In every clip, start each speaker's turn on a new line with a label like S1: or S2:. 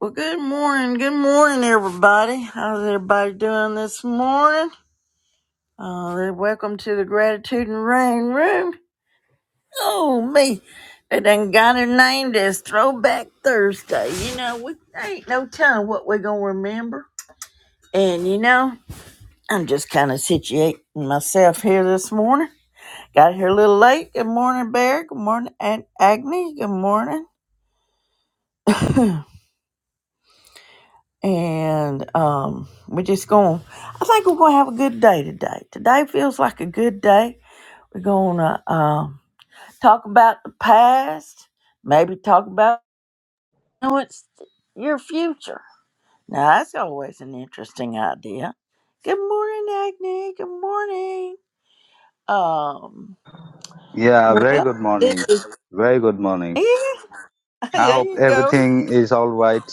S1: Well, good morning. Good morning, everybody. How's everybody doing this morning? Uh, welcome to the Gratitude and Rain Room. Oh, me. They done got it named as Throwback Thursday. You know, we ain't no telling what we're going to remember. And, you know, I'm just kind of situating myself here this morning. Got here a little late. Good morning, Bear. Good morning, Aunt Agnes. Good morning. and um, we're just going. I think we're going to have a good day today. Today feels like a good day. We're going to um, talk about the past, maybe talk about what's your future. Now that's always an interesting idea. Good morning, Agni. Good morning. Um,
S2: Yeah, very good
S1: well, this
S2: morning.
S1: is
S2: Very good morning.
S1: yeah.
S2: I
S1: There
S2: hope
S1: you go.
S2: everything is all right.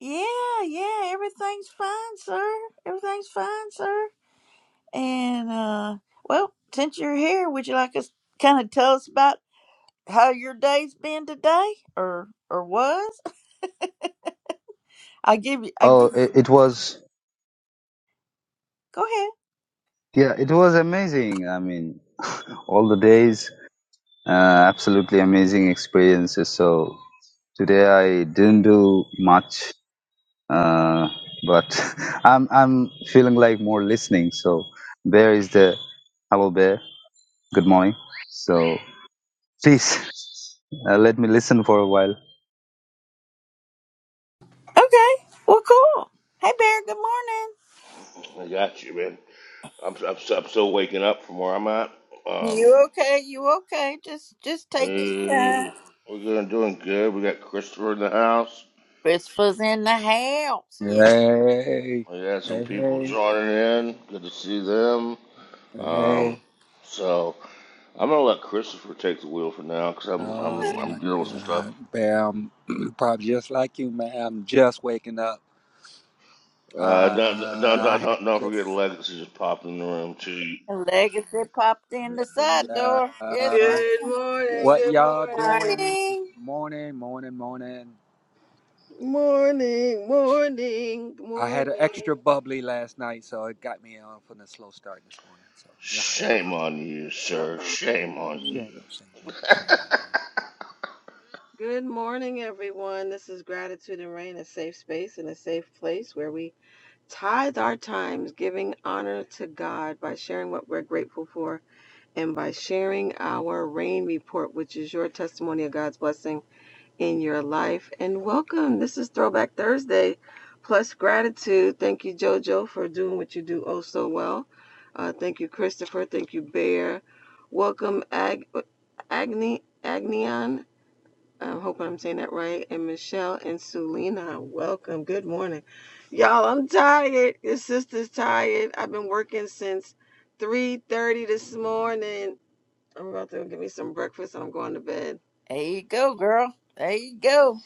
S1: Yeah, yeah. Everything's fine, sir. Everything's fine, sir. And uh, well, since you're here, would you like us kind of tell us about how your day's been today, or or was? I give you. I
S2: Oh,
S1: give.
S2: it, it was,
S1: Go ahead.
S2: yeah, it was amazing. I mean, all the days, uh, absolutely amazing experiences. So today I didn't do much, uh, but I'm, I'm feeling like more listening. So Bear is the, hello Bear, good morning. So please uh, let me listen for a while.
S1: Okay. Well, cool. Hey, Bear. Good morning.
S3: I got you, man. I'm, I'm, I'm still waking up from where I'm at. Um,
S1: You okay? You okay? Just just take your
S3: eh,
S1: time.
S3: we're doing, doing good. We got Christopher in the house.
S1: Christopher's in the house. Yeah.
S4: Hey,
S3: We got
S4: hey,
S3: some people
S4: hey,
S3: joining in. Good to see them.
S4: hey.
S3: Um, so I'm gonna let Christopher take the wheel for now because I'm,
S4: Oh
S3: I'm
S4: my
S3: I'm dealing with some stuff.
S4: God, Bam! Probably just like you, man. I'm just waking up. Uh,
S3: Uh, don't, don't, don't,
S4: I had
S3: don't, don't forget
S4: just
S3: Legacy just popped in the room too.
S1: And Legacy popped in the side
S4: yeah.
S1: door. Yes,
S4: Uh,
S5: Good
S1: ma'am.
S5: morning,
S4: what
S5: good
S4: y'all
S5: morning.
S4: doing?
S1: Morning.
S4: Morning, morning, morning.
S5: Morning, morning,
S4: I had an
S5: morning.
S4: extra bubbly last night, so it got me off on a slow start this morning. So you know how that goes.
S3: Shame on you, sir.
S5: Uh-oh.
S3: Shame on you.
S4: Shame, shame, shame on me. Shame
S5: Good morning, everyone. This is Gratitude and Rain, a safe space and a safe place where we tithe our times, giving honor to God by sharing what we're grateful for and by sharing our rain report, which is your testimony of God's blessing in your life. And welcome. This is Throwback Thursday plus gratitude. Thank you, JoJo, for doing what you do oh so well. Uh, thank you, Christopher. Thank you, Bear. Welcome, Ag- Agni Agnion. I'm hoping I'm saying that right. And Michelle and Sulina, welcome. Good morning. Y'all, I'm tired. Your sister's tired. I've been working since 3.30 this morning. I'm about to go get me some breakfast and I'm going to bed.
S1: There you go, girl. There you go.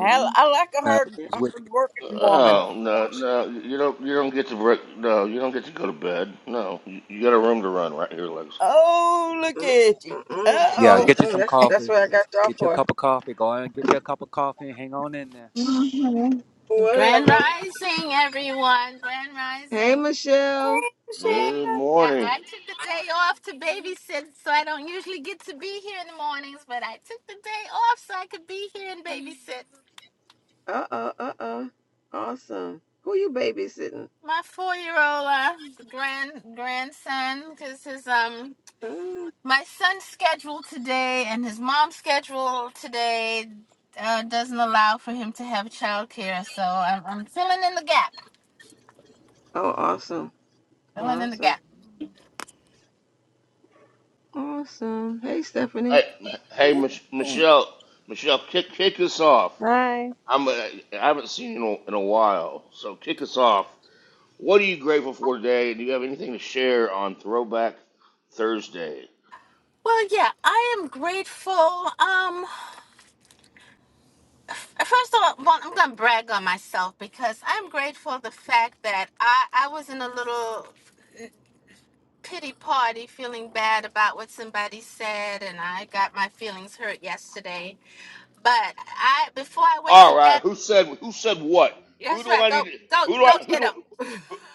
S1: I, I like a hard,
S4: on
S1: hard
S4: me.
S1: working woman.
S3: Oh no, no, you don't. You don't get to break. No, you don't get to go to bed. No, you, you got a room to run right here, Legacy.
S1: Oh, look
S5: Mm,
S1: at you.
S5: mm, mm,
S1: Uh
S4: Yeah,
S1: oh.
S5: mm,
S4: get you
S5: mm.
S4: some
S5: That's that's
S4: coffee.
S5: what I got y'all
S4: Get you a
S5: for.
S4: cup of coffee. Go out and get you a cup of coffee and hang on in there.
S6: hmm Grand
S5: Whatever.
S6: Rising, everyone. Grand
S5: Hey,
S6: Rising.
S5: Michelle.
S6: Hey,
S3: Good
S6: I,
S3: morning.
S6: I took the day off to babysit, so I don't usually get to be here in the mornings, but I took the day off so I could be here and babysit
S5: Uh uh uh uh. Awesome. Who you babysitting?
S6: my four-year-old uh, grand grandson because his um
S5: Mm.
S6: my son's schedule today and his mom's schedule today uh, doesn't allow for him to have childcare, so I'm, I'm filling in the gap.
S5: Oh, awesome.
S6: Filling in the
S5: Awesome.
S6: gap.
S5: Awesome. Hey, Stephanie.
S3: Hey, hey, Mich- Michelle, Michelle, kick kick us off.
S7: Hi.
S3: I'm. uh, I haven't seen you in a, in a while, so kick us off. What are you grateful for today? Do you have anything to share on Throwback Thursday?
S6: Well, yeah, I am grateful. Um, first of all, well, I'm gonna brag on myself because I'm grateful the fact that I I was in a little pity party, feeling bad about what somebody said, and I got my feelings hurt yesterday. But I before I went
S3: All
S6: to
S3: right.
S6: bed,
S3: Who said? Who said what? Who
S6: that's
S3: do
S6: right.
S3: I need?
S6: Go
S3: To,
S6: go
S3: who do
S6: go
S3: I? Who
S6: get
S3: do?
S6: 'em.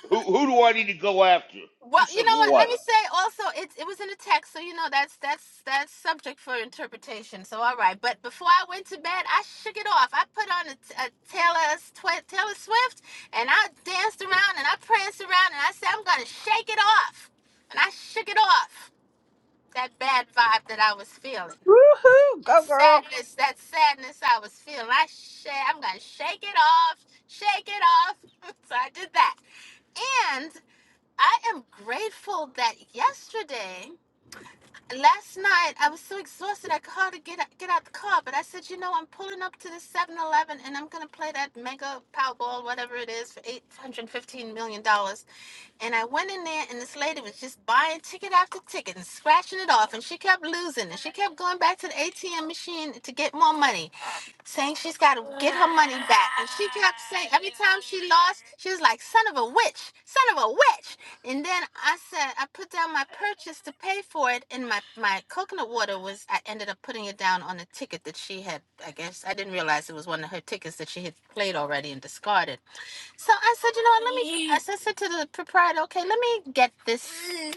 S3: Who, who do I need to go after?
S6: Well,
S3: Who
S6: you
S3: said
S6: know what?
S3: what?
S6: Let me say also it it was in the text, so you know that's that's that's subject for interpretation. So all right, but before I went to bed, I shook it off. I put on a, a Taylor Swi- Taylor Swift, and I danced around and I pranced around and I said I'm gonna shake it off, and I shook it off that bad vibe that I was feeling,
S1: Woohoo!
S6: that
S1: Go girl.
S6: sadness, that sadness I was feeling. I sh- I'm gonna shake it off, shake it off. so I did that I am grateful that yesterday, last night, I was so exhausted I could hardly get get out the car. But I said, you know, I'm pulling up to the Seven Eleven, and I'm gonna play that Mega Powerball, whatever it is, for eight hundred fifteen million dollars. And I went in there, and this lady was just buying ticket after ticket and scratching it off, and she kept losing, and she kept going back to the ATM machine to get more money, saying she's got to get her money back. And she kept saying every time she lost, she was like, "Son of a witch, son of a witch." And then I said, I put down my purchase to pay for it, and my my coconut water was. I ended up putting it down on a ticket that she had. I guess I didn't realize it was one of her tickets that she had played already and discarded. So I said, you know what? Let me. I said, said to the proprietor, okay, let me get this.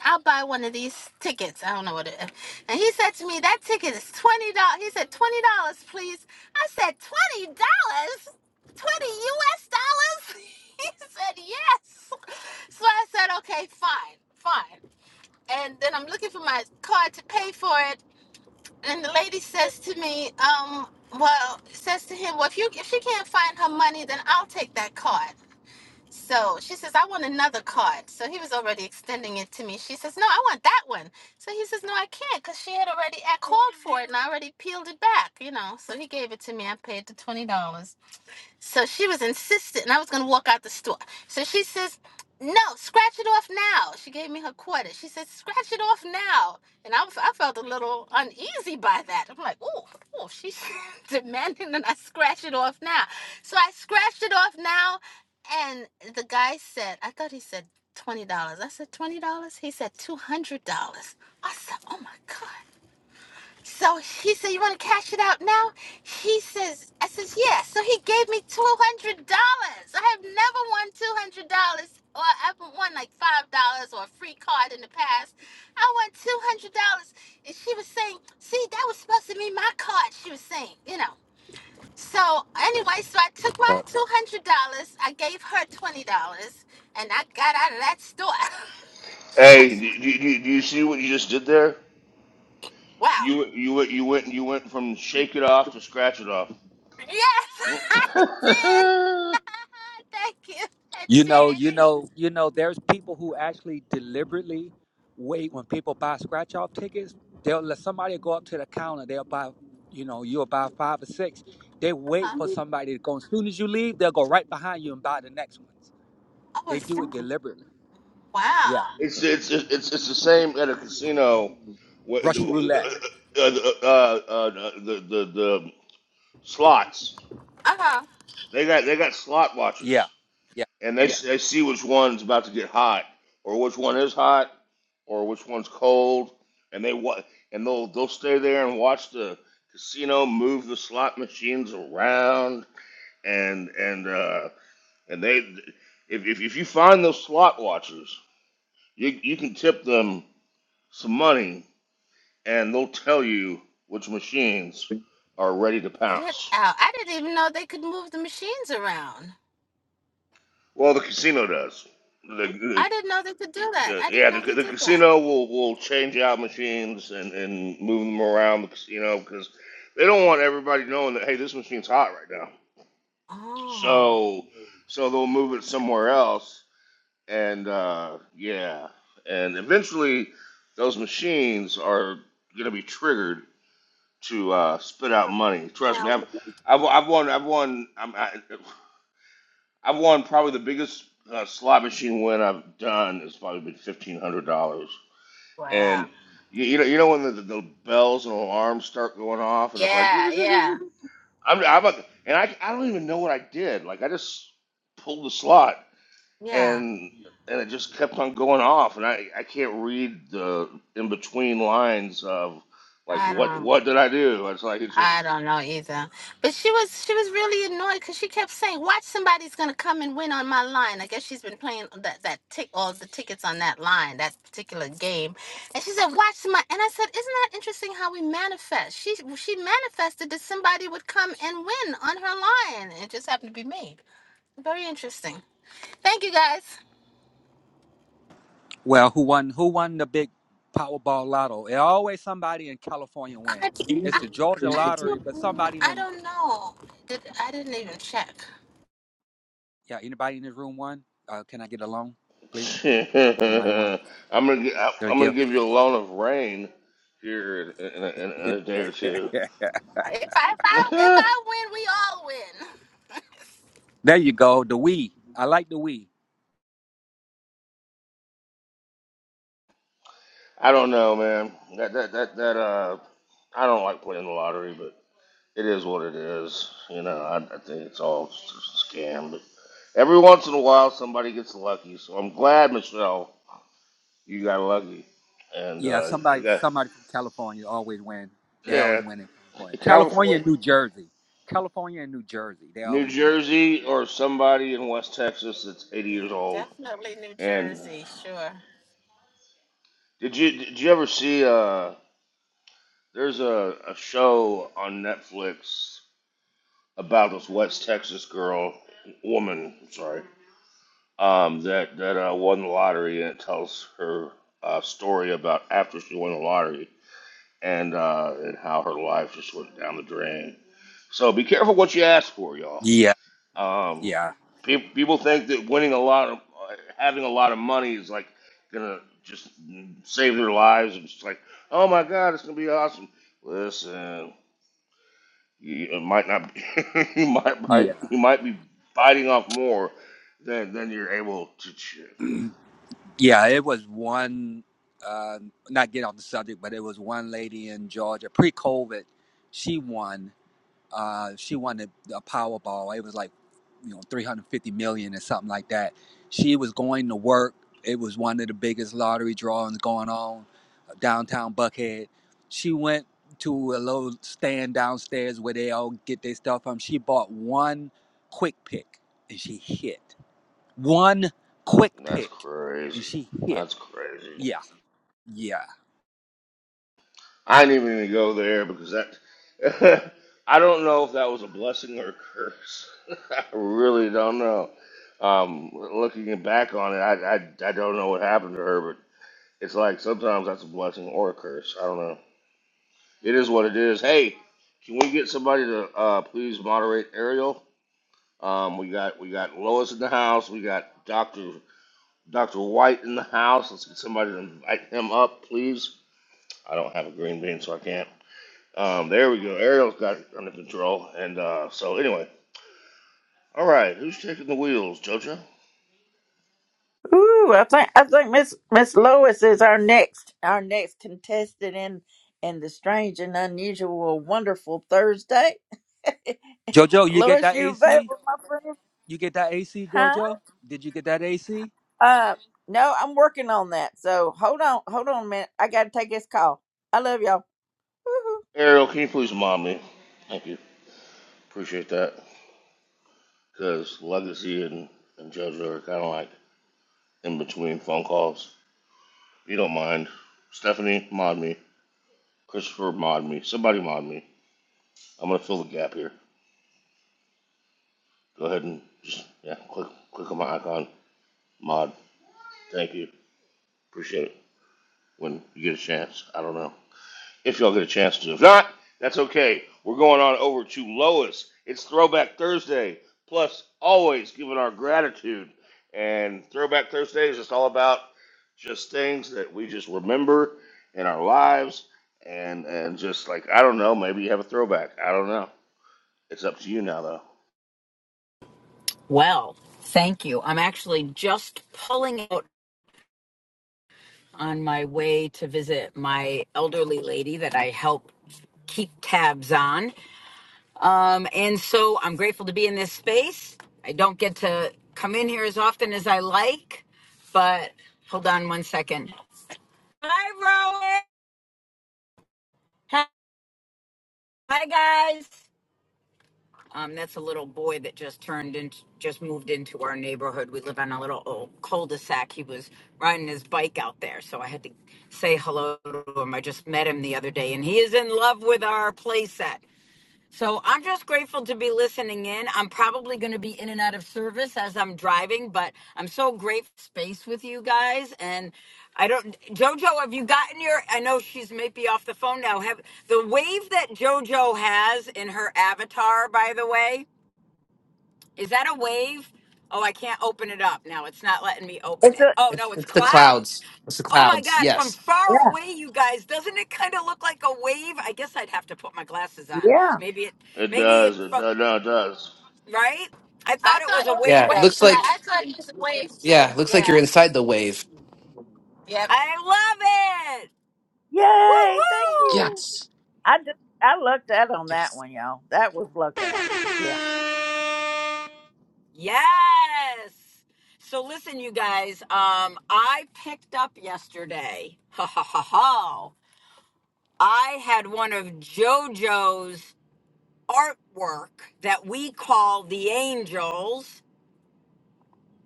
S6: I'll buy one of these tickets. I don't know what it is. And he said to me, that ticket is twenty dollars. He said, twenty dollars, please. I said, twenty dollars, twenty U.S. dollars. He said, yes. So I said, okay, fine, fine. And then I'm looking for my card to pay for it, and the lady says to me, um, well, says to him, well, if you if she can't find her money, then I'll take that card. So she says, I want another card. So he was already extending it to me. She says, No, I want that one. So he says, No, I can't because she had already I called for it and I already peeled it back, you know. So he gave it to me. I paid the $20. So she was insistent, and I was going to walk out the store. So she says, No, scratch it off now. She gave me her quarter. She said, Scratch it off now. And I, I felt a little uneasy by that. I'm like, Oh, oh, she's demanding that I scratch it off now. So I scratched it off now. And the guy said, I thought he said $20. I said, $20? He said, $200. I said, Oh my God. So he said, You want to cash it out now? He says, I says, Yeah. So he gave me $200. I have never won $200 or I've won like $5 or a free card in the past. I won $200. And she was saying, See, that was supposed to be my card, she was saying, you know. So anyway, so I took my
S4: Right.
S6: $200. I gave her $20 and I got out of that store.
S3: Hey, do, do, do, do you see what you just did there?
S6: Wow.
S3: You you went you went you went from shake it off to scratch it off.
S6: Yes, I did. Thank you. I
S4: You know,
S6: did.
S4: you know, you know, there's people who actually deliberately wait when people buy scratch off tickets. They'll let somebody go up to the counter, they'll buy, you know, you'll buy five or six. They wait
S6: I
S4: for somebody to go. As soon as you leave, they'll go right behind you and buy the next ones. They
S6: was
S4: do
S6: so,
S4: it deliberately. Yeah.
S6: wow.
S3: It's it's it's it's the same at a casino. wh-
S4: Russian
S3: The
S4: roulette.
S3: uh, the, uh, uh, the, the the slots
S6: Oh,
S3: they got they got slot
S4: Yeah.
S3: watchers,
S4: Yeah.
S3: and they yeah. they see which one's about to get hot, or which one is hot, or which one's cold, and they wa- and they'll they'll stay there and watch the casino move the slot machines around and and uh, and they if, if if you find those SWAT watchers, you you can tip them some money, and they'll tell you which machines are ready to
S6: get
S3: pounce.
S6: out! I didn't even know they could move the machines around.
S3: Well, the casino does. The,
S6: I didn't know they could do that.
S3: the,
S6: I
S3: yeah,
S6: didn't
S3: the,
S6: know they
S3: the
S6: did that.
S3: casino will, will change out machines and, and move them around the casino because they don't want everybody knowing that hey, this machine's hot right now.
S6: Oh,
S3: So so they'll move it somewhere else and uh, yeah, and eventually those machines are going to be triggered to uh, spit out money. Trust me,
S6: wow!
S3: I've I've, I've won I've won I'm, I, I've won probably the biggest uh, slot machine win I've done has probably been fifteen hundred dollars,
S6: Wow.
S3: and you, you know you know when the, the, the bells and alarms start going off and it's like
S6: Yeah, yeah,
S3: I'm, I'm a, and I I don't even know what I did like I just pulled the slot
S6: yeah.
S3: and and it just kept on going off, and I I can't read the in between lines of like
S6: I
S3: what what did
S6: don't.
S3: I do? It's like it's
S6: I
S3: just
S6: don't know either. But she was she was really annoyed because she kept saying, "Watch, somebody's gonna come and win on my line." I guess she's been playing that that tick all the tickets on that line, that particular game. And she said, "Watch somebody," and I said, "Isn't that interesting how we manifest?" She she manifested that somebody would come and win on her line. It just happened to be me. Very interesting. Thank you guys.
S4: Well, who won? Who won the big Powerball Lotto? It always somebody in California win.
S6: I I,
S4: It's the
S6: I
S4: Georgia lottery, but
S6: don't
S4: somebody
S6: I
S4: in
S6: don't know. Did I didn't even check.
S4: yeah. Anybody in this room won? Uh, can I get a loan, please?
S3: I'm
S4: Anybody won?
S3: gonna gi-
S4: Get a
S3: I'm gonna
S4: gift?
S3: give you a loan of rain here in in a, in a in a day or two.
S4: there
S6: If I if I if I win, we all win.
S4: you go. The Wii. I like the Wii.
S3: I don't know, man. That that that that uh, I don't like playing the lottery, but it is what it is. You know, I, I think it's all just a scam, but. Every once in a while, somebody gets lucky, so I'm glad, Michelle, You got lucky. And
S4: Yeah,
S3: uh, I
S4: somebody
S3: got
S4: somebody from California always win. They always
S3: yeah,
S4: win in California. California
S3: California,
S4: and New Jersey. California and New Jersey. They
S3: New
S4: always win.
S3: Jersey, or somebody in West Texas that's 80
S6: Yeah,
S3: years old.
S6: definitely New
S3: And
S6: Jersey, sure.
S3: did you did you ever see? Uh, there's a, a show on Netflix about this West Texas girl, woman, sorry, um, that that uh, won the lottery, and it tells her uh, story about after she won the lottery and uh, and how her life just went down the drain. So be careful what you ask for, y'all.
S4: Yeah,
S3: Um,
S4: yeah,
S3: pe- people think that winning a lot of uh, having a lot of money is like gonna just save their lives. and It's like, oh my god, it's gonna be awesome. Listen, you, it might not. Be, you might
S4: yeah.
S3: bite. You might be biting off more than than you're able to chew.
S4: Yeah, it was one. Uh, not get off the subject, but it was one lady in Georgia pre-COVID. She won. Uh, she won the, the Powerball. It was like, you know, three hundred fifty million or something like that. She was going to work. It was one of the biggest lottery drawings going on uh, downtown Buckhead. She went to a little stand downstairs where they all get their stuff from. She bought one quick pick and she hit one quick
S3: That's
S4: pick and
S3: crazy.
S4: she hit.
S3: That's crazy.
S4: Yeah, yeah.
S3: I didn't even go there because that I don't know if that was a blessing or a curse. I really don't know. Um, looking back on it, I, I I don't know what happened to her, but it's like sometimes that's a blessing or a curse. I don't know. It is what it is. Hey, can we get somebody to uh, please moderate Ariel? Um, we got we got Lois in the house. We got Doctor Doctor White in the house. Let's get somebody to invite him up, please. I don't have a green bean, so I can't. Um, there we go. Ariel's got it under control. And uh, so, anyway, all right, who's taking the wheels, JoJo?
S1: Ooh, I think I think Miss Miss Lois is our next our next contestant in in the strange and unusual wonderful Thursday.
S4: Jojo, you get
S1: Lois,
S4: that
S1: you
S4: AC?
S1: available, my friend?
S4: You get that AC,
S1: Huh?
S4: Jojo? Did you get that AC?
S1: Uh no, I'm working on that. So hold on, hold on a minute. I gotta take this call. I love y'all. Woohoo.
S3: Ariel, can you please mom me? Thank you. Appreciate that. Because Legacy and, and JoJo are kind of like in between phone calls. If you don't mind, Stephanie, mod me. Christopher, mod me. Somebody, mod me. I'm going to fill the gap here. Go ahead and just, yeah, click, click on my icon. Mod. Thank you. Appreciate it. When you get a chance, I don't know. if y'all get a chance to. If not, that's okay. We're going on over to Lois. It's Throwback Thursday. Plus, always giving our gratitude. And Throwback Thursday is just all about just things that we just remember in our lives. And, and just like, I don't know, maybe you have a throwback. I don't know. It's up to you now, though.
S8: Well, thank you. I'm actually just pulling out on my way to visit my elderly lady that I help keep tabs on. Um, and so I'm grateful to be in this space. I don't get to come in here as often as I like, but hold on one second. Hi, Rowan. Hi, guys. Um, that's a little boy that just turned into, just moved into our neighborhood. We live on a little old cul-de-sac. He was riding his bike out there, so I had to say hello to him. I just met him the other day, and he is in love with our playset. So I'm just grateful to be listening in. I'm probably going to be in and out of service as I'm driving, but I'm so grateful for space with you guys. And I don't, Jojo, have you gotten your? I know she's maybe off the phone now. Have the wave that Jojo has in her avatar, by the way. Is that a wave? Oh, I can't open it up now. It's not letting me open
S1: It's
S8: it.
S1: a
S8: Oh,
S9: It's,
S8: no, it's
S9: it's the
S8: clouds.
S9: clouds. It's the
S8: Oh my
S9: clouds.
S8: God, from
S9: Yes.
S8: far
S1: yeah,
S8: away, you guys, doesn't it kind of look like a wave? I guess I'd have to put my glasses on.
S1: yeah.
S8: Maybe it,
S3: It
S8: maybe it,
S3: does. It does. No, it does.
S8: right? I
S6: I
S8: thought it
S6: thought
S8: was
S6: it
S8: a
S6: was the
S9: Yeah.
S8: wave
S9: it
S6: wave.
S8: at
S9: Looks
S6: Yeah, I
S9: like
S8: first.
S6: thought it was the wave too.
S9: yeah. it Looks like you're
S6: Yeah.
S9: inside the wave.
S6: Yep.
S8: I love it.
S1: Yay, thank you.
S8: Woo woo.
S9: Yes.
S1: I just I lucked out on that
S9: Yes.
S1: one, y'all. That was luck out. Yeah.
S8: Yes. So listen, you guys, um, I picked up yesterday. Ha ha ha ha. I had one of JoJo's artwork that we call the angels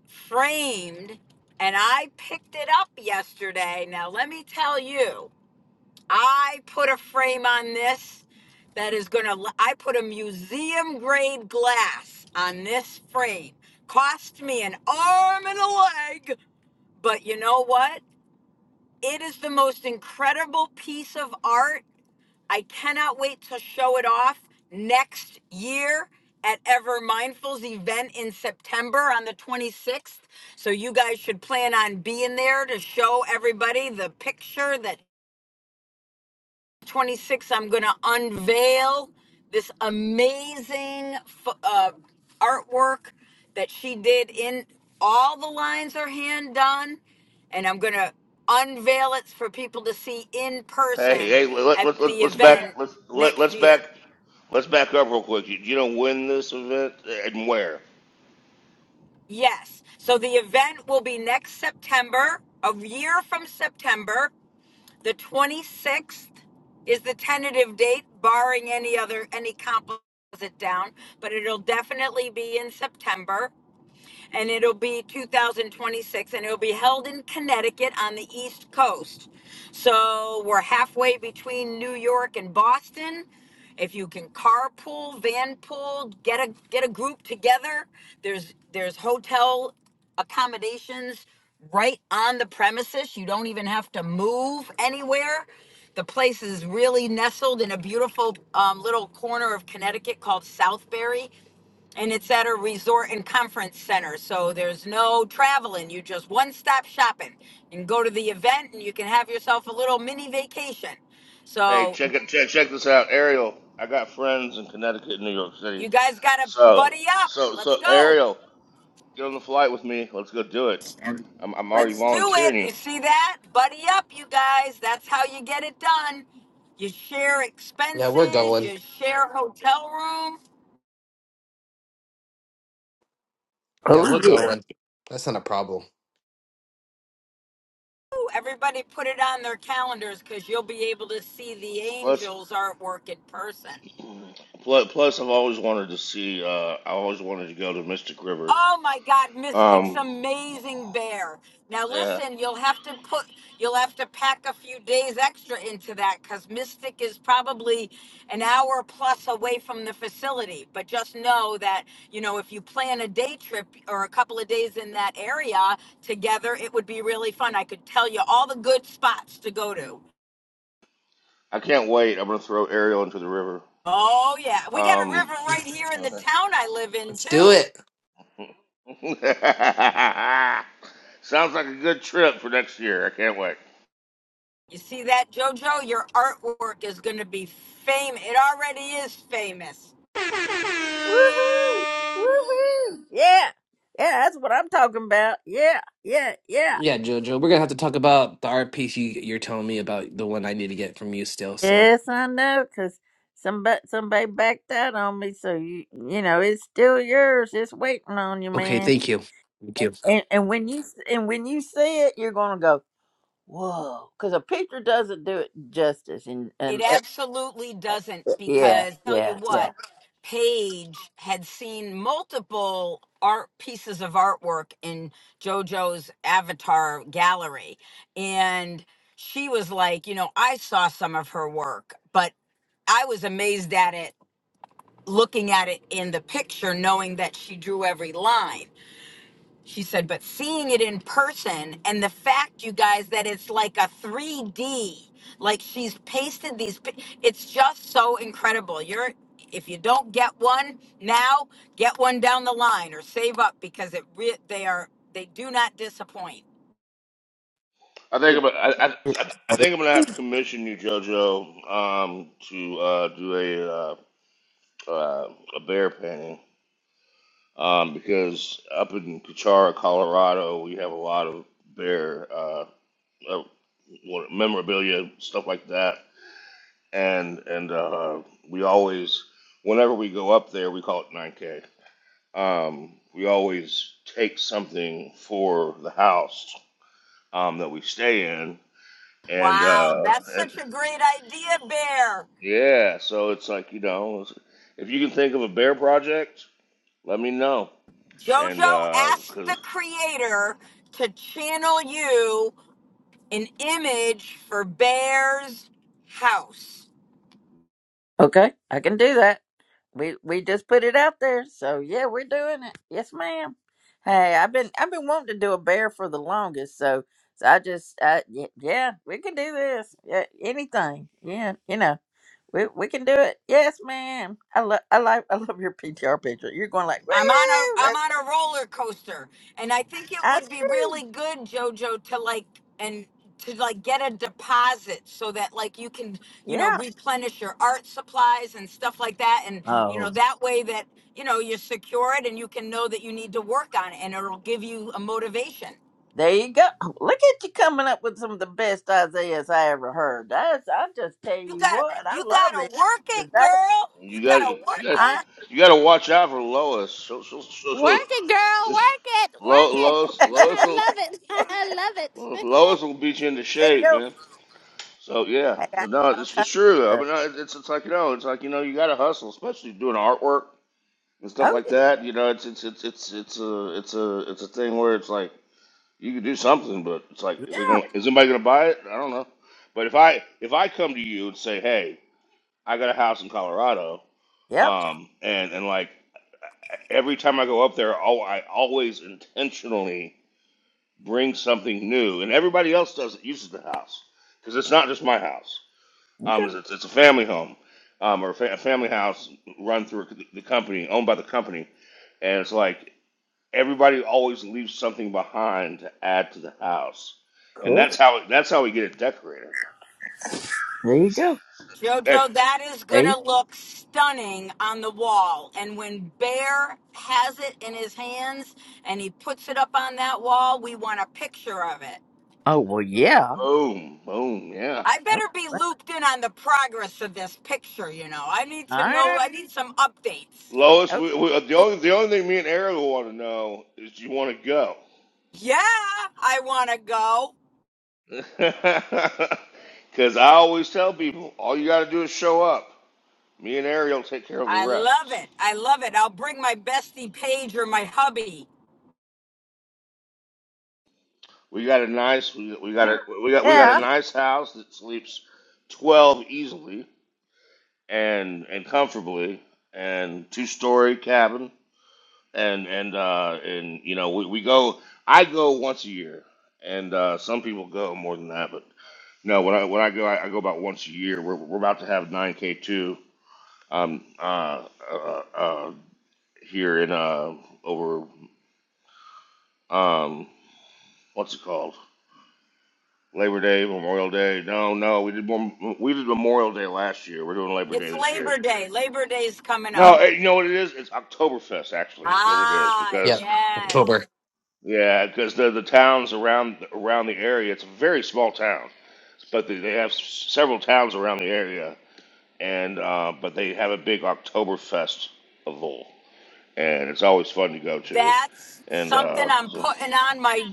S8: framed and I picked it up yesterday. Now let me tell you, I put a frame on this that is going to I put a museum grade glass on this frame. Cost me an arm and a leg, but you know what? It is the most incredible piece of art I cannot wait to show it off next year at Ever Mindful's event in September on the 26th. So you guys should plan on being there to show everybody the picture that 26 I'm going to unveil this amazing ph- uh, artwork that she did in all the lines are hand done and I'm going to unveil it for people to see in
S3: Hey,
S8: person
S3: hey, let,
S8: at
S3: let,
S8: the
S3: let, let's back,
S8: event
S3: let's, let,
S8: next
S3: let's back,
S8: year.
S3: let's back up real quick. You, you don't this event and where?
S8: Yes. So the event will be next September, a year from September. The 26th is the tentative date, barring any other, any composite down, but it'll definitely be in September and it'll be 2026, and it'll be held in Connecticut on the East Coast. So we're halfway between New York and Boston. If you can carpool, vanpool, get a get a group together. There's there's hotel accommodations right on the premises. You don't even have to move anywhere. The place is really nestled in a beautiful um, little corner of Connecticut called Southbury and it's at a resort and conference center. So there's no traveling. You just one stop shopping and go to the event, and you can have yourself a little mini vacation.
S3: Hey,
S8: So
S3: check it, check check this out, Ariel. I got friends in Connecticut and New York City.
S8: you guys got to
S3: So
S8: buddy up.
S3: so
S8: Let's
S3: so
S8: go.
S3: Ariel, get on the flight with me. Let's go do it. I'm I'm already
S8: Let's do
S3: volunteering
S8: it. You
S3: you.
S8: see that? Buddy up, you guys. That's how you get it done. You share
S9: Yeah, we're
S8: expenses,
S9: going.
S8: you share hotel room.
S9: Yeah,
S1: Oh
S9: we're
S1: yeah.
S9: going. That's not a problem.
S8: Ooh, Everybody put it on their calendars because you'll be able to see the
S3: Plus
S8: angels artwork in person.
S3: plus, plus I've always wanted to see. Uh, I always wanted to go to Mystic River.
S8: Oh my God, Mystic's
S3: Um,
S8: amazing bear. Now
S3: yeah,
S8: listen, you'll have to put, you'll have to pack a few days extra into that because Mystic is probably an hour plus away from the facility. But just know that, you know, if you plan a day trip or a couple of days in that area together, it would be really fun. I could tell you all the good spots to go to.
S3: I can't wait. I'm gonna throw Ariel into the river.
S8: Oh yeah, we got a
S3: Um,
S8: river right
S9: Yes.
S8: here in the town I live in
S9: Let's do
S8: too.
S9: it.
S3: sounds like a good trip for next year. I can't wait.
S8: You see that, JoJo? Your artwork is going to be famous. It already is famous.
S1: Woohoo! Woohoo! Yeah. Yeah, that's what I'm talking about. Yeah, yeah, yeah.
S9: Yeah, Jojo, we're gonna have to talk about the art piece you you're telling me about the one I need to get from you still. So
S1: Yes, I know, cause somebody somebody backed out on me, so you you know it's still yours. It's waiting on you,
S9: okay,
S1: man.
S9: thank you. Thank you.
S1: And and when you and when you see it, you're gonna go whoa, cause a picture doesn't do it justice. And
S8: It
S1: and uh,
S8: absolutely doesn't
S1: yeah,
S8: because tell you
S1: yeah,
S8: what, Paige had seen multiple art pieces of artwork in JoJo's avatar gallery. And she was like, you know, I saw some of her work, but I was amazed at it looking at it in the picture, knowing that she drew every line. She said, but seeing it in person and the fact, you guys, that it's like a 3D, like she's pasted these, pi- it's just so incredible. You're, if you don't get one now, get one down the line or save up because it re- they are, they do not disappoint.
S3: I think I'm. I, I,
S1: yeah.
S3: I I think I'm gonna have to commission you, JoJo, um, to uh, do a uh, uh, a bear painting, um, because up in Pichara, Colorado, we have a lot of bear uh, uh, what- memorabilia stuff like that, and and uh, we always, whenever we go up there, we call it 9K. Um, we always take something for the house um, that we stay in, and
S8: Wow,
S3: uh,
S8: that's
S3: and
S8: such a great idea, Bear.
S3: Yeah, so it's like you know, if you can think of a bear project, let me know, and
S8: Jojo
S3: uh
S8: asked
S3: 'cause
S8: the creator to channel you an image for Bear's house.
S1: Okay, I can do that. We we just put it out there, so yeah, we're doing it. Yes, ma'am. Hey, I've been I've been wanting to do a bear for the longest, so so I just uh y- yeah, we can do this. Yeah, anything. Yeah, you know, we we can do it. Yes, ma'am. I love I like I love your PTR picture. You're going like,
S8: I'm on a
S1: woo,
S8: I'm
S1: let's
S8: on
S1: go
S8: a roller coaster, and I think it would
S1: ice
S8: be really
S1: cream.
S8: good, Jojo, to like and to like get a deposit so that like you can you know
S1: Yeah.
S8: replenish your art supplies and stuff like that, and you know
S1: Oh,
S8: that way that you know you're secured and you can know that you need to work on it, and it'll give you a motivation.
S1: there you go. Oh, Look at you coming up with some of the best Isaiahs I ever heard. That's I just tell
S8: You
S1: you
S8: got to
S1: what, I
S8: you got
S1: love
S8: to work it,
S1: this.
S8: girl. You
S3: you
S8: got
S3: got
S8: to
S3: you
S8: work
S3: got
S1: I
S8: it.
S3: you got to watch out for Lois. So so so,
S6: Work
S3: so
S6: it, girl. Work it.
S3: Lo,
S6: Work it.
S3: Lois
S1: it
S3: Lois will
S6: I love it. I love it.
S3: Lois will beat you into shape,
S1: go.
S3: man. So yeah,
S1: Hey, I,
S3: But no, it's,
S1: okay.
S3: it's true. though.
S1: Uh,
S3: But no, it's it's like you know, it's like you know, you got to hustle, especially doing artwork and stuff
S1: oh
S3: like that. You know, it's it's it's it's it's a it's a it's a thing where it's like You could do something, but it's like,
S1: yeah,
S3: is it
S1: yeah,
S3: gonna, is anybody gonna buy it? I don't know. But if I if I come to you and say, hey, I got a house in Colorado,
S1: yep.
S3: um, and and like every time I go up there, oh, I always intentionally bring something new, and everybody else does it uses the house because it's not just my house. Um, it's it's a family home, um, or a, fa- a family house run through the company, owned by the company, and it's like everybody always leaves something behind to add to the house, and
S1: Cool.
S3: that's how that's how we get it decorated.
S1: There you go.
S3: Hey,
S8: Jojo, that is
S1: There
S8: going
S1: you,
S8: to look stunning on the wall. And when Bear has it in his hands and he puts it up on that wall, we want a picture of it.
S1: oh well, yeah.
S3: boom, boom, yeah.
S8: I
S1: Oh,
S8: better be
S1: well,
S8: looped in on the progress of this picture, you know. I need to
S1: all
S8: know,
S1: right.
S8: I need some updates.
S3: Lois,
S1: Okay.
S3: we, we, the
S1: Cool.
S3: only the only thing me and Ariel want to know is do you want to go?
S8: Yeah, I want to go.
S3: Because I always tell people, all you got to do is show up. Me and Ariel take care of the
S8: I
S3: rest.
S8: love it. I love it. I'll bring my bestie Paige or my hubby.
S3: We got a nice we, we got a we got we got a
S1: Yeah.
S3: nice house that sleeps twelve easily and and comfortably and two story cabin and and uh and you know we, we go I go once a year and uh some people go more than that but no when I when I go I, I go about once a year we're we're about to have 9k two um uh, uh uh here in uh over um what's it called Labor Day Memorial Day no no we did more we did Memorial Day last year we're doing Labor Day
S8: It's
S3: this year
S8: Labor Day. Labor Day's coming
S3: No,
S8: up.
S3: eh, you know what it is? It's Oktoberfest actually is what it is
S8: Ah,
S9: Yeah.
S3: because
S8: yes.
S9: October.
S3: yeah, because the the towns around around the area, it's a very small town, but they, they have s- several towns around the area, and uh, but they have a big Oktoberfest event, and it's always fun to go to.
S8: That's
S3: And
S8: something
S3: uh,
S8: I'm
S3: so
S8: putting on my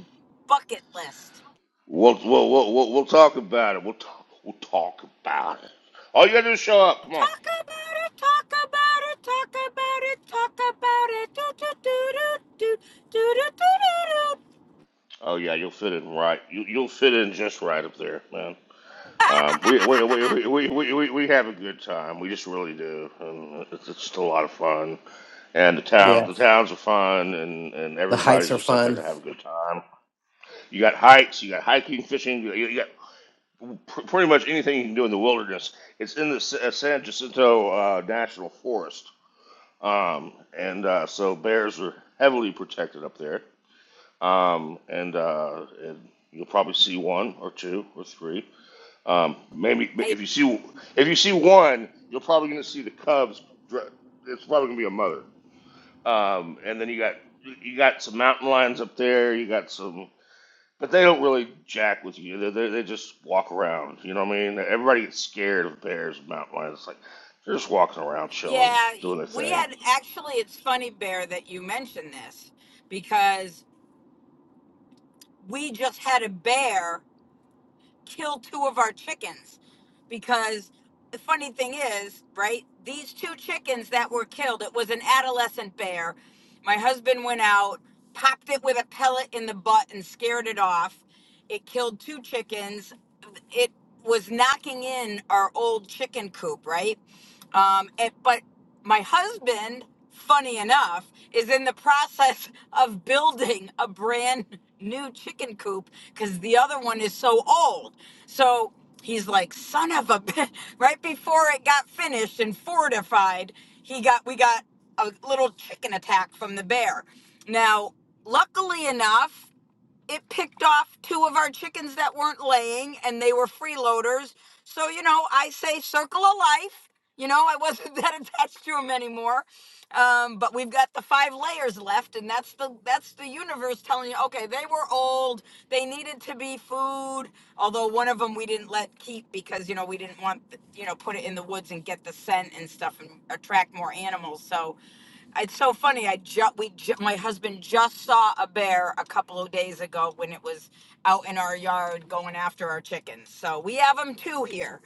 S8: bucket list.
S3: we'll, we'll we'll we'll we'll talk about it. We'll talk we'll talk about it. All you gotta do is show up. Come on.
S8: Talk about it, talk about it, talk about it, talk about it. Do, do, do, do, do, do, do, do, do,
S3: Oh yeah, you'll fit in right. You you'll fit in just right up there, man. Um, we, we, we, we, we, we, we we have a good time. We just really do. And it's it's just a lot of fun. And the towns,
S9: Yeah.
S3: the towns are fun, and, and
S9: The hikes
S3: everybody's
S9: are
S3: just up there
S9: fun.
S3: to have a good time. You got hikes, you got hiking, fishing, you, you got pr- pretty much anything you can do in the wilderness. It's in the S- uh, San Jacinto uh, National Forest, um, and uh, so bears are heavily protected up there. Um, and, uh, and you'll probably see one or two or three um, maybe
S8: hey,
S3: if you see if you see one, you're probably going to see the Cubs. dr- It's probably going to be a mother. Um, and then you got you got some mountain lions up there. You got some, but they don't really jack with you. They, they, they just walk around. You know what I mean? Everybody gets scared of bears and mountain lions. It's like they're just walking around, chilling,
S8: yeah,
S3: doing their
S8: we
S3: thing.
S8: had actually, it's funny, Bear, that you mentioned this because we just had a bear kill two of our chickens because the funny thing is, right? These two chickens that were killed, it was an adolescent bear. My husband went out, popped it with a pellet in the butt and scared it off. It killed two chickens. It was knocking in our old chicken coop, right? Um, it, but my husband, funny enough, is in the process of building a brand new chicken coop because the other one is so old. So he's like, son of a bitch. Right before it got finished and fortified, he got we got a little chicken attack from the bear. Now, luckily enough, it picked off two of our chickens that weren't laying and they were freeloaders. So, you know, I say circle of life. You know, I wasn't that attached to them anymore. Um, but we've got the five layers left, and that's the that's the universe telling you, okay, they were old, they needed to be food. Although one of them we didn't let keep because you know we didn't want you know put it in the woods and get the scent and stuff and attract more animals. So it's so funny. I just we ju- my husband just saw a bear a couple of days ago when it was out in our yard going after our chickens. So we have them too here.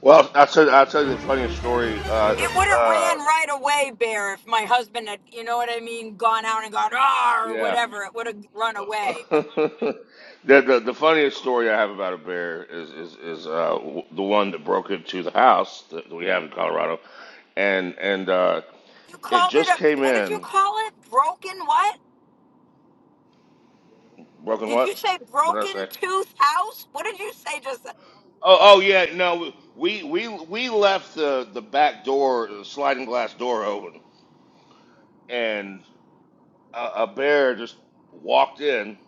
S3: Well, I will tell I will tell you the funniest story. Uh,
S8: It would have
S3: uh,
S8: ran right away, bear, if my husband had, you know what I mean, gone out and gone ah or
S3: yeah.
S8: whatever. It would have run away. But
S3: the, the the funniest story I have about a bear is is, is uh, w- the one that broke into the house that we have in Colorado, and and uh,
S8: you
S3: it
S8: called it
S3: just
S8: a
S3: came
S8: what did you
S3: in
S8: call it? Broken what?
S3: broken.
S8: Did
S3: What?
S8: you say
S3: What did I
S8: broken
S3: say?
S8: tooth house? What did you say just?
S3: Oh oh yeah no we we we left the the back door the sliding glass door open, and a, a bear just walked in.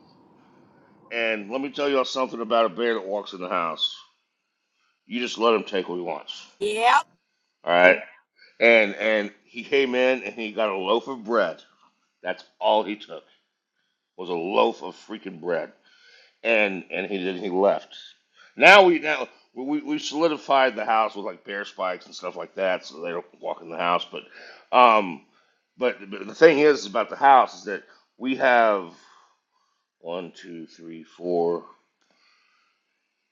S3: And let me tell y'all something about a bear that walks in the house. You just let him take what he wants.
S8: Yep,
S3: All right. And and he came in and he got a loaf of bread. That's all he took was a loaf of freaking bread. And and he then he left. Now we now we we solidified the house with like bear spikes and stuff like that, so they don't walk in the house. But um, but, but the thing is about the house is that we have one, two, three, four,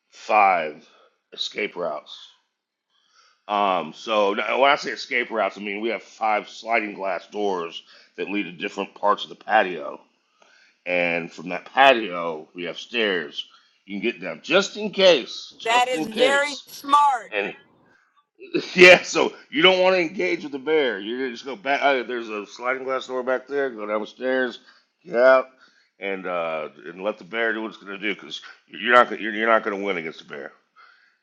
S3: five escape routes Um, so now, when I say escape routes, I mean we have five sliding glass doors that lead to different parts of the patio, and from that patio we have stairs. You can get down just in case,
S8: that
S3: just
S8: is
S3: in
S8: very
S3: case.
S8: smart.
S3: And yeah, so you don't want to engage with the bear. You're gonna just go back. Uh, there's a sliding glass door back there. Go down the stairs, get out, and uh, and let the bear do what it's gonna do because you're not gonna, you're, you're not gonna win against the bear.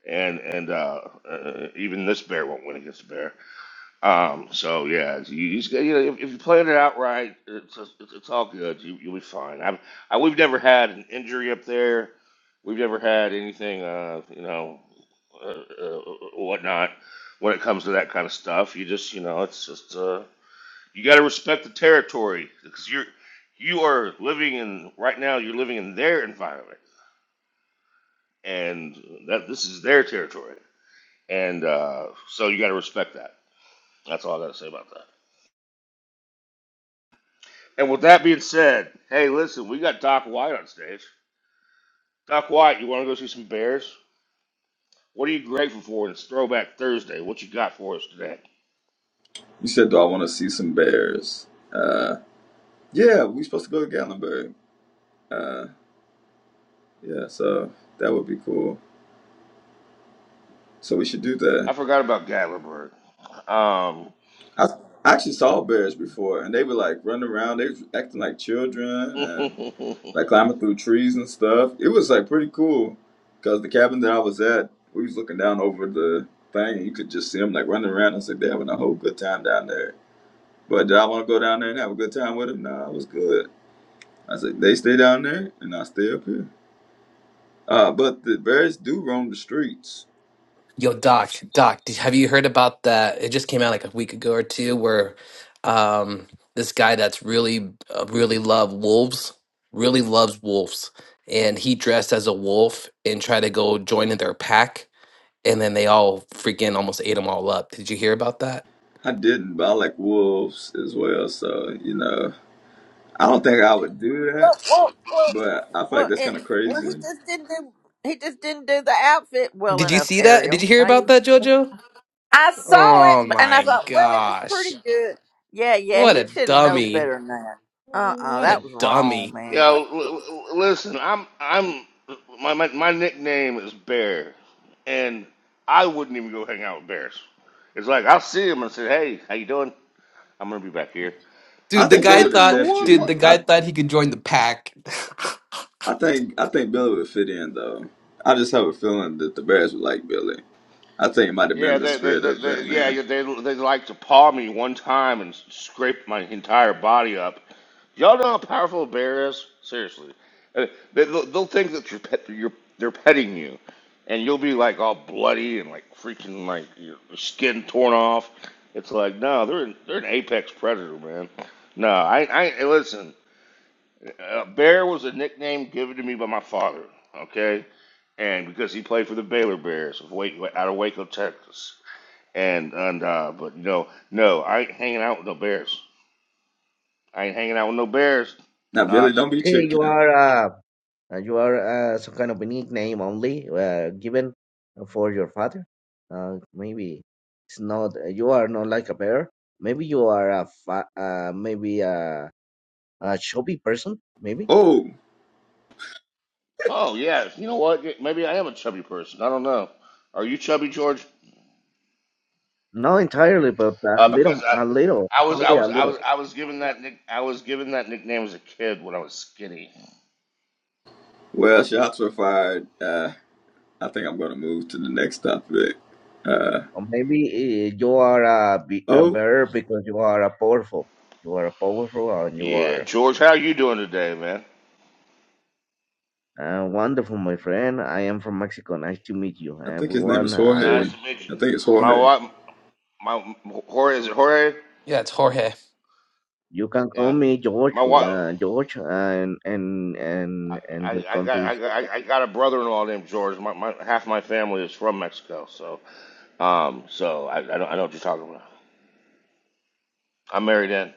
S3: And and uh, uh, even this bear won't win against the bear. Um, so yeah, you, you, just- you know, if, if you plan it out right, it's, it's, it's all good. You, you'll be fine. I've, I, we've never had an injury up there. We've never had anything, uh, you know, uh, uh, whatnot. When it comes to that kind of stuff, you just, you know, it's just uh, you got to respect the territory because you're you are living in right now. You're living in their environment, and that this is their territory, and uh, so you got to respect that. That's all I got to say about that. And with that being said, hey, listen, we got Doc White on stage. Doc White, you want to go see some Bears? What are you grateful for in this Throwback Thursday? What you got for us today?
S10: You said, "Do I want to see some bears?" Uh, yeah, we supposed to go to Gatlinburg. Uh, yeah, so that would be cool. So we should do that.
S3: I forgot about Gatlinburg. Um,
S10: I, I actually saw bears before, and they were like running around. They was acting like children and
S3: you
S10: like climbing through trees and stuff. It was like pretty cool because the cabin that I was at, we was looking down over the thing, and you could just see them like running around. I said, "They're having a whole good time down there." But did I want to go down there and have a good time with them? Nah, it was good. I said, "They stay down there, and I stay up here." Uh, but the bears do roam the streets.
S9: Yo, Doc, Doc, did, have you heard about that? It just came out like a week ago or two, where um, this guy that's really, uh, really love wolves, really loves wolves, and he dressed as a wolf and tried to go join in their pack, and then they all freaking almost ate him all up. Did you hear about that?
S10: I didn't, but I like wolves as well. So, you know, I don't think I would do
S1: Well,
S10: that,
S1: well, well,
S10: but I feel like
S1: well,
S10: that's
S1: it,
S10: kind of
S1: well. He
S10: crazy.
S1: just didn't do. He just didn't do the outfit well
S9: Did you
S1: enough,
S9: see that? Did you
S1: Ariel.
S9: hear
S1: Now
S9: about
S1: you.
S9: that, Jojo?
S1: I saw it,
S9: Oh
S1: but- and I
S9: my
S1: thought, well, it was
S9: gosh.
S1: pretty good. Yeah, yeah.
S9: What a
S1: He should have known
S9: dummy.
S1: better than that. Uh, uh
S9: What
S1: that
S9: a
S1: was wrong,
S9: dummy.
S1: man.
S3: know, l- l- listen, I'm, I'm, my, my, my nickname is Bear, and I wouldn't even go hang out with Bears. It's like I'll see him and say, "Hey, how you doing? I'm gonna be back here."
S10: I
S9: Dude, the
S10: think they
S9: guy
S10: would
S3: What in the
S9: thought
S10: accept
S3: world?
S9: dude,
S3: What?
S9: the
S10: you.
S9: guy
S10: I,
S9: thought he could join the pack.
S10: I think, I think Billy would fit in though. I just have a feeling that the bears would like Billy. I think it might have
S3: Yeah,
S10: been the
S3: they, they,
S10: spirit
S3: they,
S10: of
S3: they
S10: that
S3: yeah, yeah,
S10: man.
S3: they, they like to paw me one time and scrape my entire body up. Y'all know how powerful a bear is? Seriously, Uh, they, they'll, they'll think that you're pet, you're they're petting you, and you'll be like all bloody and like freaking like your skin torn off. It's like no, they're an, they're an apex predator, man. No, I, I listen. Uh, bear was a nickname given to me by my father. Okay, and because he played for the Baylor Bears of Wake, out of Waco, Texas and and uh, but you know, no, I ain't hanging out with no bears. I ain't hanging out with no bears,
S10: Now, Billy,
S3: Doc.
S10: don't be
S11: Okay, you
S10: chicken.
S11: are uh, uh, you are uh, some kind of unique name only uh, given for your father. Uh, maybe it's not you are not like a bear. Maybe you are a fa- uh, maybe a, a chubby person. Maybe
S10: Oh,
S3: Oh yeah, you know what? Yeah, Maybe I am a chubby person. I don't know. Are you chubby, George?
S11: not entirely, but a
S3: Uh, because
S11: little,
S3: I,
S11: a little,
S3: I was, I
S11: only
S3: was,
S11: a
S3: I
S11: little.
S3: was, I was given that nick, I was given that nickname as a kid when I was skinny.
S10: well, shots were fired. Uh, I think I'm going to move to the next topic. Uh,
S11: Or maybe uh, you are a, be- a
S10: oh,
S11: bear because you are a powerful. You are a powerful and you
S3: Yeah,
S11: are
S3: George, how are you doing today, man?
S11: uh, wonderful, my friend. I am from Mexico. Nice to meet you,
S10: I think his name
S11: everyone.
S10: is Jorge.
S3: Nice
S11: I'm
S3: to meet you.
S10: I think it's
S3: My
S10: Jorge.
S3: wife, my Jorge, is it Jorge?
S9: yeah, it's Jorge.
S11: You can call
S3: Yeah,
S11: me George,
S3: my wife.
S11: uh, George, and and
S3: I,
S11: and and your
S3: I, I got I,
S11: countries.
S3: got- I got a brother-in-law named George. My, my half my family is from Mexico, so Um, so I, I don't I know what you're talking about. I'm married in.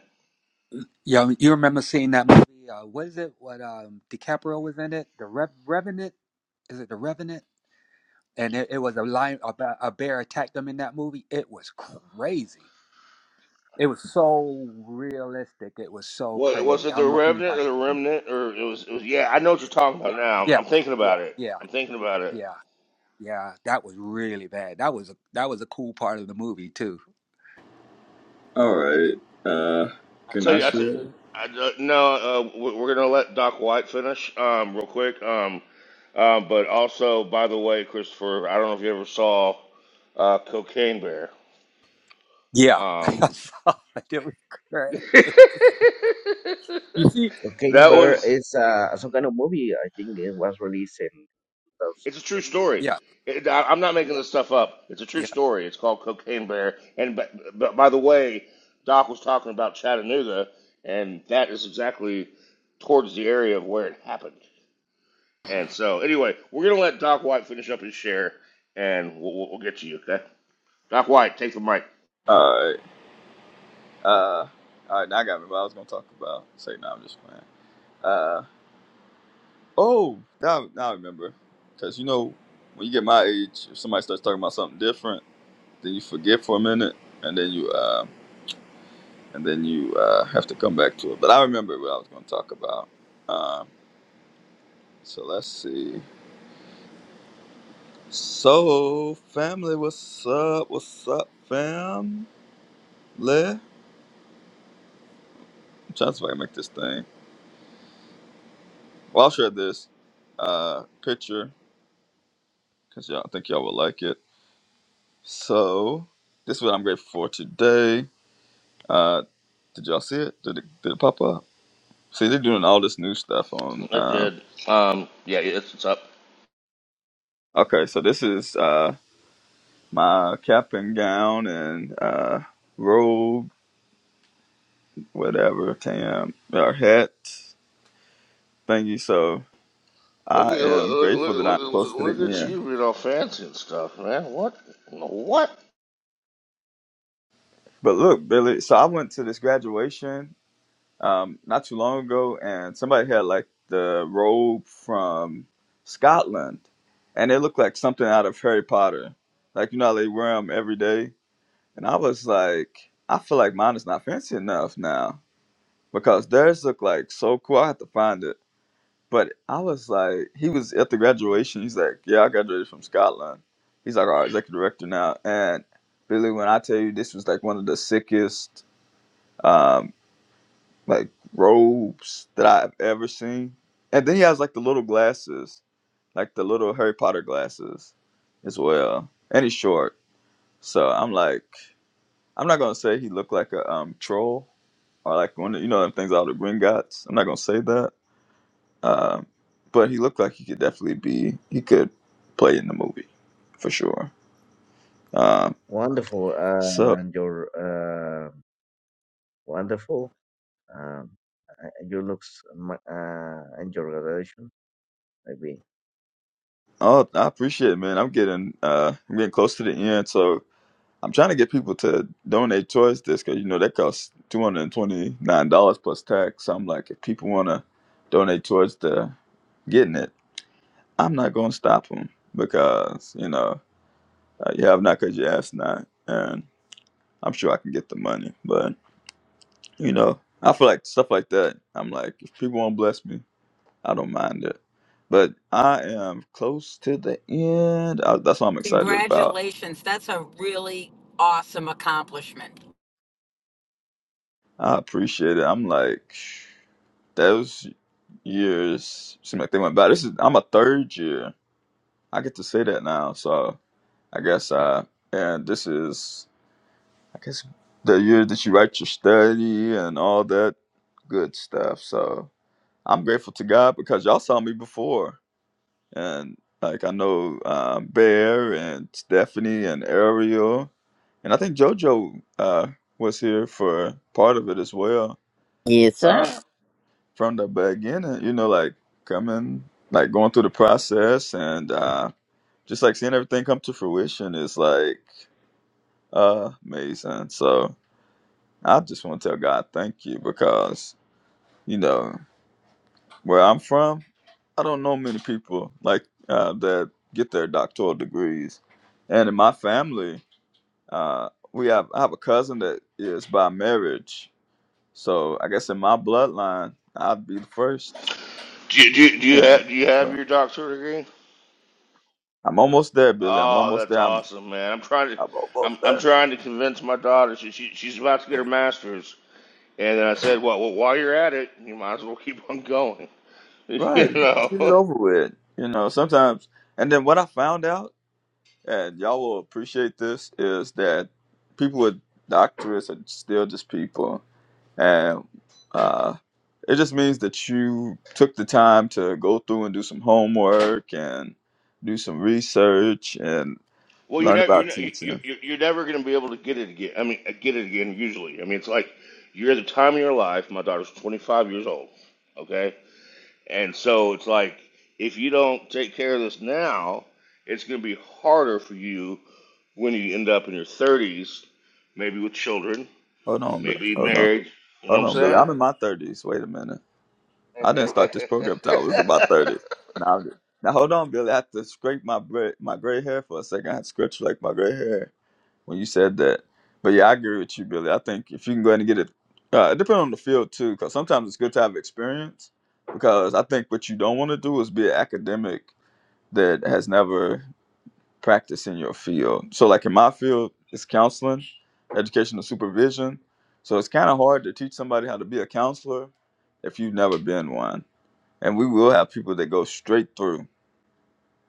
S4: Yeah, you remember seeing that movie? Uh, what is it? What um, DiCaprio was in it? The Rev- Revenant? Is it The Revenant? And it, it was a lion, a, ba- a bear attacked them in that movie. It was crazy. It was so realistic. It was so
S3: What was
S4: crazy.
S3: it
S4: I
S3: the
S4: don't know if
S3: remnant or
S4: anybody.
S3: the remnant or it was it was yeah I know what you're talking about now. I'm,
S4: Yeah,
S3: I'm thinking about it.
S4: yeah,
S3: I'm thinking about it.
S4: yeah, yeah. That was really bad. That was a that was a cool part of the movie too.
S10: All right. Uh,
S3: I
S10: can
S3: tell
S10: I
S3: you I, tell,
S10: share?
S3: I uh, no uh, we- we're gonna let Doc White finish um real quick um um but also by the way Christopher I don't know if you ever saw uh Cocaine Bear
S4: Yeah, I
S3: um
S4: saw it. It was crazy. You see,
S11: King
S3: that
S11: Bear
S3: was
S11: is uh, some kind of movie. I think it was released in
S3: It's a true
S11: 2020.
S3: story.
S4: Yeah,
S3: It- I- I'm not making this stuff up. It's a true
S4: yeah.
S3: story. It's called Cocaine Bear. And but, but by the way, Doc was talking about Chattanooga, and that is exactly towards the area of where it happened. And so, anyway, we're gonna let Doc White finish up his share, and we'll, we'll, we'll get to you. Okay, Doc White, take the mic.
S10: All right. Uh, all right. Now I got me what I was gonna talk about. Say no, I'm just playing. Uh, oh, now now I remember, cause you know when you get my age, if somebody starts talking about something different, then you forget for a minute, and then you uh, and then you uh, have to come back to it. But I remember what I was gonna talk about. Um, so let's see. So family, what's up? What's up, family? I'm trying to see if I can make this thing. Well, I'll share this uh, picture because y'all I think y'all will like it. So this is what I'm grateful for today. Uh, did y'all see it? Did it did it pop up? See, they're doing all this new stuff on.
S3: It
S10: Uh,
S3: did. Um, yeah, it's, it's up.
S10: okay, so this is uh, my cap and gown and uh, robe, whatever, tam or hat thingy. So
S3: Look at
S10: I am
S3: look,
S10: grateful
S3: look,
S10: that I'm close to the
S3: look, look at
S10: end.
S3: you being all fancy and stuff, man. What? What?
S10: But look, Billy. So I went to this graduation um, not too long ago, and somebody had like the robe from Scotland, and it looked like something out of Harry Potter. Like you know, how they wear them every day, and I was like, I feel like mine is not fancy enough now because theirs look like so cool. I have to find it, but I was like, he was at the graduation. He's like, yeah, I graduated from Scotland. He's like our executive director now, and Billy, when I tell you this was like one of the sickest. um, like robes that I've ever seen. And then he has like the little glasses, like the little Harry Potter glasses as well. And he's short. So I'm like I'm not gonna say he looked like a um troll or like one of you know them things out of the Green Gots. I'm not gonna say that. Um but he looked like he could definitely be he could play in the movie for sure. Um
S11: Wonderful,
S10: so
S11: uh, and your uh, wonderful. Um, uh, your looks ma- uh, and your graduation, maybe.
S10: oh I appreciate it man. I'm getting uh I'm getting close to the end so I'm trying to get people to donate towards this because you know that costs two hundred and twenty nine dollars plus tax. So I'm like, if people want to donate towards the getting it, I'm not gonna stop them because you know uh, you have not because you ask not, and I'm sure I can get the money. But you know, I feel like stuff like that. I'm like, if people want to bless me, I don't mind it. But I am close to the end. I, that's what I'm excited about.
S8: Congratulations. That's a really awesome accomplishment.
S10: I appreciate it. I'm like. those years seem like they went by. This is I'm a third year. I get to say that now, so I guess I and this is I guess the year that you write your study and all that good stuff. So I'm grateful to God because y'all saw me before, and like I know um, Bear and Stephanie and Ariel, and I think JoJo uh, was here for part of it as well.
S1: Yes, sir.
S10: Uh, from the beginning, you know, like coming, like going through the process and uh, just like seeing everything come to fruition is like uh, amazing. So I just want to tell God thank you because, you know, where I'm from, I don't know many people like uh, that get their doctoral degrees. And in my family, uh, we have, I have a cousin that is by marriage. So I guess in my bloodline, I'd be the first.
S3: Do you, do you, do you
S10: Yeah.
S3: have do you
S10: so
S3: have your doctorate degree?
S10: I'm almost there, Billy. I'm
S3: Oh,
S10: almost
S3: that's
S10: there. I'm
S3: awesome, man. I'm trying to
S10: I'm
S3: I'm
S10: almost
S3: I'm
S10: there.
S3: trying to convince my daughter. She, she she's about to get her master's. And then I said, well, well, while you're at it, you might as well keep on going. you
S10: Right. Let's
S3: know.
S10: get it over with. You know, sometimes and then what I found out, and y'all will appreciate this, is that people with doctorates are still just people. And uh it just means that you took the time to go through and do some homework and do some research and
S3: Well, you're
S10: learn
S3: never you're
S10: about
S3: ne- you-
S10: teaching.
S3: you- you're never going to be able to get it again. I mean, uh, get it again usually. I mean, it's like you're at the time of your life. My daughter's 25 years old, okay? And so it's like if you don't take care of this now, it's going to be harder for you when you end up in your 30s, maybe with children,
S10: Hold on, Bi-
S3: Maybe
S10: hold on.
S3: marriage. You know
S10: Hold
S3: what
S10: on, Billy.
S3: I'm
S10: I'm
S3: saying?
S10: in my thirties. Wait a minute. I didn't start this program till I was about thirty. Now, I'm just, now hold on, Billy. I have to scrape my gray, my gray hair for a second. I had to scratch like my gray hair when you said that. But yeah, I agree with you, Billy. I think if you can go ahead and get it, uh, it depends on the field too, because sometimes it's good to have experience. Because I think what you don't want to do is be an academic that has never practiced in your field. So, like in my field, it's counseling, educational supervision. So it's kind of hard to teach somebody how to be a counselor if you've never been one and we will have people that go straight through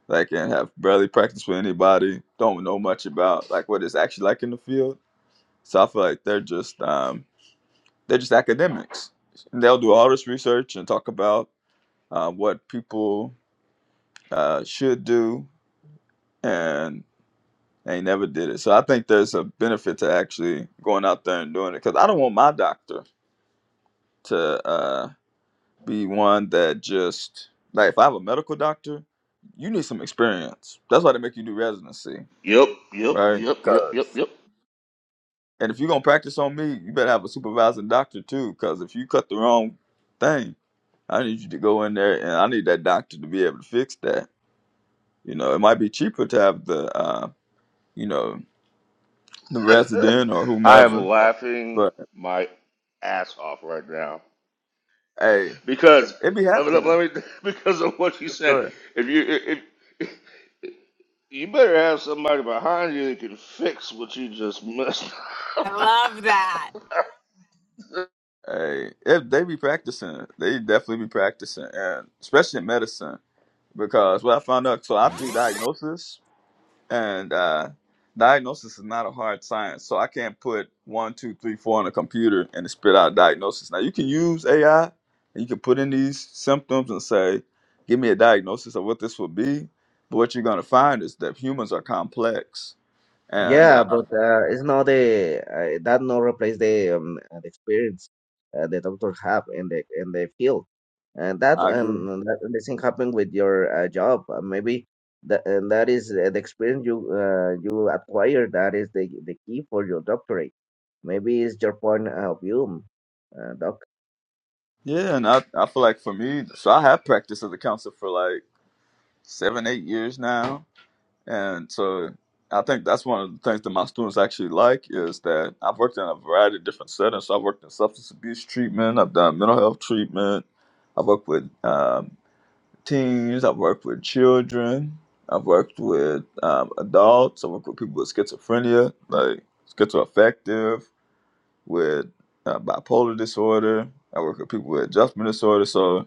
S10: like and have barely practiced with anybody don't know much about like what it's actually like in the field so i feel like they're just um, they're just academics and they'll do all this research and talk about uh, what people uh, should do and they never did it so i think there's a benefit to actually going out there and doing it because i don't want my doctor to uh, be one that just like if I have a medical doctor, you need some experience. That's why they make you do residency,
S3: Yep, yep,
S10: right?
S3: yep, yep,
S10: 'Cause-
S3: yep, yep.
S10: and if you're gonna practice on me, you better have a supervising doctor too. Because if you cut the wrong thing, I need you to go in there, and I need that doctor to be able to fix that. You know, it might be cheaper to have the, uh, you know, the resident or
S3: I am
S10: whomever,
S3: laughing
S10: but
S3: my ass off right now
S10: hey,
S3: because
S10: it be
S3: let me, let me
S10: happening.
S3: because of what you
S10: Go
S3: said.
S10: ahead.
S3: If you if if- you better have somebody behind you that can fix what you just missed.
S8: I love that.
S10: Hey, if they be practicing, they definitely be practicing, and especially in medicine. because what I found out, so I do diagnosis, and uh, diagnosis is not a hard science. So I can't put one, two, three, four on a computer and it spit out diagnosis. Now you can use AI and you can put in these symptoms and say, give me a diagnosis of what this would be. But what you're going to find is that humans are complex. And
S11: Yeah,
S10: uh,
S11: but uh, it's not the uh, that not replace the um, uh, the experience uh, the doctor have in the in the field. and that
S10: I agree.
S11: and that the thing happened with your uh, job uh, maybe that and that is uh, the experience you uh, you acquire that is the the key for your doctorate maybe it's your point of view uh, doc
S10: Yeah, and I, I feel like for me, so I have practiced as a counselor for like seven, eight years now And so I think that's one of the things that my students actually like is that I've worked in a variety of different settings. So I've worked in substance abuse treatment, I've done mental health treatment, I've worked with um, teens, I've worked with children, I've worked with um, adults, I've worked with people with schizophrenia, like schizoaffective, with uh, bipolar disorder, I work with people with adjustment disorder. So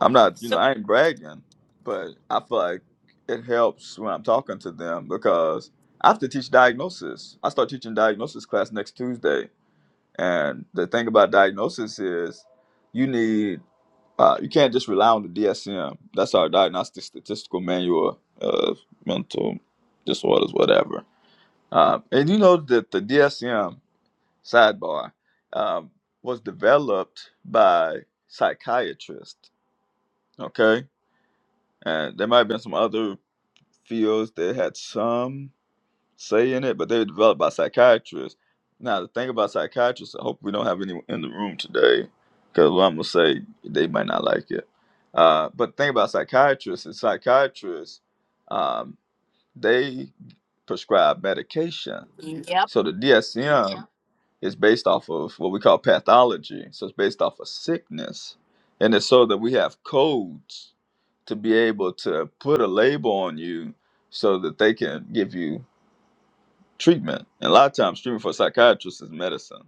S10: I'm not, you know,
S8: So,
S10: I ain't bragging, but I feel like it helps when I'm talking to them because I have to teach diagnosis. I start teaching diagnosis class next Tuesday, and the thing about diagnosis is you need uh, you can't just rely on the DSM. That's our diagnostic statistical manual of mental disorders, whatever. Um, and you know that the DSM sidebar um, was developed by psychiatrists. Okay, and there might have been some other fields that had some say in it, but they were developed by psychiatrists. Now, the thing about psychiatrists, I hope we don't have anyone in the room today, because what I'm going to say, they might not like it. Uh, but the thing about psychiatrists is psychiatrists, um, they prescribe medication.
S8: yep.
S10: So the DSM, is based off of what we call pathology. So it's based off of sickness. And it's so that we have codes to be able to put a label on you so that they can give you treatment. And a lot of times, treatment for psychiatrists is medicine,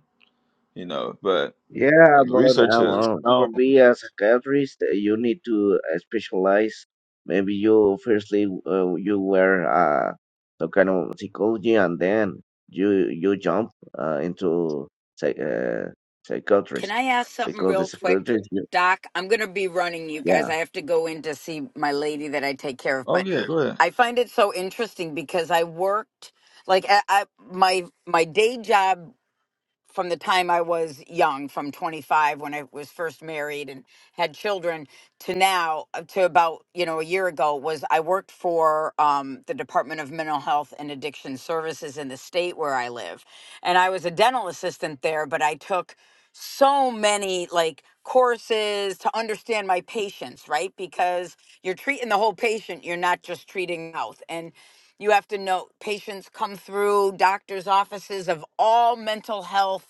S10: you know, but
S11: yeah
S10: uh, the
S11: but
S10: research has
S11: uh, for
S10: shown.
S11: me as a psychiatrist uh, you need to uh, specialize maybe you firstly uh, you were uh, some kind of psychology and then you you jump uh, into psych, uh,
S8: Can
S11: psychiatrist
S8: I ask something
S11: because the
S8: real quick,
S11: psychiatrist
S8: Doc? I'm going to be running you
S11: Yeah,
S8: guys. I have to go in to see my lady that I take care of,
S10: Oh,
S8: but Oh, yeah, go
S10: yeah,
S8: ahead.
S10: go ahead.
S8: I find it so interesting because I worked like I, I, my my day job from the time I was young, from 25 when I was first married and had children to now, uh, to about, you know, a year ago, was I worked for um, the Department of Mental Health and Addiction Services in the state where I live. And I was a dental assistant there, but I took so many like courses to understand my patients, right? Because you're treating the whole patient, you're not just treating mouth. And you have to know patients come through doctors' offices of all mental health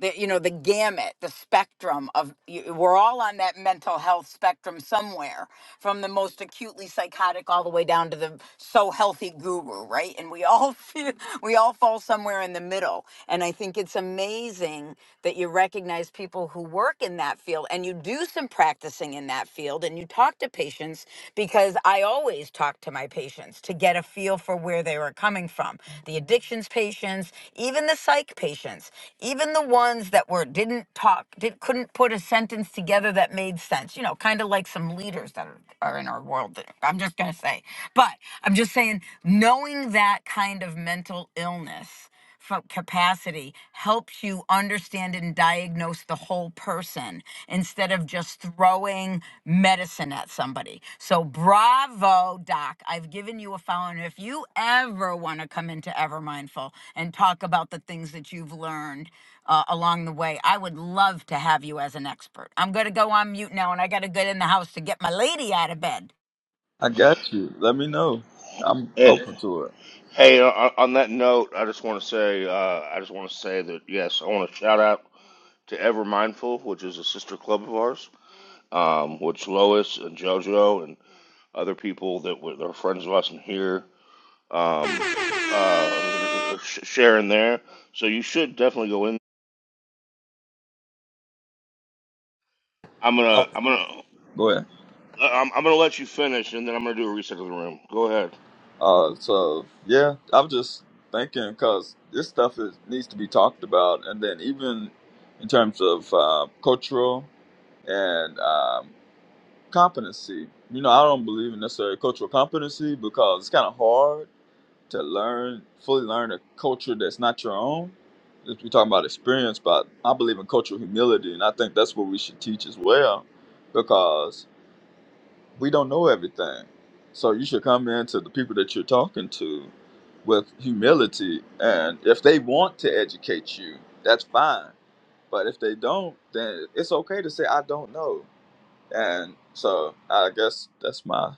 S8: the you know the gamut the spectrum of y- we're all on that mental health spectrum somewhere from the most acutely psychotic all the way down to the so healthy guru right and we all feel, we all fall somewhere in the the middle. And I think it's amazing that you recognize people who work in that field and you do some practicing in that field and you talk to patients because I always talk to my patients to get a feel for where they were coming from. The addictions patients, even the psych patients, even the ones that were didn't talk, did, couldn't put a sentence together that made sense, you know, kind of like some leaders that are, are in our world. that- I'm just going to say. But I'm just saying, knowing that kind of mental illness fo- capacity helps you understand and diagnose the whole person instead of just throwing medicine at somebody. So, bravo, doc. I've given you a phone. If you ever want to come into Ever Mindful and talk about the things that you've learned uh, along the way, I would love to have you as an expert. I'm going to go on mute now and I got to get in the house to get my lady out of bed.
S10: I got you. Let me know. I'm
S3: and
S10: open to it.
S3: hey, on, on that note, I just want to say uh, I just want to say that yes, I want to shout out to Ever Mindful, which is a sister club of ours. um, which Lois and JoJo and other people that were that are friends of us in here um, uh, sh- share in there. So you should definitely go in. I'm gonna
S10: Oh,
S3: I'm gonna
S10: go ahead.
S3: I'm, I'm gonna let you finish, and then I'm gonna do a reset of the room. Go ahead.
S10: Uh, so yeah, I'm just thinking because this stuff is, needs to be talked about, and then even in terms of uh, cultural and um, competency. You know, I don't believe in necessarily cultural competency because it's kind of hard to learn fully learn a culture that's not your own. If you're talking about experience, but I believe in cultural humility, and I think that's what we should teach as well, because we don't know everything. So you should come in to the people that you're talking to with humility. And if they want to educate you, that's fine. But if they don't, then it's okay to say, I don't know. And so I guess that's my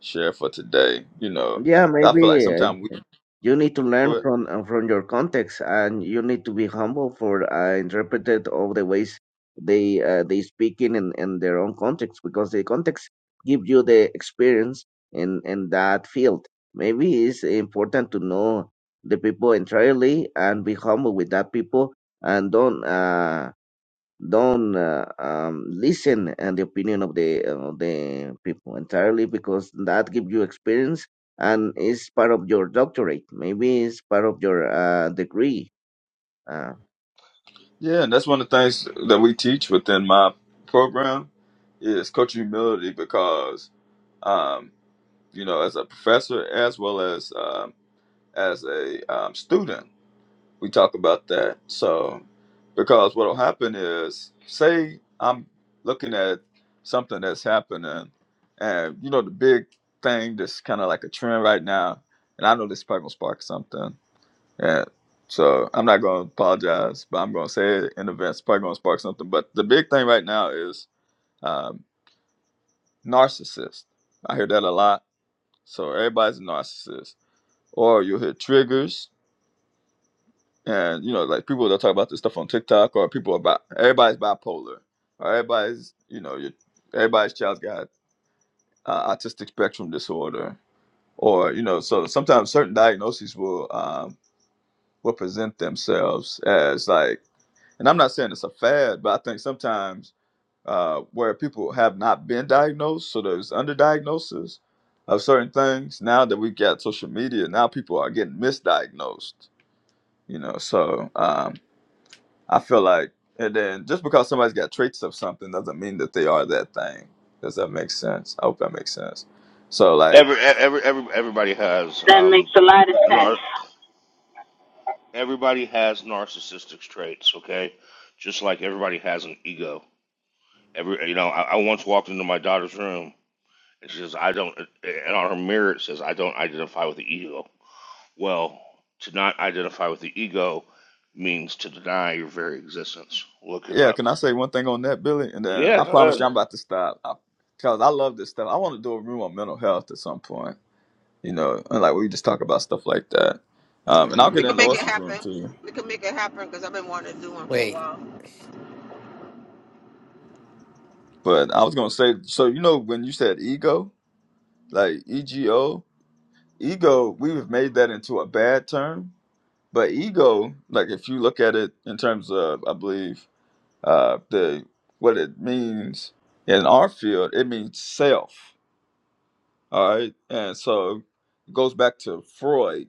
S10: share for today. You know,
S11: yeah.
S10: I
S11: Maybe
S10: feel like
S11: uh,
S10: sometimes we
S11: you need to
S10: go
S11: learn
S10: ahead.
S11: from uh, from your context, and you need to be humble for uh, interpreted all the ways they uh, they speak in, in in their own context because the context give you the experience in in that field. Maybe it's important to know the people entirely and be humble with that people and don't uh, don't uh, um, listen and the opinion of the uh, the people entirely because that gives you experience and is part of your doctorate maybe it's part of your uh, degree uh,
S10: Yeah, and that's one of the things that we teach within my program is coach humility because um, you know, as a professor as well as um as a um, student, we talk about that. So, because what will happen is, say I'm looking at something that's happening, and you know the big thing that's kind of like a trend right now, and I know this probably gonna spark something, and so I'm not gonna apologize, but I'm gonna say it in advance. It's probably gonna spark something, but the big thing right now is um, narcissist. I hear that a lot. So everybody's a narcissist, or you'll hear triggers And you know, like people that talk about this stuff on TikTok or people about everybody's bipolar or everybody's, you know, your everybody's child's got uh, autistic spectrum disorder or you know, so sometimes certain diagnoses will um, will present themselves as like, and I'm not saying it's a fad, but I think sometimes uh, where people have not been diagnosed, so there's underdiagnosis of certain things. Now that we've got social media, now people are getting misdiagnosed. You know, so um, I feel like, and then just because somebody's got traits of something doesn't mean that they are that thing. Does that make sense? I hope that makes sense. So, like,
S3: Every e-, every every everybody has um, nar- everybody has narcissistic traits. Okay, just like everybody has an ego. Every you know I, I once walked into my daughter's room It says, I don't, and on her mirror it says, I don't identify with the ego. Well, to not identify with the ego means to deny your very existence. Look it
S10: yeah,
S3: up.
S10: can I say one thing on that, Billy? And then
S3: Yeah,
S10: I
S3: go
S10: promise you, I'm about to stop. I, Cause I love this stuff. I want to do a room on mental health at some point, you know, and like we just talk about stuff like that. Um, and I'll get
S5: We can
S10: in
S5: make it
S10: Lois's
S5: happen.
S10: room too.
S5: We can make it happen because I've been wanting to do one for a
S9: Wait.
S5: while.
S10: But I was gonna say, so you know, when you said ego, like ego, ego, we've made that into a bad term But ego, like if you look at it in terms of, I believe, uh, the what it means in our field, it means self. All right, and so it goes back to Freud.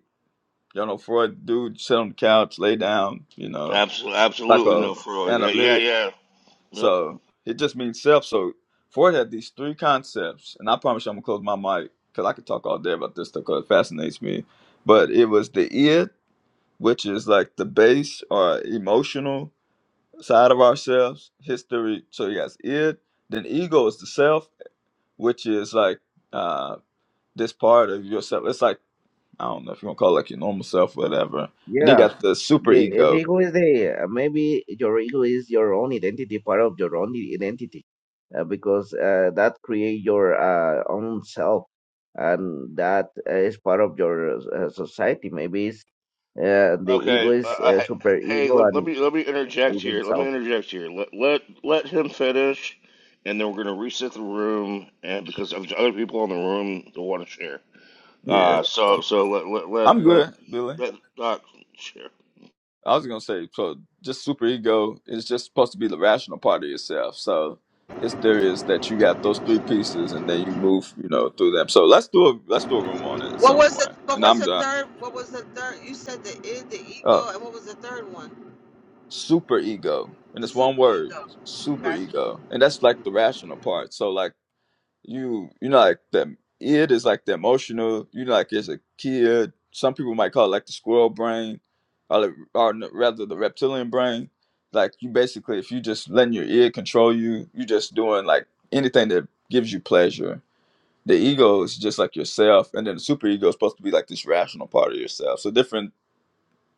S10: You know, Freud, dude, sit on the couch, lay down. You know,
S3: Absolutely,
S10: like
S3: absolutely
S10: a
S3: no Freud. Yeah, yeah,
S10: analytic.
S3: yeah. Yep.
S10: So it just means self. So Freud had these three concepts, and I promise you, I'm gonna close my mic because I could talk all day about this stuff because it fascinates me. But it was the id, which is like the base or emotional side of ourselves, history. So you has it, then ego is the self, which is like uh this part of yourself. It's like I don't know if you want to call it like your normal self, whatever. And you
S11: yeah
S10: got the super
S11: the, the
S10: ego.
S11: ego is the uh, maybe your ego is your own identity part of your own identity uh, because uh, that create your uh, own self and that is part of your uh, society maybe it's, uh, the ego
S3: Okay. Uh,
S11: is
S3: I,
S11: uh,
S3: hey,
S11: super
S3: hey,
S11: ego
S3: let, let
S11: and
S3: me let me interject
S11: ego
S3: here. Let me
S11: self
S3: interject here. Let let let him finish, and then we're gonna reset the room. And because there's other people in the room that want to share.
S10: Yeah.
S3: Uh, so
S10: so-
S3: so let let
S10: I'm
S3: let let
S10: good, Billy.
S3: let Doc share.
S10: I was gonna say so just super ego is just supposed to be the rational part of yourself. So his theory is that you got those three pieces and then you move, you know, through them. So let's do a let's do a room on it at
S5: What
S10: some
S5: was the
S10: point.
S5: What
S10: And
S5: was
S10: I'm
S5: the
S10: done.
S5: third? What was the third? You said the id, the
S10: Oh,
S5: ego, and what was the third one?
S10: super ego and it's one
S5: Super
S10: word
S5: ego.
S10: super
S5: Gotcha.
S10: ego and that's like the rational part so like you you know like the it is like the emotional you know like as a kid some people might call it like the squirrel brain or, the, or n- rather the reptilian brain like you basically if you just letting your ear control you you just doing like anything that gives you pleasure the ego is just like yourself and then the super ego is supposed to be like this rational part of yourself so different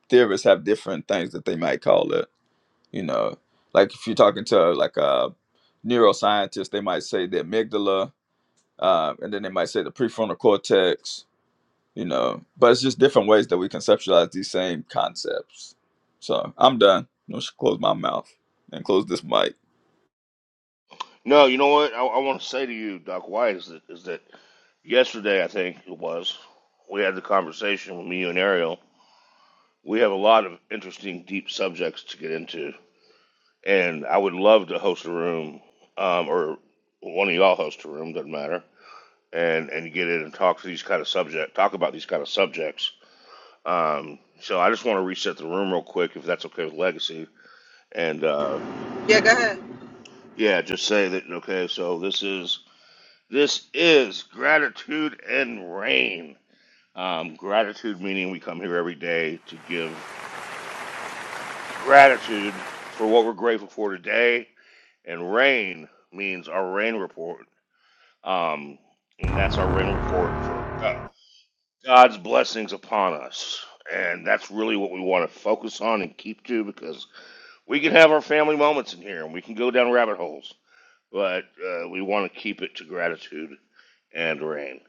S10: theorists have different things that they might call it you know, like if you're talking to like a neuroscientist, they might say the amygdala, uh, and then they might say the prefrontal cortex. You know, but it's just different ways that we conceptualize these same concepts. So I'm done. I should close my mouth and close this mic.
S3: No, you know what I, I want to say to you, Doc White, is that is that yesterday I think it was we had the conversation with me you and Ariel. We have a lot of interesting, deep subjects to get into, and I would love to host a room, um, or one of y'all host a room, doesn't matter, and and get in and talk to these kind of subject, talk about these kind of subjects. Um, so I just want to reset the room real quick, if that's okay with Legacy, and uh,
S5: Yeah, go ahead.
S3: yeah, just say that okay. So this is This is gratitude and rain. Um, gratitude meaning we come here every day to give gratitude for what we're grateful for today, and rain means our rain report. Um, and that's our rain report for God, God's blessings upon us. And that's really what we want to focus on and keep to because we can have our family moments in here and we can go down rabbit holes, but uh, we want to keep it to gratitude and rain.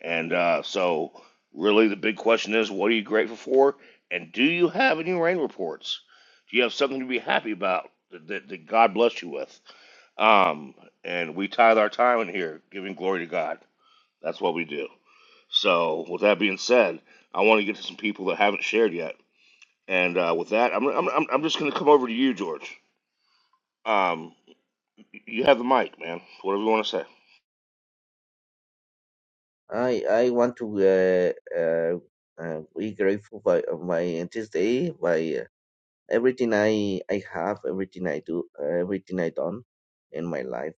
S3: And uh, so, really, the big question is what are you grateful for? And do you have any rain reports? Do you have something to be happy about that, that, that God bless you with? Um, and we tithe our time in here, giving glory to God. That's what we do. So, with that being said, I want to get to some people that haven't shared yet. And uh, with that, I'm, I'm, I'm I'm just going to come over to you, George. Um, you have the mic, man. Whatever you want to say.
S11: I I want to uh, uh, uh, be grateful by uh, my this day by uh, everything I I have, everything I do, uh, everything I done in my life,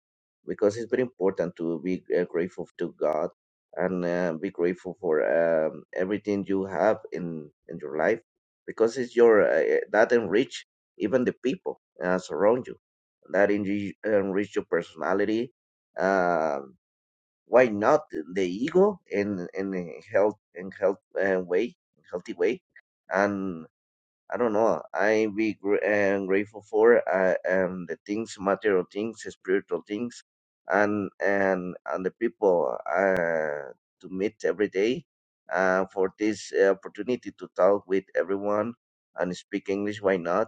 S11: because it's very important to be uh, grateful to God and uh, be grateful for um, everything you have in in your life, because it's your uh, that enrich even the people uh, surround you, that enrich, enrich your personality. Um why not the ego in in a health in health uh, way healthy way and I don't know. I be gr- am grateful for uh, and the things, material things, spiritual things, and and and the people uh, to meet every day. Uh, for this uh, opportunity to talk with everyone and speak English, why not?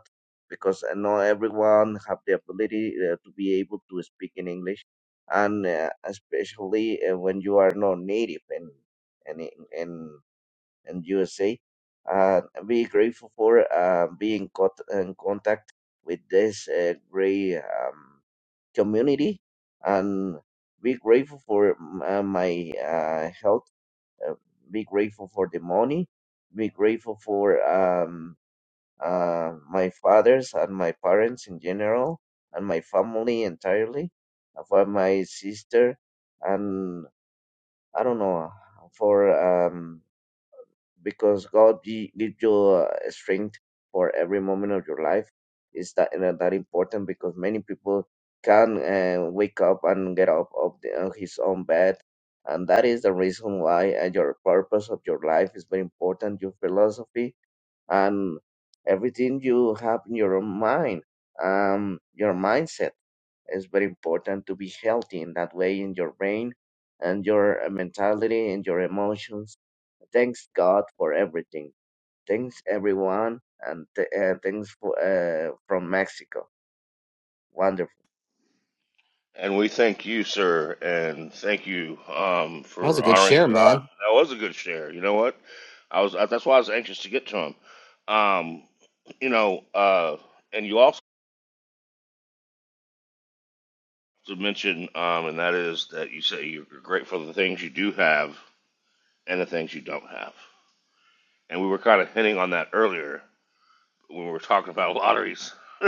S11: Because I know everyone have the ability uh, to be able to speak in English, and uh, especially uh, when you are not native in in, in and USA. Uh, be grateful for uh, being caught in contact with this uh, great um, community, and be grateful for mm, uh, my uh, health. Uh, be grateful for the money. Be grateful for um, uh, my fathers and my parents in general, and my family entirely, uh, for my sister, and I don't know for. Um, because God gi- gives you uh, strength for every moment of your life. Is that and that important? Because many people can uh, wake up and get up of the, uh, his own bed, and that is the reason why uh, your purpose of your life is very important. Your philosophy and everything you have in your mind, um, your mindset it's very important to be healthy in that way in your brain and your uh, mentality and your emotions. Thanks God for everything. Thanks everyone and th- uh, thanks for, uh, from Mexico. Wonderful.
S3: And we thank you, sir, and thank you um,
S9: That was
S3: for
S9: a good
S3: honoring
S9: share,
S3: God.
S9: man.
S3: That was a good share. You know what? I was that's why I was anxious to get to him. Um, you know, uh, and you also mentioned, um, and that is that you say you're grateful for the things you do have and the things you don't have. And we were kind of hinting on that earlier when we were talking about lotteries.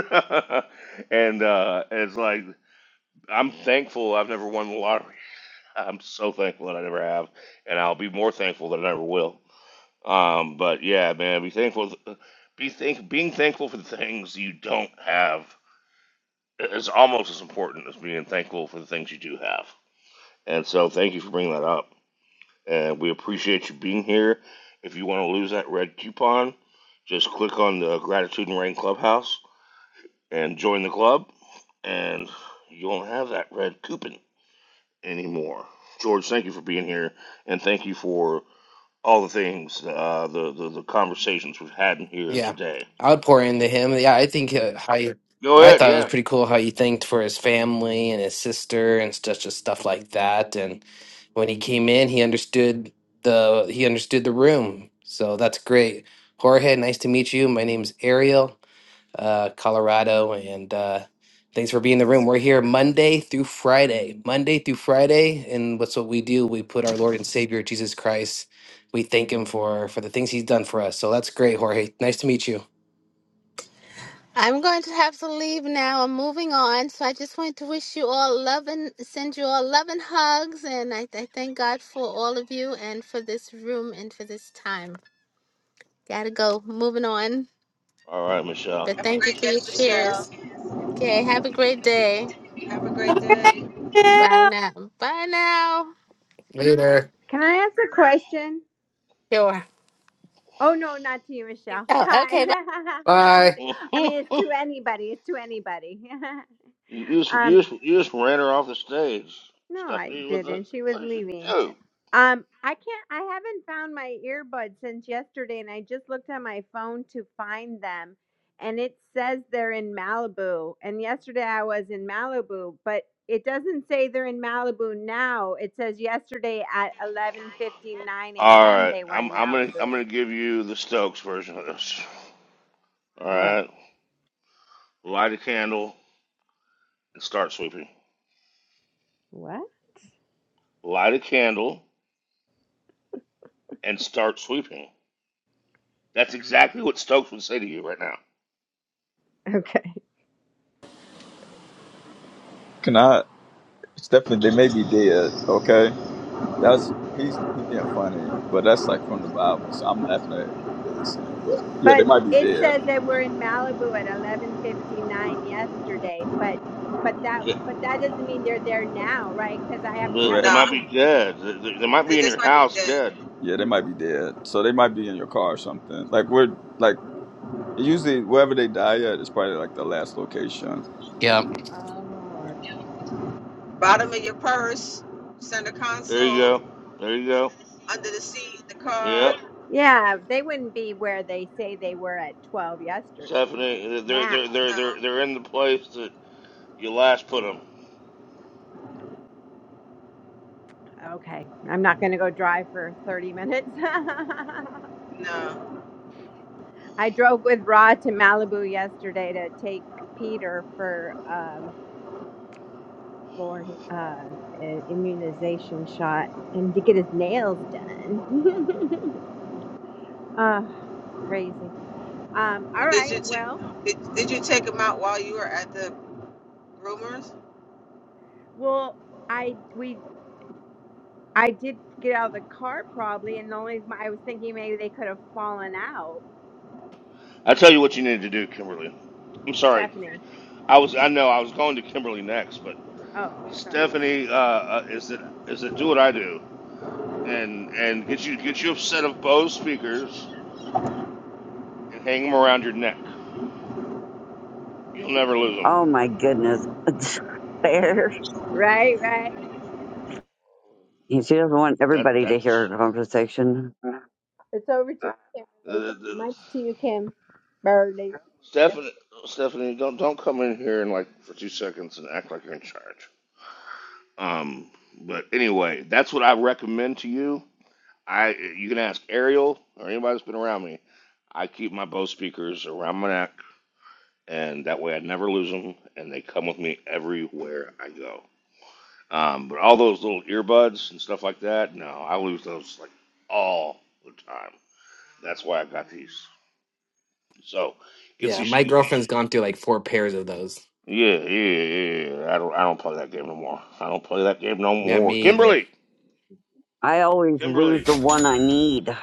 S3: and uh, it's like I'm thankful I've never won the lottery. I'm so thankful that I never have, and I'll be more thankful that I never will. Um, but yeah, man, be thankful. Be think being thankful for the things you don't have is almost as important as being thankful for the things you do have. And so, thank you for bringing that up, and we appreciate you being here. If you want to lose that red coupon, just click on the Gratitude and Rain Clubhouse and join the club, and you won't have that red coupon anymore. George, thank you for being here, and thank you for all the things, uh, the, the the conversations we've had in here
S9: Yeah,
S3: today.
S9: I would pour into him. Yeah, I think uh, how you,
S3: Go
S9: I
S3: ahead,
S9: thought it was
S3: yeah.
S9: pretty cool how you thanked for his family and his sister and such just stuff like that. And when he came in, he understood the he understood the room. So that's great, Jorge. Nice to meet you. My name's Ariel uh, Colorado. And uh, thanks for being in the room. We're here Monday through Friday. Monday through Friday. And what's what we do? We put our Lord and Savior, Jesus Christ, we thank him for for the things he's done for us. So that's great, Jorge. Nice to meet you.
S6: I'm going to have to leave now. I'm moving on. So I just want to wish you all love and send you all love and hugs. And I, I thank God for all of you and for this room and for this time. Gotta go. Moving on.
S3: All right, Michelle.
S6: But
S5: Have a
S6: thank you
S5: great
S6: for
S5: day,
S6: your
S5: Michelle.
S6: shares. Okay. Have a great day.
S5: Have a great day.
S6: Bye
S1: Yeah.
S6: now. Bye now.
S9: Hey there.
S7: Can I ask a question?
S6: Sure.
S7: Oh no, not to you, Michelle.
S6: Oh,
S7: Hi.
S6: okay.
S9: Bye.
S3: you
S7: I mean, it's to anybody. It's to anybody.
S3: just
S7: um,
S3: you just you just ran her off the stage,
S7: no, I
S3: Stephanie. What the
S7: didn't. She was
S3: what did you
S7: leaving.
S3: do?
S7: Um, I can't. I haven't found my earbuds since yesterday, and I just looked on my phone to find them, and it says they're in Malibu. And yesterday I was in Malibu, but it doesn't say they're in Malibu now. It says yesterday at 11:59
S3: All
S7: a.m.
S3: right,
S7: they were
S3: I'm
S7: in
S3: I'm gonna I'm
S7: Malibu.
S3: gonna give you the Stokes version of this. All
S7: What?
S3: right, light a candle and start sweeping.
S7: What?
S3: Light a candle and start sweeping. That's exactly what Stokes would say to you right now.
S7: Okay.
S10: Can I? Stephen, they may be dead. Okay, that's he's he being funny, but that's like from the Bible. So I'm laughing at what Billy's saying, but yeah, they
S7: But
S10: might be
S7: it
S10: dead.
S7: says they were in Malibu at 11:59 yesterday, but but that
S3: Yeah,
S7: but that doesn't mean they're there now, right? Cuz I have
S3: but
S7: I
S3: they
S7: would
S10: Correct.
S5: No,
S7: have
S3: might
S7: to
S3: be dead. They, they they might be
S5: It
S3: in
S5: just
S3: your
S5: might be
S3: house
S5: the
S3: dead.
S10: Yeah, they might be dead. So they might be in your car or something. Like we're like Usually, wherever they die at is probably like the last location.
S9: Yeah.
S7: Oh.
S5: bottom of your purse, center
S3: There you
S5: console,
S3: go. There you go.
S5: under the seat, the
S3: Yep.
S5: car.
S7: Yeah, they wouldn't be where they say they were at 12 yesterday.
S3: Stephanie, they're they're
S7: Now.
S3: they're
S5: No,
S3: they're they're in the place that you last put them.
S7: Okay. I'm not going to go drive for 30 minutes.
S5: no.
S7: I drove with Rod to Malibu yesterday to take Peter for um for hi- uh, an immunization shot and to get his nails done. Ah, crazy. Um, all
S5: But did
S7: right.
S5: you take
S7: Well,
S5: did, did you take them out while you were at the groomers?
S7: well, I we I did get out of the car probably, and the only I was thinking maybe they could have fallen out.
S3: I tell you what you need to do, Kimberly. I'm sorry.
S7: Stephanie.
S3: I was I know I was going to Kimberly next, but
S7: Oh, sorry.
S3: Stephanie uh, uh, is it is it do what I do and and get you get you a set of Bose speakers and hang them around your neck. You'll never lose them.
S12: Oh my goodness. Fair.
S7: Right, right.
S12: She doesn't want
S3: That
S12: everybody to
S3: that's
S12: hear her conversation.
S7: It's over to you,
S3: uh,
S7: Kimberly.
S3: uh, uh,
S7: Mike's to you, Kim. Burley.
S3: Stephanie. Stephanie, don't don't come in here and like for two seconds and act like you're in charge. Um, but anyway, that's what I recommend to you. I you can ask Ariel or anybody that's been around me. I keep my Bose speakers around my neck, and that way I never lose them, and they come with me everywhere I go. Um, but all those little earbuds and stuff like that, no, I lose those like all the time. That's why I got these. So get
S9: Yeah.
S3: these.
S9: My
S3: get-
S9: girlfriend's gone through like four pairs of those.
S3: Yeah, yeah, yeah. yeah. yeah. I don't. I don't play that game no more. I don't play that game no
S9: Yeah,
S3: more.
S9: me either.
S3: Kimberly,
S12: I always lose
S3: Kimberly.
S12: the one I need.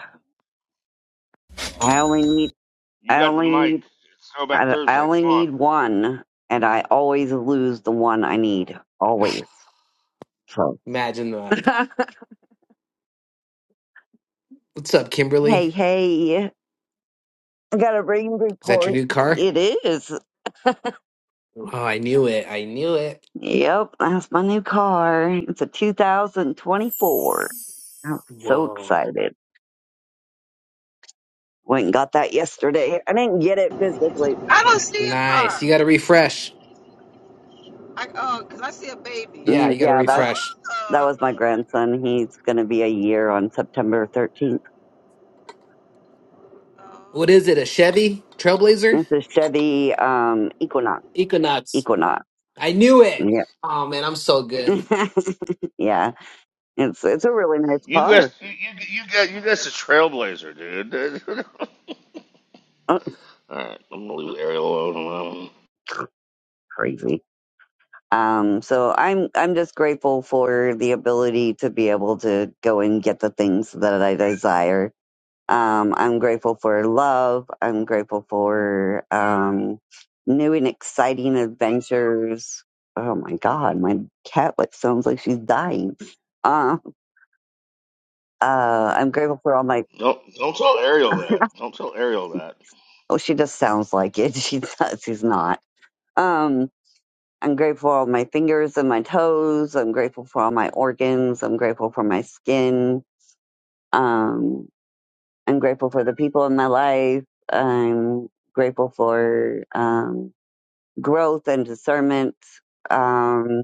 S12: I only need,
S3: You
S12: I
S3: got the
S12: only
S3: mic.
S12: need,
S3: It's Throwback
S12: I, I
S3: Thursday.
S12: only
S3: Come on.
S12: need one and I always lose the one I need. Always. So.
S9: Imagine that. What's up, Kimberly?
S12: hey, hey. I got a rain
S9: Is that your
S12: report.
S9: new car?
S12: It is.
S9: Oh, I knew it. I knew it.
S12: Yep. That's my new car. It's a 2024. I'm so
S9: Whoa.
S12: excited. Went and got that yesterday. I didn't get it physically.
S5: I don't see a
S9: Nice.
S5: car.
S9: You got to refresh.
S5: I oh, cause I see a baby.
S9: Yeah,
S12: Mm,
S9: you got to
S12: Yeah, that's
S5: Oh,
S9: refresh.
S12: that was my grandson. He's going to be a year on September 13th.
S9: What
S5: oh, he's
S9: is it? A
S5: a good.
S9: Chevy Trailblazer
S12: It's a Chevy um, Equinox.
S9: Equinox.
S12: Equinox.
S9: I knew it.
S12: Yeah.
S9: Oh man, I'm so good.
S12: yeah. It's it's a really nice
S3: You guys,
S12: car.
S3: you, you, you got you guys a trailblazer, dude.
S12: Oh,
S3: All right, I'm gonna leave Ariel alone. on that one.
S12: crazy. Um, so I'm I'm just grateful for the ability to be able to go and get the things that I desire Um, I'm grateful for love. I'm grateful for um, new and exciting adventures. Oh my God, my cat like sounds like she's dying. Uh, uh, I'm grateful for all my.
S3: Don't don't tell Ariel that. Don't tell Ariel that.
S12: Oh, she just sounds like it. She does. She's not. Um, I'm grateful for all my fingers and my toes. I'm grateful for all my organs. I'm grateful for my skin. Um, I'm grateful for the people in my life. I'm grateful for. Um, growth and discernment. Um,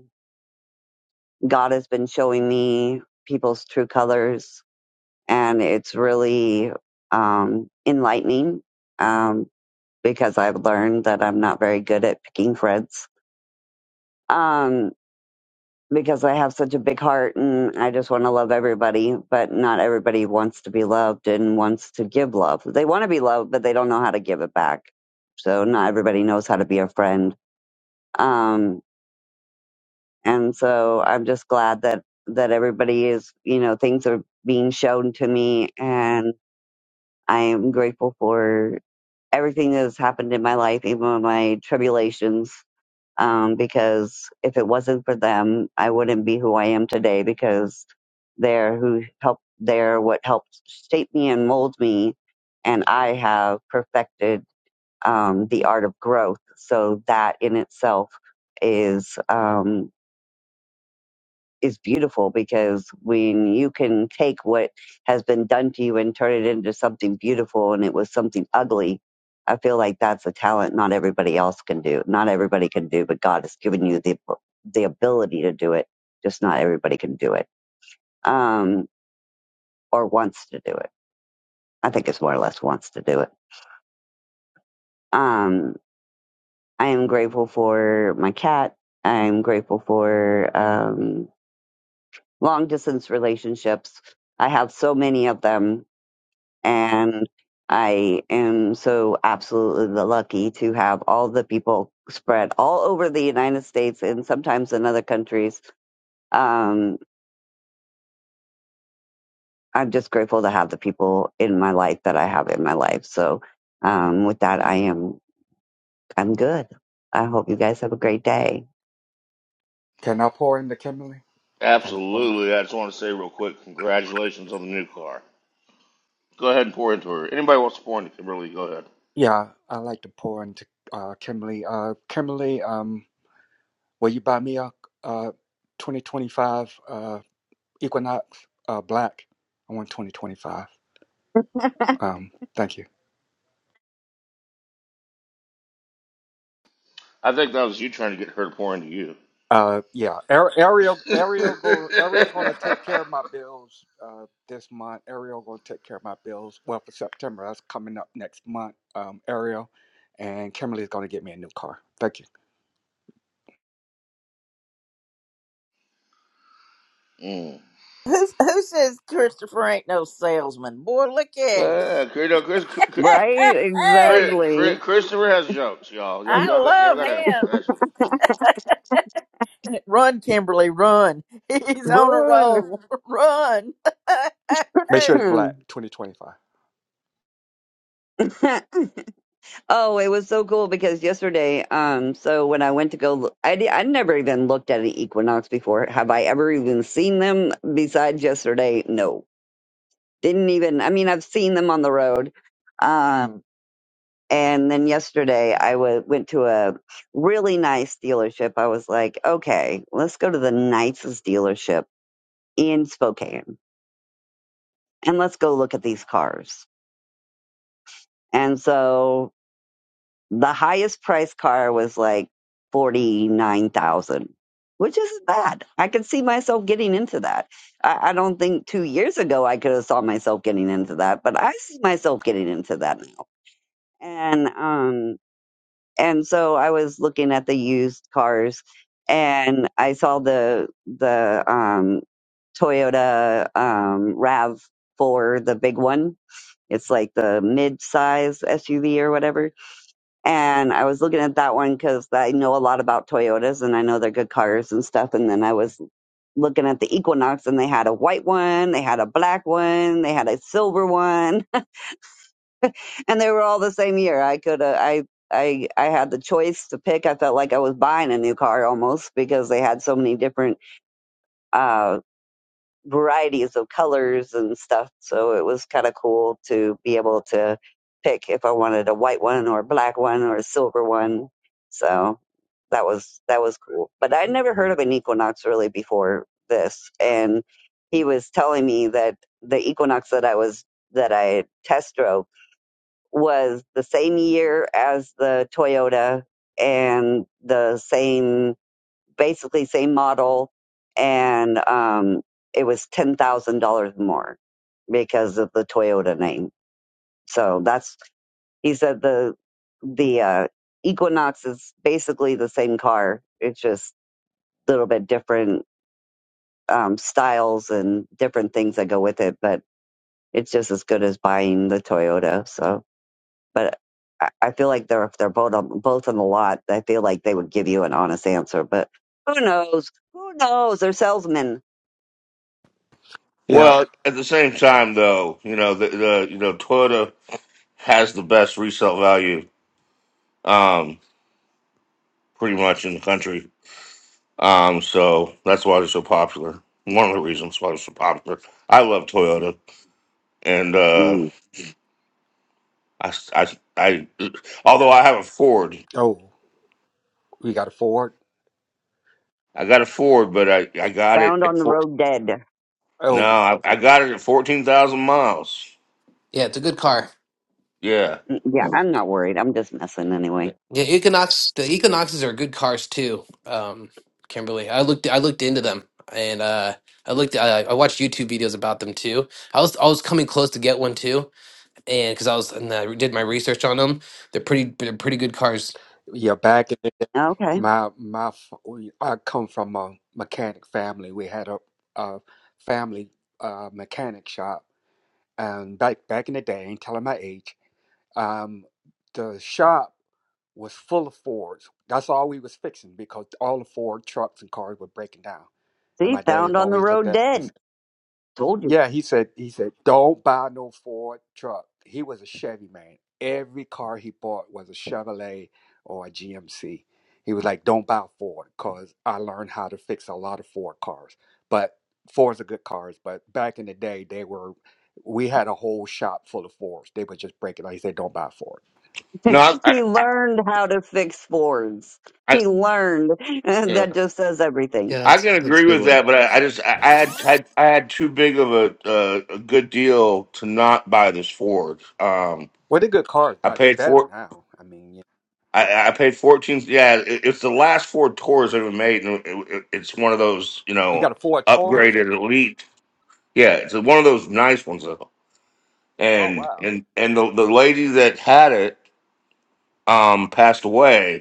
S12: God has been showing me people's true colors, and it's really um, enlightening um, because I've learned that I'm not very good at picking friends. Um, because I have such a big heart and I just want to love everybody, but not everybody wants to be loved and wants to give love. They want to be loved, but they don't know how to give it back. So not everybody knows how to be a friend. Um, and so I'm just glad that that everybody is, you know, things are being shown to me, and I am grateful for everything that has happened in my life, even my tribulations. Um, because if it wasn't for them, I wouldn't be who I am today. Because they're who helped, they're what helped shape me and mold me, and I have perfected um, the art of growth. So that in itself is. Um, is beautiful because when you can take what has been done to you and turn it into something beautiful and it was something ugly, I feel like that's a talent not everybody else can do. Not everybody can do, but God has given you the the ability to do it. Just not everybody can do it. Um or wants to do it. I think it's more or less wants to do it. Um I am grateful for my cat. I'm grateful for um long distance relationships. I have so many of them and I am so absolutely the lucky to have all the people spread all over the United States and sometimes in other countries. Um, I'm just grateful to have the people in my life that I have in my life. So um, with that, I am I'm good. I hope you guys have a great day.
S4: can I pour into Kimberly? Can I pour?
S3: Absolutely. I just want to say real quick, congratulations on the new car. Go ahead and pour into her. Anybody wants to pour into Kimberly, go ahead.
S4: Yeah, I like to pour into uh, Kimberly. Uh, Kimberly, um, will you buy me a uh, 2025 uh, Equinox uh, Black? I want 2025. Um, thank you.
S3: I think that was you trying to get her to pour into you.
S4: Uh, yeah, Ar- Ariel, Ariel, go, Ariel, gonna take care of my bills. Uh, this month, Ariel gonna take care of my bills. Well, for September, that's coming up next month. Um, Ariel, and Kimberly's gonna get me a new car. Thank you.
S3: mm.
S1: Who, who says Christopher ain't no salesman? Boy, look at him.
S3: Uh, Chris,
S12: Right?
S1: Hey,
S3: Chris, Chris,
S12: Exactly.
S3: Christopher has jokes, y'all. Y'all,
S1: I
S3: y'all got y'all
S1: love
S3: got to
S1: him.
S3: catch 'em.
S1: Run, Kimberly, run. He's on a
S12: Run.
S1: roll. Run.
S4: Make sure it's
S1: Hey.
S4: black. Twenty twenty five.
S12: oh, it was so cool because yesterday, um, so when I went to go, look, I di- I never even looked at an equinox before. Have I ever even seen them besides yesterday? No. Didn't even, I mean, I've seen them on the road. Um, and then yesterday I wa- went to a really nice dealership. I was like, okay, let's go to the nicest dealership in Spokane and let's go look at these cars. And so the highest price car was like 49,000, which isn't bad. I could see myself getting into that. I, I don't think two years ago I could have saw myself getting into that, but I see myself getting into that now. and um and so I was looking at the used cars and I saw the the um Toyota um RAV4 the big one it's like the mid-size SUV or whatever and I was looking at that one cuz I know a lot about Toyotas and I know they're good cars and stuff and then I was looking at the Equinox and they had a white one they had a black one they had a silver one and they were all the same year. I could uh, I I I had the choice to pick. I felt like I was buying a new car almost because they had so many different uh varieties of colors and stuff. So it was kind of cool to be able to pick if I wanted a white one or a black one or a silver one. So that was that was cool. But I'd never heard of an equinox really before this and he was telling me that the equinox that I was that I test drove was the same year as the Toyota and the same, basically same model, and um, it was ten thousand dollars more because of the Toyota name. So that's he said the the uh, Equinox is basically the same car. It's just a little bit different um, styles and different things that go with it, but it's just as good as buying the Toyota. So. But I, I feel like they're if they're both on both on the lot, I feel like they would give you an honest answer. But who knows? Who knows? They're salesmen
S4: Yeah.
S3: Well, at the same time, though, you know, the, the you know Toyota has the best resale value, um, pretty much in the country. Um, so that's why they're so popular. One of the reasons why they're so popular. I love Toyota, and uh,
S12: Mm.
S3: I, I, I, although I have a Ford,
S4: Oh, we got a Ford.
S3: I got a Ford, but I, I got it
S12: found on
S3: at
S12: the
S3: four,
S12: road dead.
S3: no,
S4: Oh,
S3: I, I got it at fourteen thousand miles.
S9: Yeah, it's a good car.
S3: Yeah,
S12: Mm, Yeah, I'm not worried. I'm just messing anyway.
S9: Yeah, Equinox. The Equinoxes are good cars too. Um, Kimberly, I looked. I looked into them, and uh, I looked. I, I watched YouTube videos about them too. I was I was coming close to get one too, and because I was and I did my research on them, they're pretty. They're pretty good cars.
S4: yeah. Back in the day,
S12: Okay.
S4: my my f- we- I come from a mechanic family. We had a, a family uh, mechanic shop, and back back in the day, I ain't telling my age. Um, the shop was full of Fords. That's all we was fixing because all the Ford trucks and cars were breaking down. And
S12: See,
S4: my dad
S12: found on the
S4: always looked
S12: road
S4: at me.
S12: dead. Told you.
S4: Yeah, he said he said, Don't buy no Ford truck. He was a Chevy man. Every car he bought was a Chevrolet or a GMC. He was like, Don't buy Ford because I learned how to fix a lot of Ford cars. But Fords are good cars, but back in the day they were we had a whole shop full of Fords. They would just break it like he said, Don't buy Ford.
S3: no, I, I,
S12: he
S3: I,
S12: learned how to fix Fords.
S3: I
S12: He learned.
S3: yeah.
S12: that just says everything.
S9: Yeah,
S3: I
S9: that's
S3: can
S9: that's
S3: agree
S9: a good
S3: with
S9: one.
S3: that, but I, I just I, I had I, I had too big of a, uh, a good deal to not buy this Ford. Um,
S4: Well they're good cars
S3: I
S4: now. They're
S3: paid
S4: better
S3: four.
S4: now. I mean, yeah. yeah.
S3: I, I paid fourteen. Yeah, it, it's the last Ford Taurus I've ever made, and it, it, it's one of those you
S4: You
S3: know
S4: got a Ford Taurus?
S3: upgraded elite. Yeah, it's one of those nice ones though.
S4: Oh
S3: And
S4: wow.
S3: and and the the lady that had it um passed away,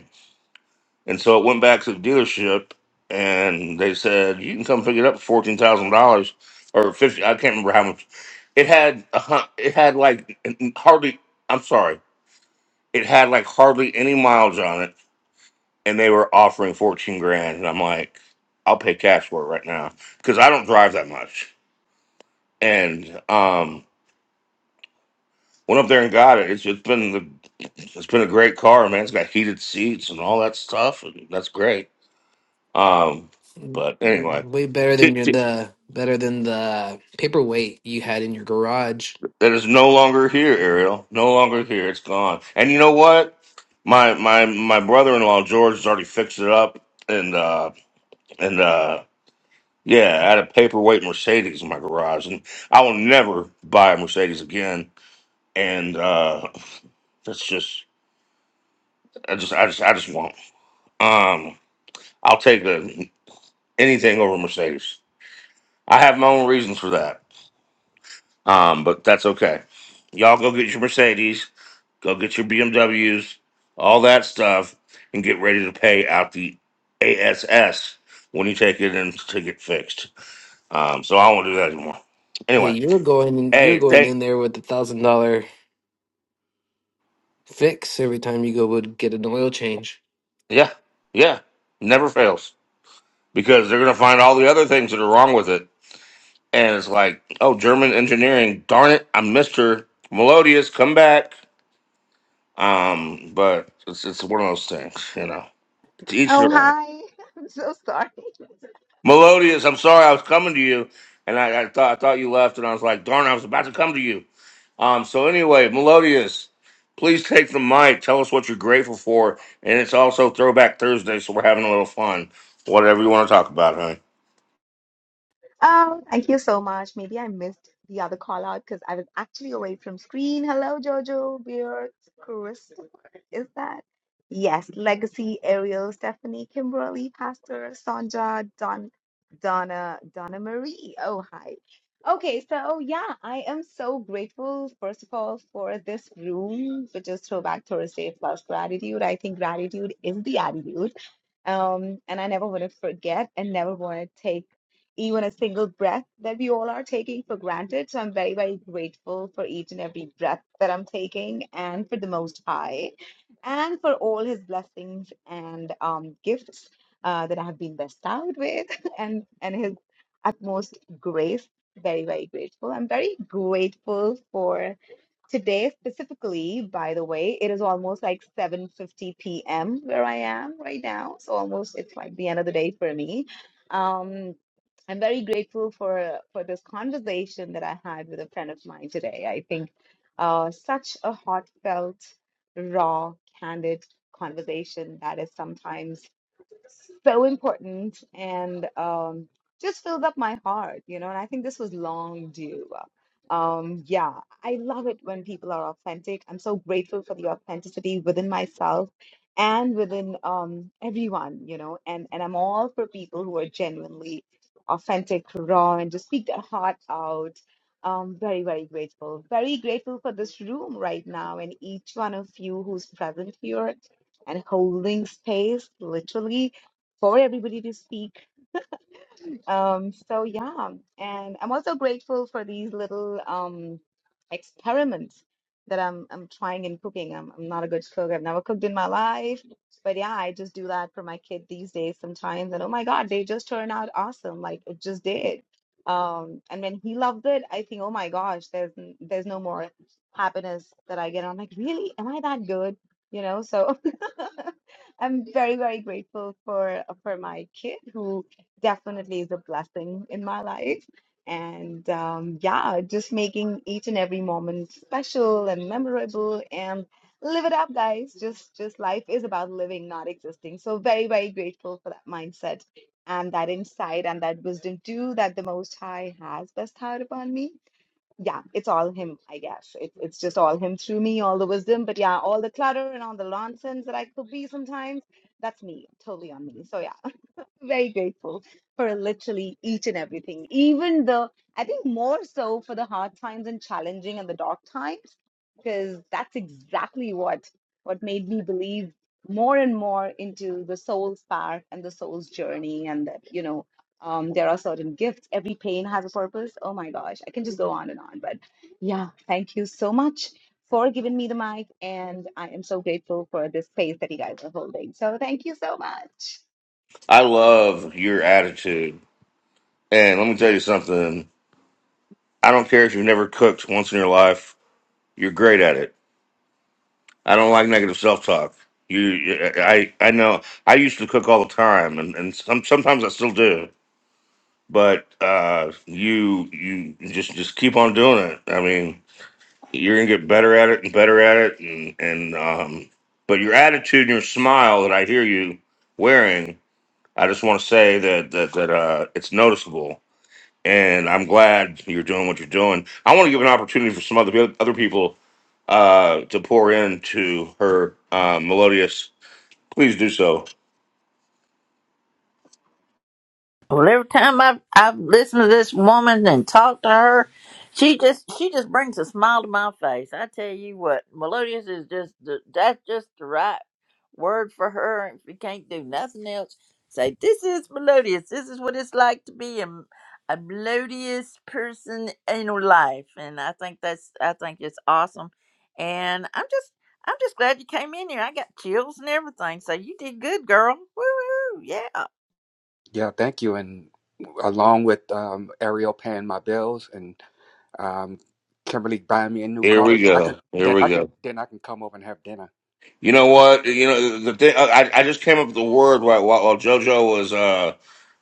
S3: And so it went back to the dealership, and they said you can come pick it up for fourteen thousand dollars or fifty." I can't remember how much. It had a hun- it had like hardly. I'm sorry. It had like hardly any miles on it, and they were offering fourteen grand. And I'm like, I'll pay cash for it right now because I don't drive that much. And um, went up there and got it. It's, it's been the, it's been a great car, man. It's got heated seats and all that stuff, and that's great Um,
S9: Mm,
S3: but anyway,
S9: Way better
S3: t-
S9: than your
S3: t-
S9: the better than the paperweight you had in your garage.
S3: it is no longer here, Ariel. No longer here. It's gone. And you know what? My my my brother in law George has already fixed it up, and uh, and uh, yeah, I had a paperweight Mercedes in my garage, and I will never buy a Mercedes again. And uh, that's just I just I just I just won't. Um, I'll take a, anything over a Mercedes. I have my own reasons for that. Um, but that's okay. Y'all go get your Mercedes Go get your BMWs, all that stuff, and get ready to pay out the ASS when you take it in to get fixed. Um, so I won't do that anymore.
S9: Yeah,
S3: Anyway,
S9: you're going you're
S3: hey,
S9: going
S3: thank
S9: in there with a thousand dollar fix every time you go would get an oil change.
S3: yeah, yeah, never fails because they're gonna find all the other things that are wrong with it, and it's like, oh, German engineering, darn it, I'm Mister Melodious, come back. Um, but it's it's one of those things, you know. To each
S13: Oh,
S3: their own.
S13: hi. I'm so sorry.
S3: Melodious, I'm sorry I was coming to you, and I, I thought I thought you left, and I was like, darn, I was about to come to you. Um, so anyway, Melodious, please take the mic. Tell us what you're grateful for, and it's also Throwback Thursday, so we're having a little fun. Whatever you want to talk about, honey.
S13: Oh, thank you so much. Maybe I missed the other call out because I was actually away from screen. Hello, Jojo, Beard, Christopher. Is that? Yes, Legacy, Ariel, Stephanie, Kimberly, Pastor, Sonja, Don, Donna, Donna Marie. Oh, hi. Okay, so yeah, I am so grateful, first of all, for this room, which is Throwback Thursday plus gratitude. I think gratitude is the attitude. Um, and I never want to forget and never want to take even a single breath that we all are taking for granted. So I'm very, very grateful for each and every breath that I'm taking and for the Most High and for all his blessings and um, gifts uh, that I have been bestowed with and, and his utmost grace. Very, very grateful. I'm very grateful for. Today, specifically, by the way, it is almost like 7:50 p.m. where I am right now. So almost it's like the end of the day for me. Um, I'm very grateful for for this conversation that I had with a friend of mine today. I think uh, such a heartfelt, raw, candid conversation that is sometimes so important and um, just filled up my heart, you know. And I think this was long due. Um, yeah, I love it when people are authentic. I'm so grateful for the authenticity within myself and within um, everyone, you know. And and I'm all for people who are genuinely authentic, raw, and just speak their heart out. Um, very, very grateful. Very grateful for this room right now and each one of you who's present here and holding space, literally for everybody to speak um, so yeah, and I'm also grateful for these little um experiments that I'm I'm trying in cooking. I'm I'm not a good cook. I've never cooked in my life, but yeah, I just do that for my kid these days sometimes. And oh my God, they just turn out awesome. Like it just did. Um, and when he loved it, I think, oh my gosh, there's n- there's no more happiness that I get. I'm like, really? Am I that good? You know, so I'm very, very grateful for for my kid who definitely is a blessing in my life. And um, yeah, just making each and every moment special and memorable and live it up, guys. Just just life is about living, not existing. So very, very grateful for that mindset and that insight and that wisdom too that the Most High has bestowed upon me. Yeah, it's all him, I guess. It, it's just all him through me, all the wisdom. But yeah, all the clutter and all the nonsense that I could be sometimes, that's me, totally on me. So yeah very grateful for literally each and everything, even the, I think more so for the hard times and challenging and the dark times, because that's exactly what what made me believe more and more into the soul's path and the soul's journey, and that, you know, um, there are certain gifts. Every pain has a purpose. Oh my gosh, I can just go on and on. But yeah, thank you so much for giving me the mic, and I am so grateful for this space that you guys are holding. So thank you so much.
S3: I love your attitude, and let me tell you something. I don't care if you've never cooked once in your life. You're great at it. I don't like negative self talk. You, I, I know. I used to cook all the time, and, and some, sometimes I still do but uh you you just just keep on doing it i mean you're gonna get better at it and better at it and and um but your attitude and your smile that i hear you wearing i just want to say that that that uh it's noticeable and i'm glad you're doing what you're doing i want to give an opportunity for some other other people uh to pour into her uh melodious please do so
S1: Well, every time I've I've listened to this woman and talked to her, she just she just brings a smile to my face. I tell you what, melodious is just the, that's just the right word for her. If you can't do nothing else, say this is melodious. This is what it's like to be a, a melodious person in your life, and I think that's I think it's awesome. And I'm just I'm just glad you came in here. I got chills and everything. So you did good, girl. Woo, woo yeah.
S4: Yeah, thank you. And along with um, Ariel paying my bills and um, Kimberly buying me a new
S3: here
S4: car,
S3: we
S4: I can
S3: go here
S4: then
S3: we
S4: I can
S3: go
S4: then I can come over and have dinner.
S3: You know
S4: Thank you.
S3: what? You know the thing. I I just came up with the word while while, while JoJo was uh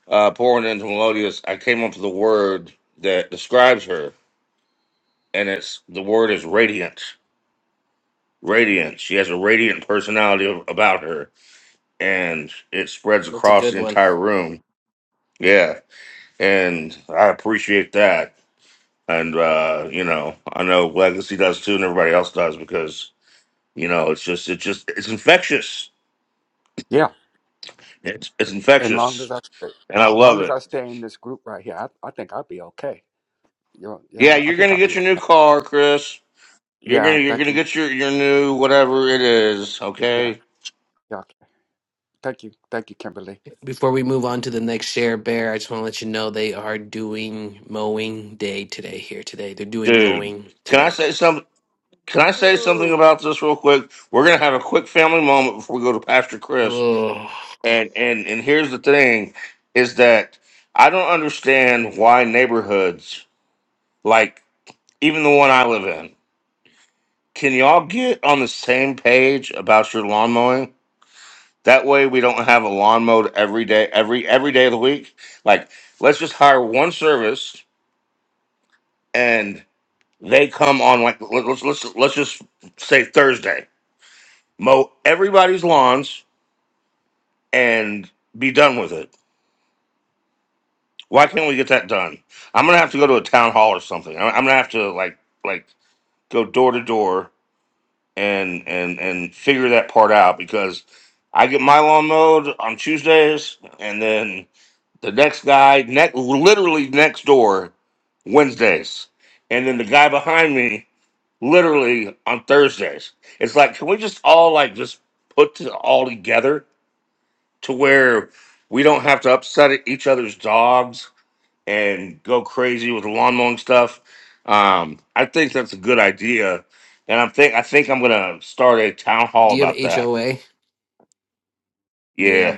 S3: uh pouring into Melodious. I came up with the word that describes her, and it's the word is radiant. Radiant. She has a radiant personality a- about her, and it spreads
S9: That's a
S3: across
S9: good
S3: the
S9: one.
S3: entire room. Yeah, and I appreciate that. And uh, you know, I know Legacy does too, and everybody else does because you know it's just it's just it's infectious.
S4: Yeah,
S3: It's it's
S4: as long
S3: infectious,
S4: as I stay,
S3: and I love
S4: long as
S3: it.
S4: I stay in this group right here, I, I think I'll be okay. You know, you
S3: Yeah,
S4: I
S3: you're
S4: think
S3: gonna
S4: I'll
S3: get
S4: be
S3: your
S4: okay.
S3: new car, Chris. You're
S4: Yeah,
S3: gonna you're
S4: thank
S3: gonna
S4: you.
S3: get your your new whatever it is.
S4: Yeah,
S3: Okay,
S4: yeah, thank you, thank you, Kimberly.
S9: Before we move on to the next share, Bear, I just want to let you know they are doing mowing day today here today. They're doing
S3: dude.
S9: mowing
S3: Can I
S9: today.
S3: say some? Can I say something
S5: Ooh,
S3: about this real quick? We're gonna have a quick family moment before we go to Pastor Chris.
S9: Oh,
S3: And and and here's the thing, is that I don't understand why neighborhoods like even the one I live in. Can y'all get on the same page about your lawn mowing? That way we don't have a lawn mowed every day, every every day of the week. Like let's just hire one service and they come on like let- let's let's let's just say Thursday. Mow everybody's lawns and be done with it. Why can't we get that done? I'm gonna have to go to a town hall or something. i I'm gonna have to like like go door to door and and and figure that part out because I get my lawn mowed on Tuesdays and then The next guy, ne- literally next door, Wednesdays. And then the guy behind me, literally on Thursdays. It's like, can we just all like just put it all together to where we don't have to upset each other's dogs and go crazy with the lawn mowing stuff? Um, I think that's a good idea. And I'm think I think I'm gonna start a town hall
S9: do you
S3: about
S9: have
S3: that.
S9: HOA?
S3: Yeah,
S9: Yeah,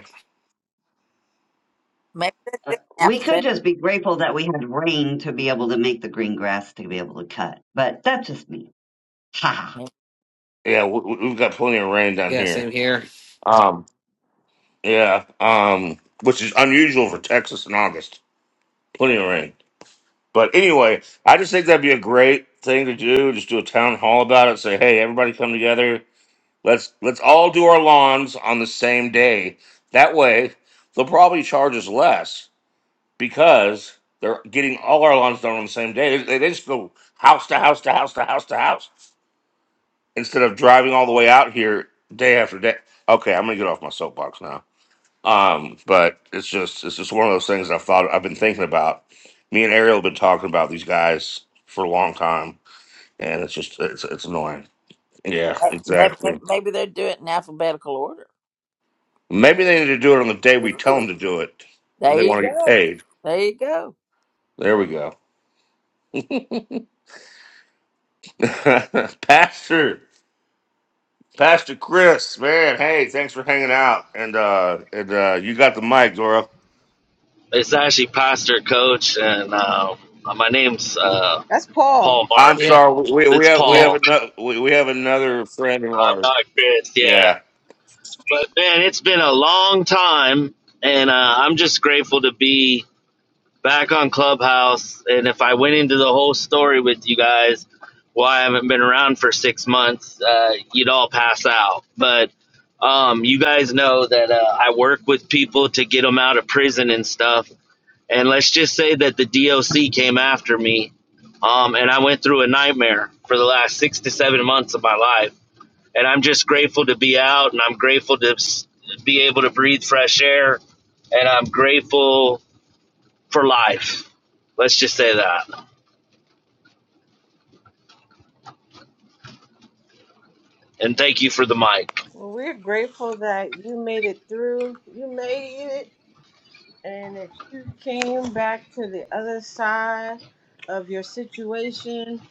S1: Maybe
S12: Uh,
S1: that's
S12: we could
S1: alphabet.
S12: just be grateful that we had rain to be able to make the green grass to be able to cut, but that's just me.
S1: Maybe,
S3: yeah, we, we- we've got plenty of rain down
S9: yeah,
S3: here.
S9: same here.
S3: Um, Yeah, um, which is unusual for Texas in August. Plenty of rain. But anyway, I just think that'd be a great thing to do. Just do a town hall about it. Say, hey, everybody come together. Let's let's all do our lawns on the same day. That way, they'll probably charge us less because they're getting all our lawns done on the same day. They, they just go house to house to house to house to house instead of driving all the way out here day after day. Okay, I'm gonna get off my soapbox now. Um, but it's just it's just one of those things I've thought I've been thinking about. Me and Ariel have been talking about these guys for a long time, and it's just it's it's annoying. Yeah,
S1: maybe,
S3: exactly.
S1: maybe they do it in alphabetical order.
S3: Maybe they need to do it on the day we tell them
S1: Ooh.
S3: to do it. If
S1: There
S3: they
S1: you
S3: want to get
S1: go.
S3: paid.
S1: There you go.
S3: There we go. Pastor Pastor Chris, man, hey, thanks for hanging out. And uh and uh you got the mic, Dora.
S14: It's actually pastor, coach, and uh, my name's uh,
S5: that's Paul.
S14: Paul
S3: I'm
S9: Yeah,
S14: Martin.
S3: sorry, we we
S14: It's
S3: have we
S9: yep,
S3: have
S14: Paul.
S3: another we, we have another friend of
S14: I'm
S3: ours.
S14: not Chris. Yeah,
S3: Yeah.
S14: but man, it's been a long time, and uh, I'm just grateful to be back on Clubhouse. And if I went into the whole story with you guys, why I haven't been around for six months, uh, you'd all pass out. But um, you guys know that uh, I work with people to get them out of prison and stuff and let's just say that the DOC came after me, um, and I went through a nightmare for the last six to seven months of my life. And I'm just grateful to be out, and I'm grateful to s- be able to breathe fresh air, and I'm grateful for life. Let's just say that. And thank you for the mic.
S5: Well, we're grateful that you made it through. You made it, and that you came back to the other side of your situation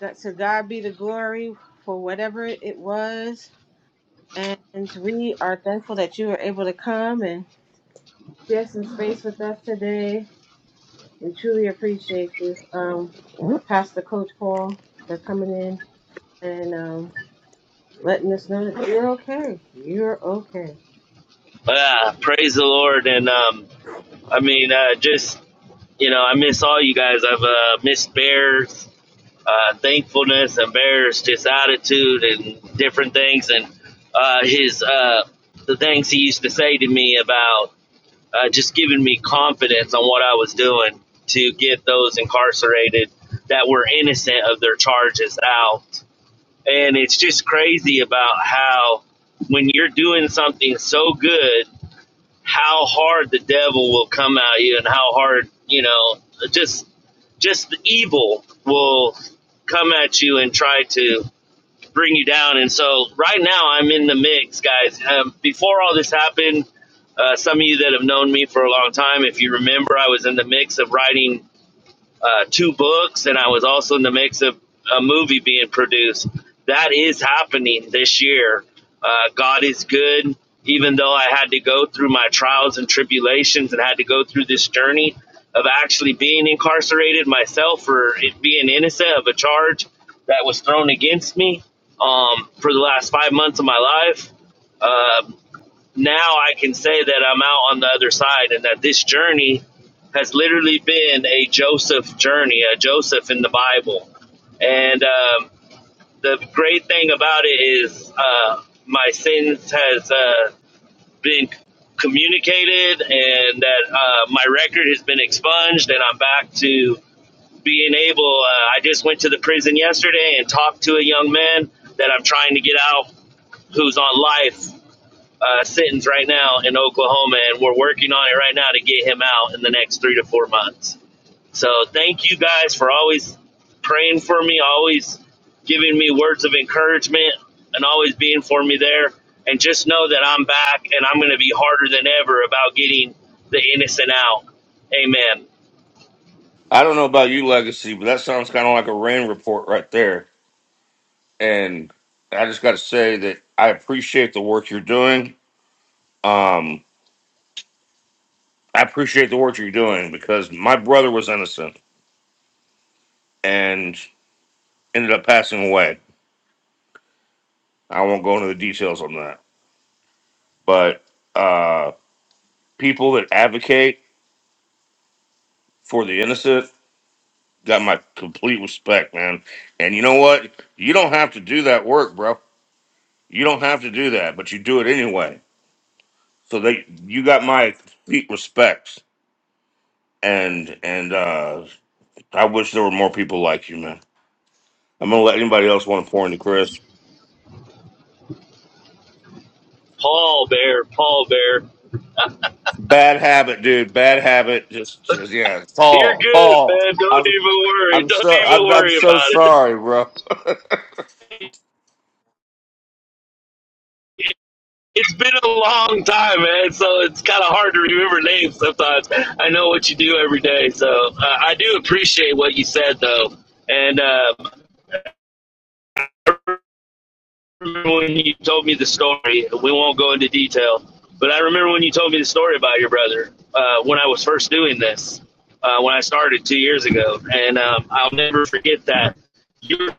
S5: God, to God be the glory for whatever it was. And we are thankful that you were able to come and share some space with us today. We truly appreciate you, um, Pastor Coach Paul, for coming in and um, letting us know that you're okay. You're okay.
S14: Yeah, praise the Lord. And um, I mean, uh, just you know, I miss all you guys. I've uh, missed Bears. uh, thankfulness, embarrassed, his attitude, and different things, and uh, his uh, the things he used to say to me about uh, just giving me confidence on what I was doing to get those incarcerated that were innocent of their charges out. And it's just crazy about how when you're doing something so good how hard the devil will come at you and how hard you know just just the evil will come at you and try to bring you down and so right now i'm in the mix guys um, before all this happened uh, some of you that have known me for a long time if you remember i was in the mix of writing uh, two books, and I was also in the mix of a movie being produced. That is happening this year. Uh, God is good. Even though I had to go through my trials and tribulations and had to go through this journey of actually being incarcerated myself for it being innocent of a charge that was thrown against me um, for the last five months of my life, uh, now I can say that I'm out on the other side and that this journey has literally been a Joseph journey, a Joseph in the Bible. And um, the great thing about it is uh, my sins has uh, been communicated and that uh, my record has been expunged and I'm back to being able. Uh, I just went to the prison yesterday and talked to a young man that I'm trying to get out who's on life uh, sentence right now in Oklahoma, and we're working on it right now to get him out in the next three to four months. So thank you guys for always praying for me, always giving me words of encouragement, and always being for me there. And just know that I'm back, and I'm going to be harder than ever about getting the innocent out. Amen.
S3: I don't know about you, Legacy, but that sounds kind of like a rain report right there. And I just got to say that I appreciate the work you're doing. Um, I appreciate the work you're doing because my brother was innocent and ended up passing away. I won't go into the details on that, but uh, people that advocate for the innocent got my complete respect, man. And you know what? You don't have to do that work, bro. You don't have to do that, but you do it anyway So they, you got my complete respects, and and uh I wish there were more people like you, man. I'm gonna let anybody else want to pour into Chris.
S14: Paul Bear, Paul Bear,
S3: Bad habit, dude. Bad habit. Just, just yeah.
S14: you're
S3: Paul,
S14: good,
S3: Paul.
S14: man. Don't
S3: I'm,
S14: even worry.
S3: I'm
S14: Don't
S3: so,
S14: even
S3: I'm, I'm
S14: worry
S3: so
S14: about
S3: sorry, bro.
S14: it. It's been a long time, man, so it's kind of hard to remember names sometimes. I know what you do every day, so uh, I do appreciate what you said, though. And uh, I remember when you told me the story, we won't go into detail, but I remember when you told me the story about your brother uh, when I was first doing this, uh, when I started two years ago. And um, I'll never forget that. Your,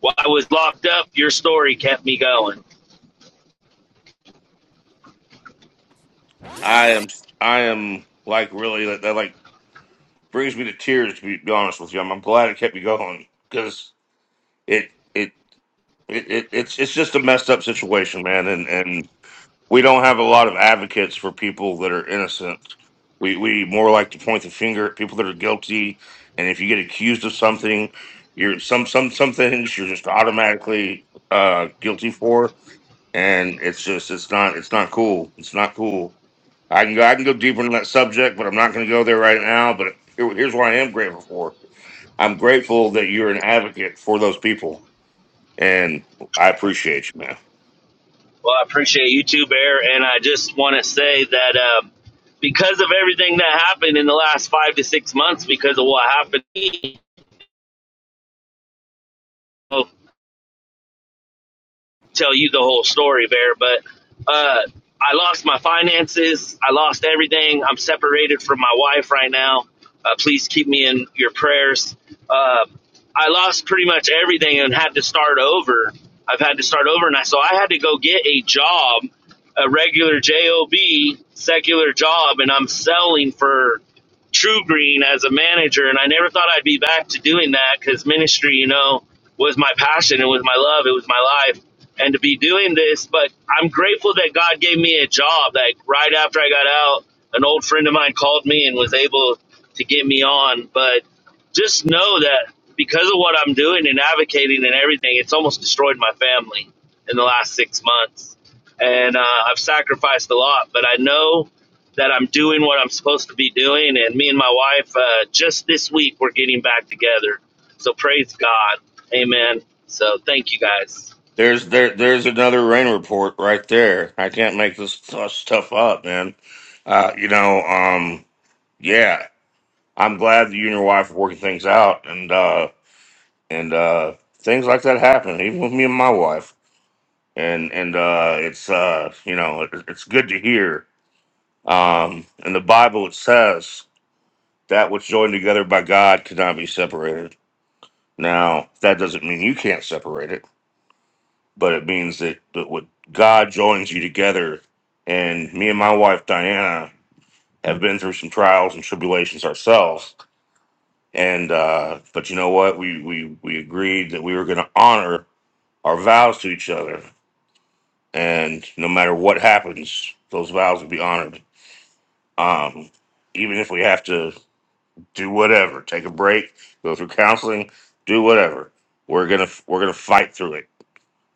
S14: while I was locked up, your story kept me going
S3: I am, I am like really that, that like brings me to tears. To be, be honest with you, I'm, I'm glad it kept me going because it, it, it, it, it's, it's just a messed up situation, man. and and. we don't have a lot of advocates for people that are innocent. We we more like to point the finger at people that are guilty. And if you get accused of something, you're some some some things you're just automatically uh, guilty for, and it's just it's not it's not cool. It's not cool. I can go I can go deeper into that subject, but I'm not going to go there right now. But here, here's what I am grateful for. I'm grateful that you're an advocate for those people, and I appreciate you, man.
S14: Well, I appreciate you too, Bear, and I just want to say that uh, because of everything that happened in the last five to six months, because of what happened, tell you the whole story, Bear, but uh, I lost my finances. I lost everything. I'm separated from my wife right now. Uh, please keep me in your prayers. Uh, I lost pretty much everything and had to start over. I've had to start over, and I, so I had to go get a job, a regular job, secular job, and I'm selling for. True Green as a manager, and I never thought I'd be back to doing that because ministry, you know, was my passion, it was my love, it was my life, and to be doing this. But I'm grateful that God gave me a job. Like right after I got out, an old friend of mine called me and was able to get me on. But just know that because of what I'm doing and advocating and everything, it's almost destroyed my family in the last six months. And uh, I've sacrificed a lot, but I know that I'm doing what I'm supposed to be doing. And me and my wife, uh, just this week, we're getting back together. So praise God. Amen. So thank you guys.
S3: There's there there's another rain report right there. I can't make this stu- stuff up, man. Uh, you know, um, yeah, I'm glad that you and your wife are working things out, and uh, and uh, things like that happen, even with me and my wife. And and uh, it's uh, you know, it, it's good to hear. Um, in the Bible, it says that what's joined together by God cannot be separated. Now, that doesn't mean you can't separate it but it means that, that what God joins you together. And me and my wife Diana have been through some trials and tribulations ourselves. And uh, but you know what? We we we agreed that we were going to honor our vows to each other, and no matter what happens, those vows will be honored. Um, even if we have to do whatever, take a break, go through counseling, do whatever, we're gonna we're gonna fight through it.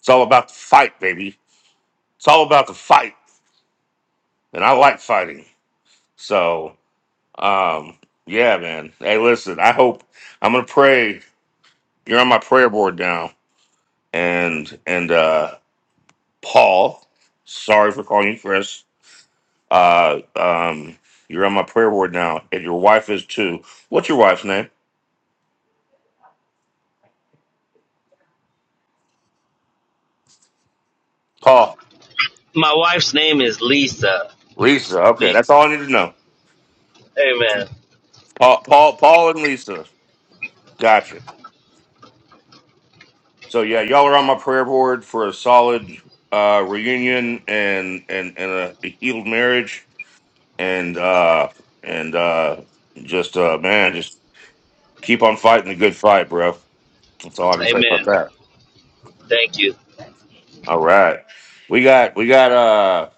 S3: It's all about the fight, baby. It's all about the fight, and I like fighting. So, um, yeah, man. Hey, listen, I hope I'm gonna pray. You're on my prayer board now. And and uh Paul, sorry for calling you Chris. Uh um, you're on my prayer board now, and your wife is too. What's your wife's name? Paul.
S14: My wife's name is Lisa.
S3: Lisa. Okay,
S14: Lisa.
S3: that's all I need to know.
S14: Amen.
S3: Paul Paul Paul and Lisa. Gotcha. So yeah, y'all are on my prayer board for a solid uh reunion and and, and a healed marriage and uh and uh just uh man, just keep on fighting the good fight, bro. That's all I can say about
S14: Amen.
S3: that.
S14: Thank you.
S3: All right. We got we got uh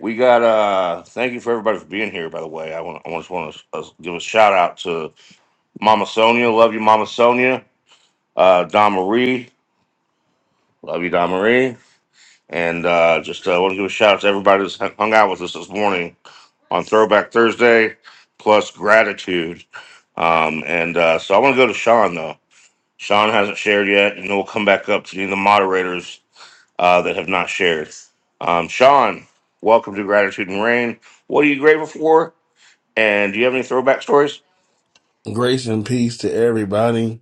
S3: we got uh thank you for everybody for being here by the way. I want I just want to uh, give a shout out to Mama Sonia, love you Mama Sonia. Uh Don Marie, love you Don Marie. And uh just uh, want to give a shout out to everybody that's hung hung out with us this morning on Throwback Thursday plus gratitude. Um and uh so I want to go to Sean though. Sean hasn't shared yet, and then we'll come back up to the moderators uh, that have not shared. Um, Sean, welcome to Gratitude and Rain. What are you grateful for? And do you have any throwback stories?
S15: Grace and peace to everybody.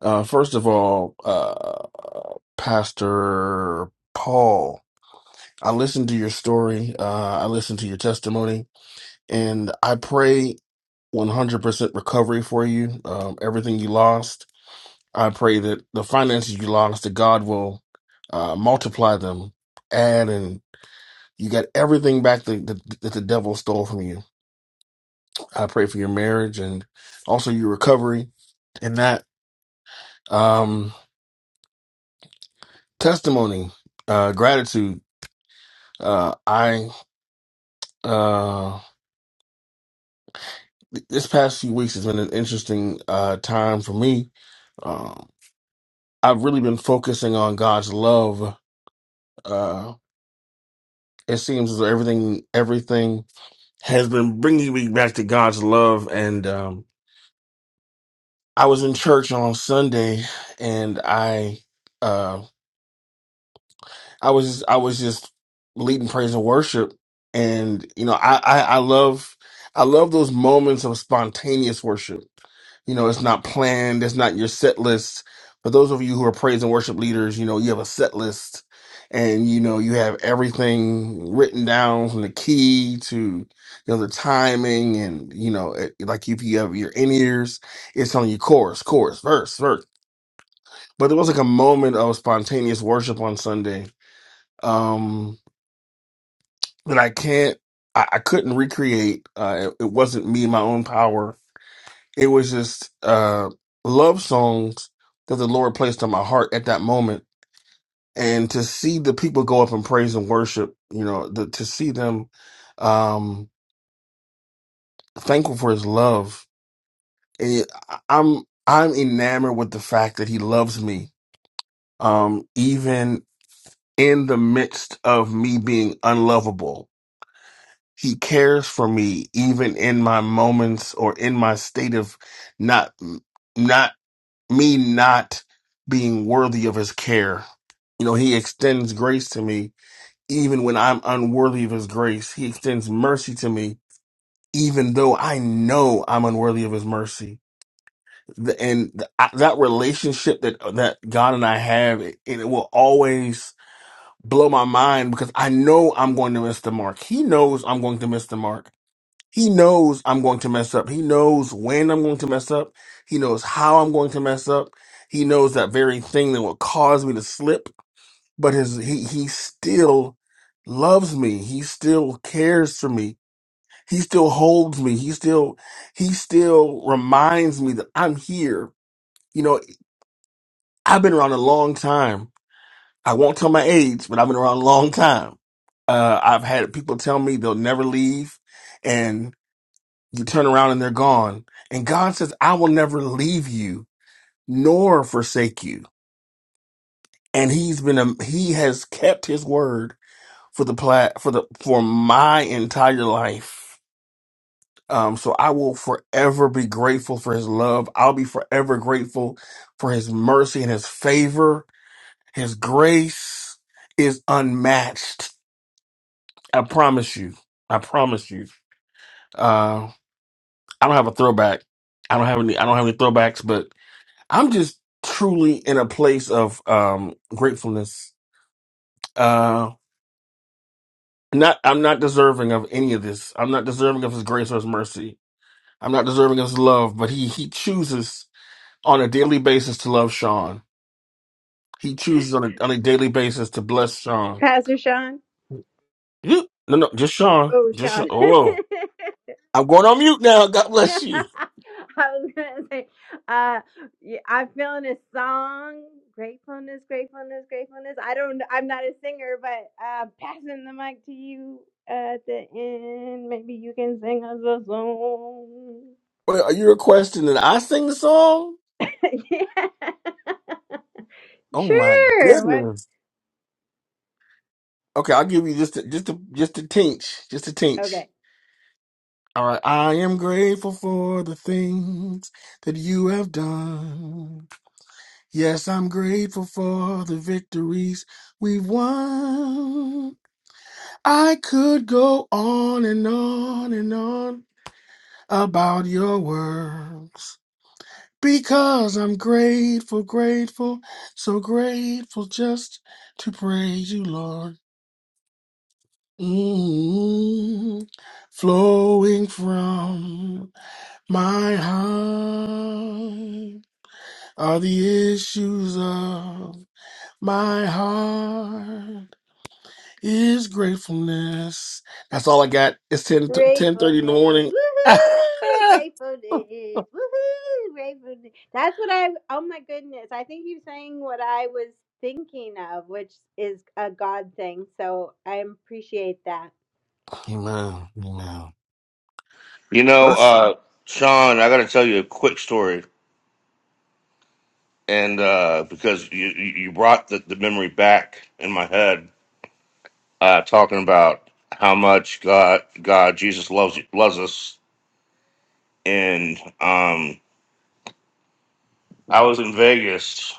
S15: Uh, first of all, uh, Pastor Paul, I listened to your story. Uh, I listened to your testimony, and I pray 100% recovery for you. Um, everything you lost, I pray that the finances you lost, that God will uh, multiply them, add, and you got everything back that, that, that the devil stole from you. I pray for your marriage and also your recovery in that. Um, testimony uh gratitude uh i uh th- this past few weeks has been an interesting uh time for me um i've really been focusing on god's love uh it seems as though everything everything has been bringing me back to god's love and um i was in church on sunday and i uh, I was I was just leading praise and worship, and you know I, I I love I love those moments of spontaneous worship. You know, it's not planned, it's not your set list. For those of you who are praise and worship leaders, you know you have a set list, and you know you have everything written down from the key to you know the timing, and you know it, like if you have your in ears, it's on your chorus, chorus, verse, verse. But there was like a moment of spontaneous worship on Sunday. Um, and I can't, I, I couldn't recreate. Uh, it, it wasn't me, my own power. It was just uh, love songs that the Lord placed on my heart at that moment. And to see the people go up and praise and worship, you know, the, to see them um, thankful for His love. It, I- I'm I'm enamored with the fact that He loves me, um, even in the midst of me being unlovable He cares for me even in my moments or in my state of not not me not being worthy of his care. You know, he extends grace to me even when I'm unworthy of his grace. He extends mercy to me even though I know I'm unworthy of his mercy. The- And th- I- that relationship that that God and I have, it, it will always blow my mind because I know I'm going to miss the mark. He knows I'm going to miss the mark he knows I'm going to mess up. He knows when I'm going to mess up. He knows how I'm going to mess up. He knows that very thing that will cause me to slip. But his he he still loves me. He still cares for me. He still holds me. He still he still reminds me that I'm here. You know, I've been around a long time. I won't tell my age, but I've been around a long time. Uh, I've had people tell me they'll never leave You turn around and they're gone. And God says, I will never leave you nor forsake you. And he's been, a, he has kept his word for the plat, for the, for my entire life. Um, so I will forever be grateful for his love. I'll be forever grateful for his mercy and his favor. His grace is unmatched. I promise you. I promise you. Uh, I don't have a throwback. I don't have any, I don't have any throwbacks, I'm just truly in a place of um gratefulness. Uh not I'm not deserving of any of this. I'm not deserving of his grace or his mercy. I'm not deserving of his love, but he he chooses on a daily basis to love Sean. He chooses on a on a daily basis to bless Sean.
S7: Pastor Sean.
S15: You- No, no, just Sean.
S7: Oh,
S15: Just Sean.
S7: Sean.
S15: oh whoa. I'm going on mute now. God bless you.
S7: I was gonna say, uh, yeah, I'm feeling a song, gratefulness, gratefulness, gratefulness. I don't, I'm not a singer, but uh, passing the mic to you at the end. Maybe you can sing us a song.
S15: Wait, are you requesting that I sing the song?
S7: yeah,
S15: Oh my
S7: sure. What?
S15: goodness. Okay, I'll give you just a, just a, just a tinge, just a tinge.
S7: Okay.
S15: All right. I am grateful for the things that you have done. Yes, I'm grateful for the victories we've won. I could go on and on and on about your works because I'm grateful, grateful, so grateful just to praise you, Lord. Mm, flowing from my heart are the issues of my heart is gratefulness. That's all I got. It's ten ten thirty in the
S7: Gratefulness.
S15: morning.
S7: Woohoo! Gratefulness. Woohoo! Gratefulness. That's what I, oh my goodness. I think you're saying what I was thinking of, which is a God thing. So I appreciate that.
S15: Amen. Amen.
S3: You know, uh, Sean, I got to tell you a quick story, and uh, because you you you brought the, the memory back in my head, uh, talking about how much God God Jesus loves loves us, and um, I was in Vegas,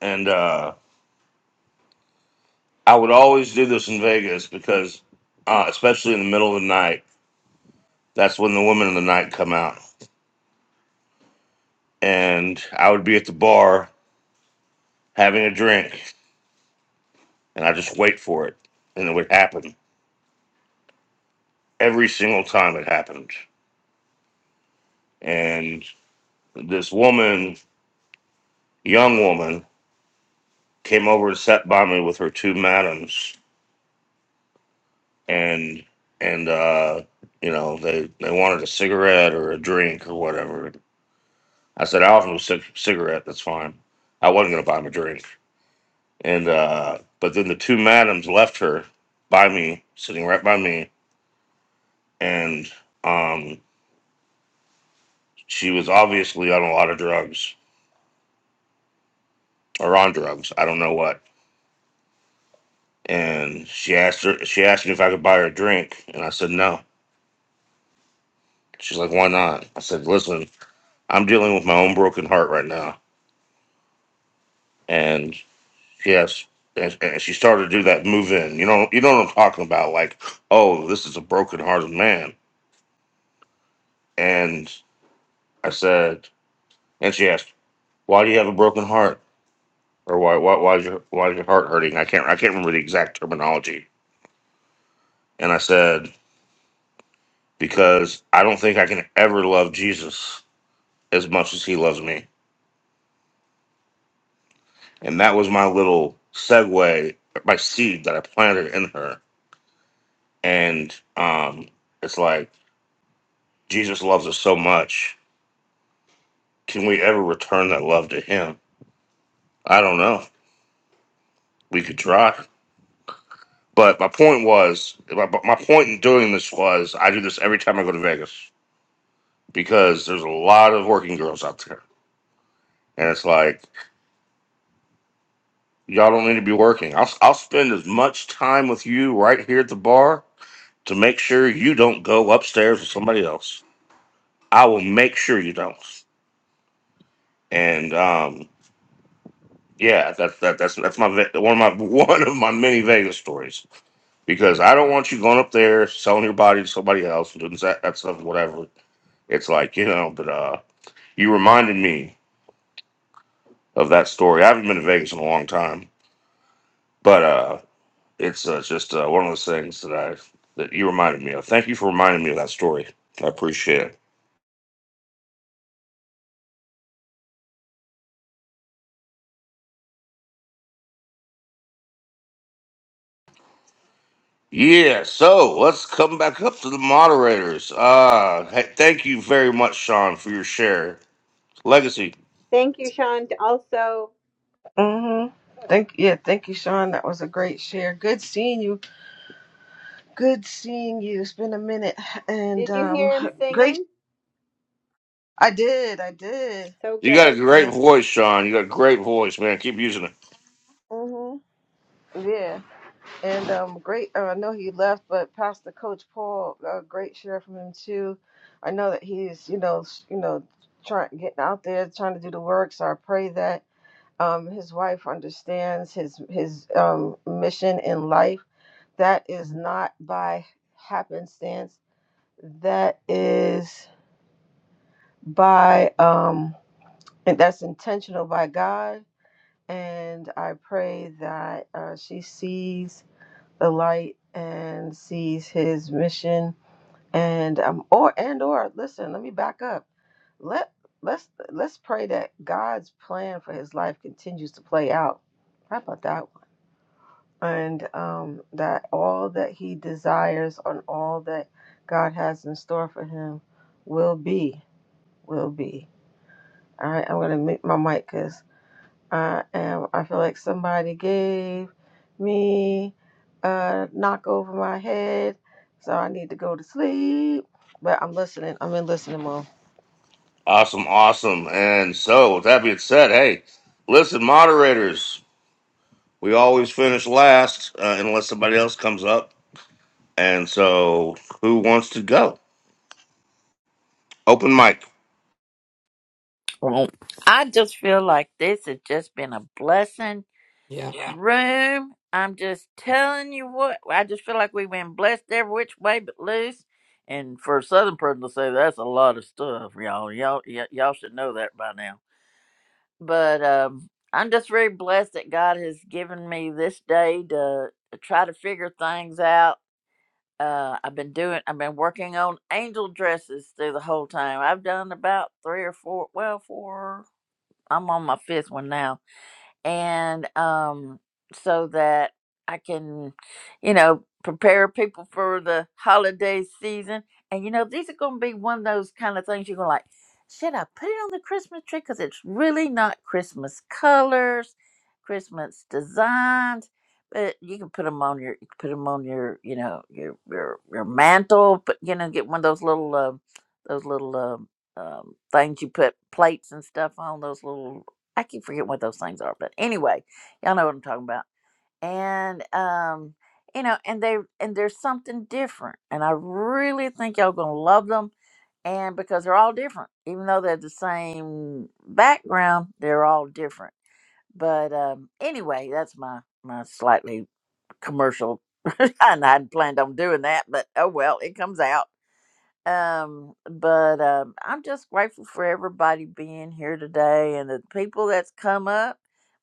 S3: and. uh, I would always do this in Vegas because, uh, especially in the middle of the night, that's when the women of the night come out. And I would be at the bar having a drink, and I just wait for it, and it would happen every single time it happened. And this woman, young woman, came over and sat by me with her two madams, and and uh, you know they they wanted a cigarette or a drink or whatever. I said, I offer them a cig- cigarette. That's fine. I wasn't going to buy them a drink. And uh, but then the two madams left her by me, sitting right by me, and um, she was obviously on a lot of drugs or on drugs. I don't know what. And she asked her. She asked me if I could buy her a drink, and I said no. She's like, "Why not?" I said, "Listen, I'm dealing with my own broken heart right now." And yes, and, and she started to do that move in. You know, you know what I'm talking about? Like, oh, this is a broken hearted man. And I said, and she asked. Why do you have a broken heart? Or why why why is your why is your heart hurting? I can't I can't remember the exact terminology. And I said, Because I don't think I can ever love Jesus as much as he loves me. And that was my little segue, my seed that I planted in her. And um it's like Jesus loves us so much. Can we ever return that love to him? I don't know. We could try. But my point was, my, my point in doing this was, I do this every time I go to Vegas because there's a lot of working girls out there. And it's like, y'all don't need to be working. I'll, I'll spend as much time with you right here at the bar to make sure you don't go upstairs with somebody else. I will make sure you don't. And um, yeah, that's that, that's that's my ve- one of my one of my many Vegas stories because I don't want you going up there selling your body to somebody else and doing that, that stuff, whatever. It's like you know, but uh, you reminded me of that story. I haven't been to Vegas in a long time, but uh, It's uh, just uh, one of those things that I that you reminded me of. Thank you for reminding me of that story. I appreciate it. Yeah, so let's come back up to the moderators. Uh, hey, thank you very much, Sean, for your share. Legacy,
S7: Thank you, Sean. Also,
S5: Mm-hmm. Thank yeah, thank you, Sean. That was a great share. Good seeing you. Good seeing you. It's been a minute, and
S7: did you
S5: um,
S7: hear him
S5: great.
S7: singing?
S5: I did. I did.
S7: So
S3: you got a
S7: good.
S3: great
S5: And
S3: voice, Sean. You got a great voice, man. Keep using it.
S5: mm-hmm. yeah. And um, great. Uh, I know he left, but Pastor Coach Paul, uh, great share from him too. I know that he's, you know, s- you know, trying getting out there, trying to do the work. So I pray that um, his wife understands his his um, mission in life. That is not by happenstance. That is by um, and that's intentional by God. And I pray that uh, she sees the light and sees his mission and um or and or listen let me back up let let's let's pray that god's plan for his life continues to play out how about that one and um that all that he desires and all that god has in store for him will be will be all right i'm gonna mute my mic because. I am. I feel like somebody gave me a knock over my head, so I need to go to sleep. But I'm listening. I'm in listening mode.
S3: Awesome, awesome. And so, with that being said, hey, listen, moderators, we always finish last uh, unless somebody else comes up. And so, who wants to go? Open mic.
S1: Well, I just feel like this has just been a blessing
S9: yeah.
S1: Yeah. room. I'm just telling you what. I just feel like we've been blessed every which way but loose. And for a southern person to say that's a lot of stuff, y'all. Y'all, y- y'all should know that by now. But um, I'm just very blessed that God has given me this day to to try to figure things out Uh, I've been doing. I've been working on angel dresses through the whole time. I've done about three or four. Well, four. I'm on my fifth one now and um, so that I can, you know, prepare people for the holiday season. And you know, these are going to be one of those kind of things you're going to like. Should I put it on the Christmas tree? Because it's really not Christmas colors, Christmas designs. But you can put them on your, you can put 'em on your, you know, your your your mantle. But you know, get one of those little, um those little um um, things you put plates and stuff on. Those little I keep forgetting what those things are, but anyway, y'all know what I'm talking about. And um, you know, and they and there's something different, and I really think y'all gonna love them. And because they're all different, even though they're the same background, they're all different. But um, anyway, that's my my slightly commercial. and I hadn't planned on doing that, but oh well, it comes out. Um, but um, I'm just grateful for everybody being here today and the people that's come up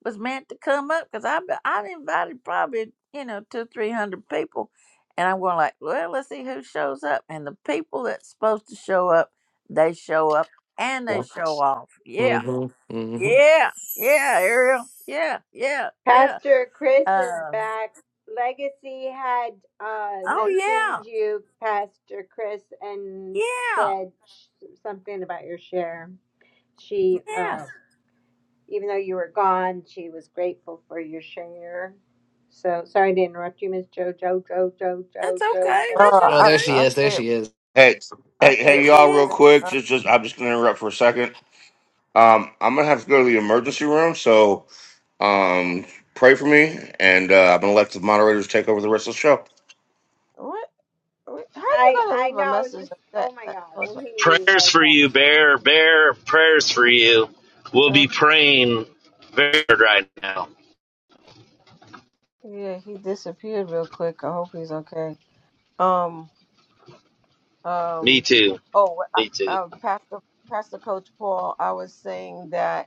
S1: was meant to come up because I I invited probably you know two three hundred people, and I'm going like, well, let's see who shows up, and the people that's supposed to show up, they show up and they show off. Yeah,
S9: Mm-hmm. Mm-hmm.
S1: yeah, yeah, Ariel. Yeah, yeah, yeah.
S7: Pastor Chris is
S1: Um,
S7: back. Legacy had uh,
S1: oh
S7: mentioned
S1: yeah,
S7: you, Pastor Chris, and
S1: yeah,
S7: said sh- something about your share. She,
S1: yeah.
S7: uh. even though you were gone, she was grateful for your share. So sorry to interrupt you, Miss Joe, Joe, Joe, Joe,
S1: That's
S7: Joe, Joe,
S1: okay.
S5: Uh,
S7: Joe.
S1: That's
S9: Oh,
S5: I
S9: there
S1: okay.
S9: she
S5: I
S9: is. There
S5: say it.
S9: she is.
S3: Hey,
S5: I
S3: hey,
S5: say it.
S3: hey,
S5: Real
S1: It
S3: y'all! Real
S5: quick.
S1: is.
S3: quick,
S5: Uh,
S3: just, just, I'm just gonna interrupt for a second. Um, I'm gonna have to go to the emergency room, so um, pray for me, and uh, I'm gonna let the moderators take over the rest of the show.
S5: what? what- How you
S7: I
S5: gonna
S7: I
S5: leave a
S7: know. I was
S5: message
S7: just
S5: like that?
S7: oh my
S5: that
S7: god,
S5: was,
S7: when he leaves
S14: Prayers
S7: like
S14: for
S7: that.
S14: you, Bear. Bear, prayers for you. We'll
S5: uh,
S14: be praying very hard right now.
S5: yeah, he disappeared real quick. I hope he's okay. Um.
S14: Me
S5: Um.
S14: too.
S5: Oh, I,
S14: Me too.
S5: uh, Pastor Pastor Coach Paul. I was saying that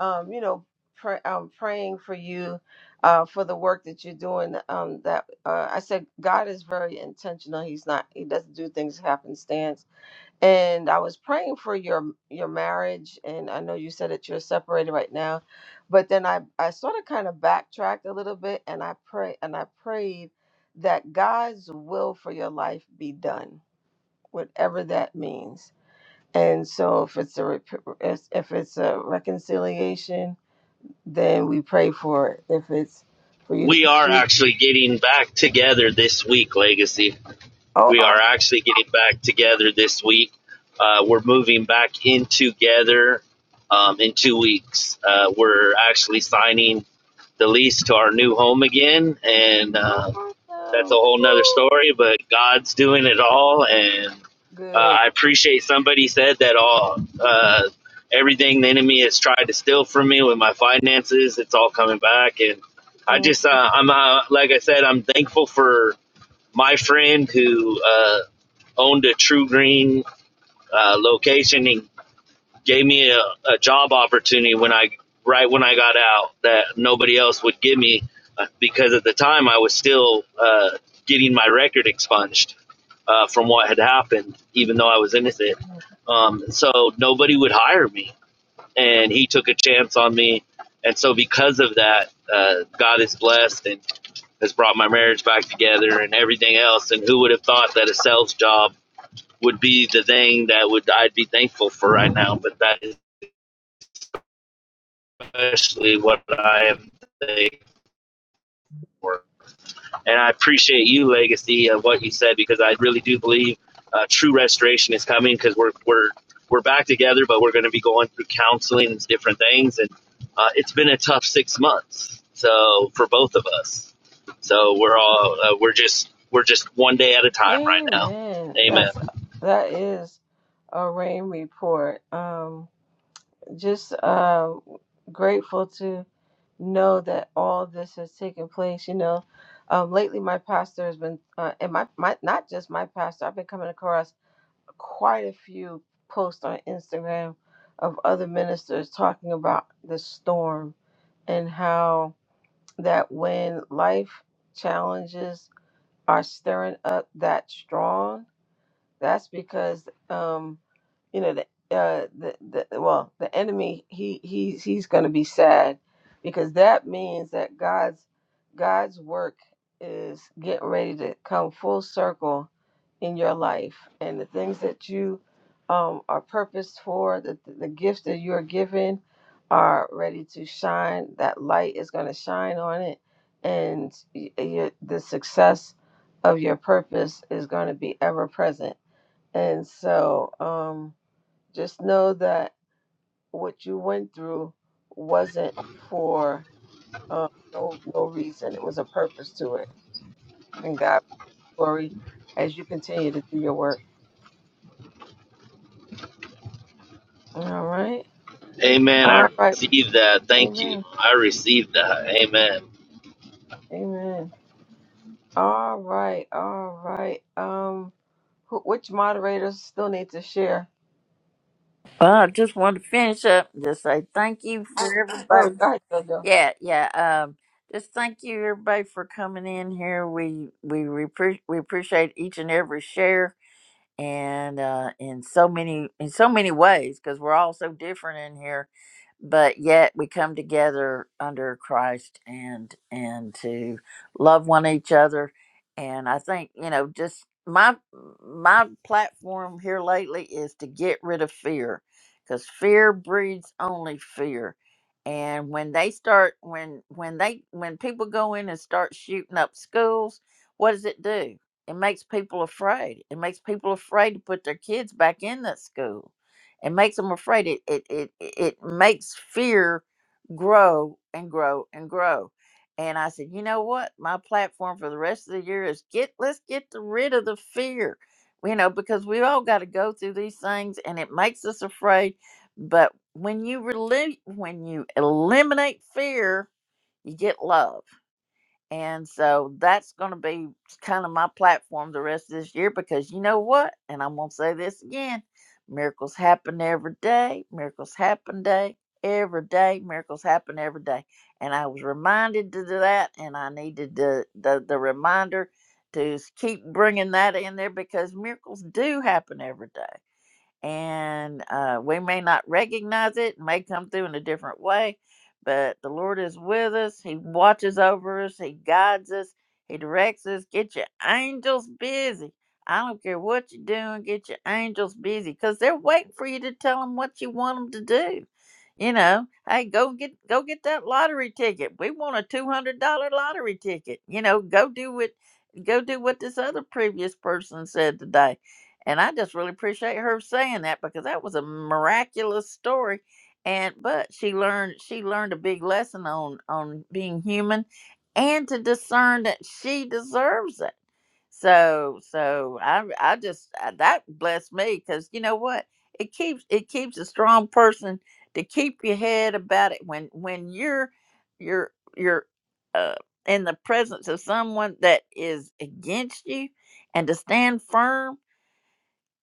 S5: um, you know, pray, um, praying for you uh, for the work that you're doing. Um, that uh, I said, God is very intentional. He's not. He doesn't do things happenstance. And I was praying for your your marriage, and I know you said that you're separated right now, but then I I sort of kind of backtracked a little bit, and I pray and I prayed that God's will for your life be done, whatever that means. And so, if it's a rep- if if it's a reconciliation then we pray for it. If it's for you to
S14: We are
S5: continue.
S14: actually getting back together this week, Legacy.
S5: Oh,
S14: We are
S5: awesome.
S14: actually getting back together this week. Uh, we're moving back in together um, in two weeks. Uh, we're actually signing the lease to our new home again, and uh,
S5: Oh,
S14: that's a
S5: awesome.
S14: whole nother
S5: Woo.
S14: story. But God's doing it all, and uh,
S5: Good.
S14: I appreciate somebody said that all uh, everything the enemy has tried to steal from me with my finances, it's all coming back, and I
S5: Mm.
S14: just uh, I'm uh, like I said, I'm thankful for my friend who uh, owned a True Green uh, location and gave me a, a job opportunity when I right when I got out that nobody else would give me uh, because at the time I was still uh, getting my record expunged uh, from what had happened, even though I was innocent. Um, so nobody would hire me, and he took a chance on me. And so because of that, uh, God is blessed, and has brought my marriage back together and everything else. And who would have thought that a sales job would be the thing that would I'd be thankful for right now? But that is especially what I am thankful for. And I appreciate you, Legacy, of what you said because I really do believe uh, true restoration is coming because we're we're we're back together, but we're going to be going through counseling and different things. And uh, it's been a tough six months, so for both of us. So we're all uh, we're just we're just one day at a time right now.
S5: Amen.
S14: Amen.
S5: That's that is a rain report. Um just um grateful to know that all this has taken place, you know. Um lately my pastor has been uh, and my, my not just my pastor, I've been coming across quite a few posts on Instagram of other ministers talking about the storm and how that when life challenges are stirring up that strong, that's because um, you know the uh the, the well the enemy he he's he's going to be sad because that means that god's god's work is getting ready to come full circle in your life and the things that you um, are purposed for the, the gifts that you're given are ready to shine that light is going to shine on it and y- y- the success of your purpose is going to be ever present and so um just know that what you went through wasn't for uh, no no reason. It was a purpose to it. And God be glory as you continue to do your work. All right.
S14: Amen. I
S5: All right.
S14: received that. Thank you.
S5: Amen.
S14: I received that. Amen.
S5: Amen. All right. All right. Um, who, which moderators still need to share?
S1: Well, I just want to finish up and just say thank you for
S5: Oh,
S1: everybody.
S5: God, JoJo.
S1: Yeah, yeah. Um, just thank you everybody for coming in here. We we repre- we appreciate each and every share and uh, in so many in so many ways because we're all so different in here but yet we come together under christ and and to love one each other and i think you know just my my platform here lately is to get rid of fear because fear breeds only fear and when they start when when they when people go in and start shooting up schools what does it do it makes people afraid. It makes people afraid to put their kids back in that school. It makes them afraid. It it it, it makes fear grow and grow and grow. And I said, you know what? My platform for the rest of the year is get let's get the- rid of the fear. You know, because we all got to go through these things and it makes us afraid. But when you relieve when you eliminate fear, you get love and so that's going to be kind of my platform the rest of this year because you know what? And I'm going to say this again miracles happen every day. Miracles happen day every day. Miracles happen every day. And I was reminded to do that, and I needed the, the, the reminder to s- keep bringing that in there because miracles do happen every day and uh, we may not recognize it, may come through in a different way, but the Lord is with us. He watches over us, He guides us, He directs us. Get your angels busy. I don't care what you're doing, get your angels busy because they're waiting for you to tell them what you want them to do. You know, hey, go get go get that lottery ticket. We want a two hundred dollar lottery ticket. You know, go do what go do what this other previous person said today and I just really appreciate her saying that because that was a miraculous story. And but she learned she learned a big lesson on on being human and to discern that she deserves it. So so I I just uh, that blessed me because you know what it keeps it keeps a strong person to keep your head about it when when you're you're you're uh, in the presence of someone that is against you and to stand firm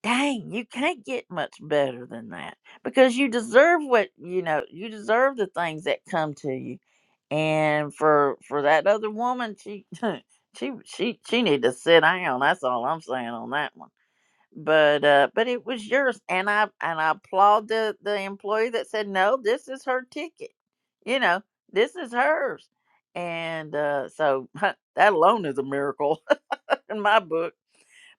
S1: dang, you can't get much better than that because you deserve what you know. You deserve the things that come to you, and for for that other woman, she she she she need to sit down. That's all I'm saying on that one. But uh, but it was yours, and I and I applaud the the employee that said no. This is her ticket. You know, this is hers, and uh, so that alone is a miracle in my book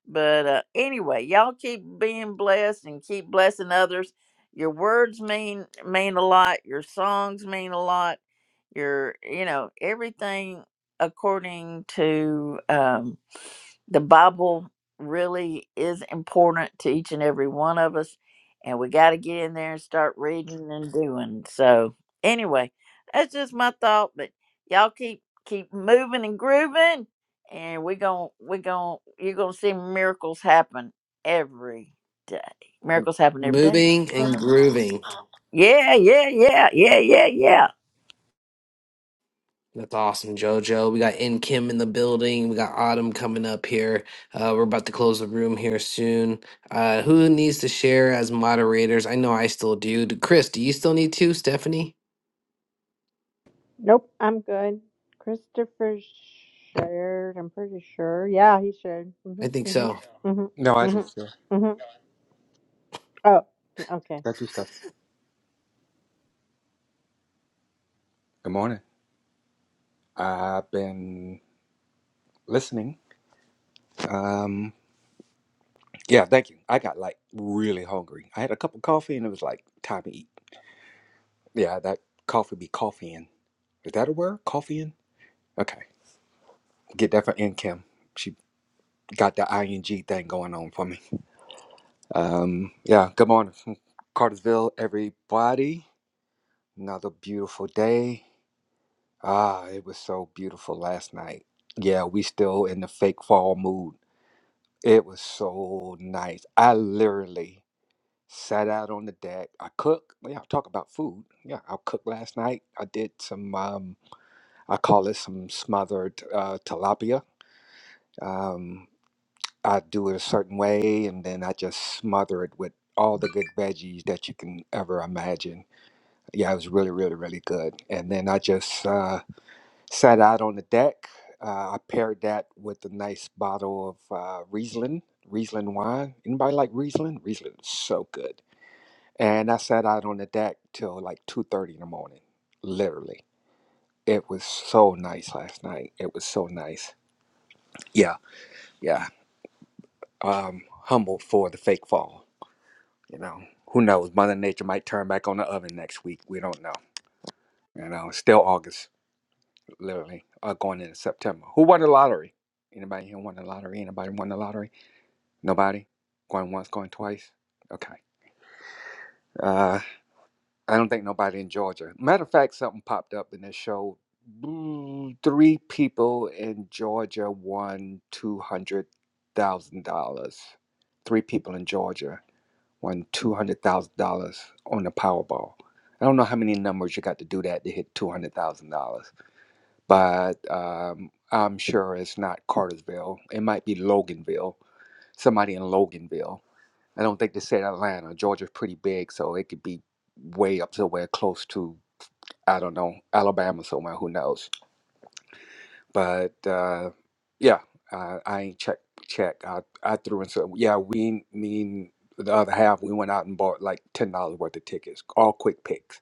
S1: but uh, anyway, y'all keep being blessed and keep blessing others. Your words mean mean a lot. Your songs mean a lot. Your you know everything according to um, the Bible really is important to each and every one of us, and we got to get in there and start reading and doing. So anyway, that's just my thought. But y'all keep keep moving and grooving and we're gonna we're gonna you're gonna see miracles happen every day. Miracles happen every day.
S9: Moving and grooving.
S1: Yeah, yeah, yeah, yeah, yeah, yeah.
S9: That's awesome, JoJo. We got In Kim in the building. We got Autumn coming up here. Uh, we're about to close the room here soon. Uh, who needs to share as moderators? I know I still do. Do- Chris, do you still need to? Stephanie?
S7: Nope, I'm good. Christopher shared. I'm pretty sure. Yeah, he shared.
S9: I
S7: Mhm,
S9: think
S7: mhm,
S9: so.
S7: mhm,
S4: No, I
S7: mhm,
S4: just yeah,
S7: mhm. Oh, yeah, okay.
S4: thank you, Stephanie. Good morning. I've been listening. Um, Yeah, thank you. I got like really hungry. I had a cup of coffee and it was like time to eat. Yeah, that coffee be coffeeing. Is that a word? Coffeeing? Okay. Get that for in Kim. She got the ing thing going on for me. Um, yeah, good morning from Cartersville, everybody. Another beautiful day. Ah, it was so beautiful last night. Yeah, we still in the fake fall mood. It was so nice. I literally sat out on the deck. I cook. Yeah, I'll talk about food. Yeah, I cooked last night. I did some, um, I call it some smothered uh, tilapia. Um, I do it a certain way, and then I just smother it with all the good veggies that you can ever imagine. Yeah, it was really, really, really good. And then I just uh, sat out on the deck. Uh, I paired that with a nice bottle of uh, Riesling, Riesling wine. Anybody like Riesling? Riesling is so good. And I sat out on the deck till like 2:30 in the morning, literally. It was so nice last night. It was so nice. Yeah, yeah. Um, humbled for the fake fall. You know, who knows? Mother Nature might turn back on the oven next week. We don't know. You know, it's still August, literally, uh, going into September. Who won the lottery? Anybody here won the lottery? Anybody won the lottery? Nobody? Going once, going twice? Okay. Uh, I don't think nobody in Georgia. Matter of fact, something popped up and it showed mm, three people in Georgia won two hundred thousand dollars. Three people in Georgia won two hundred thousand dollars on the Powerball. I don't know how many numbers you got to do that to hit two hundred thousand dollars, but um, I'm sure it's not Cartersville. It might be Loganville. Somebody in Loganville. I don't think they said Atlanta. Georgia's pretty big, so it could be way up somewhere close to I don't know, Alabama somewhere, who knows? But uh, yeah, uh, I ain't check check. I, I threw in some. Yeah, we mean the other half. We went out and bought like ten dollars worth of tickets, all quick picks.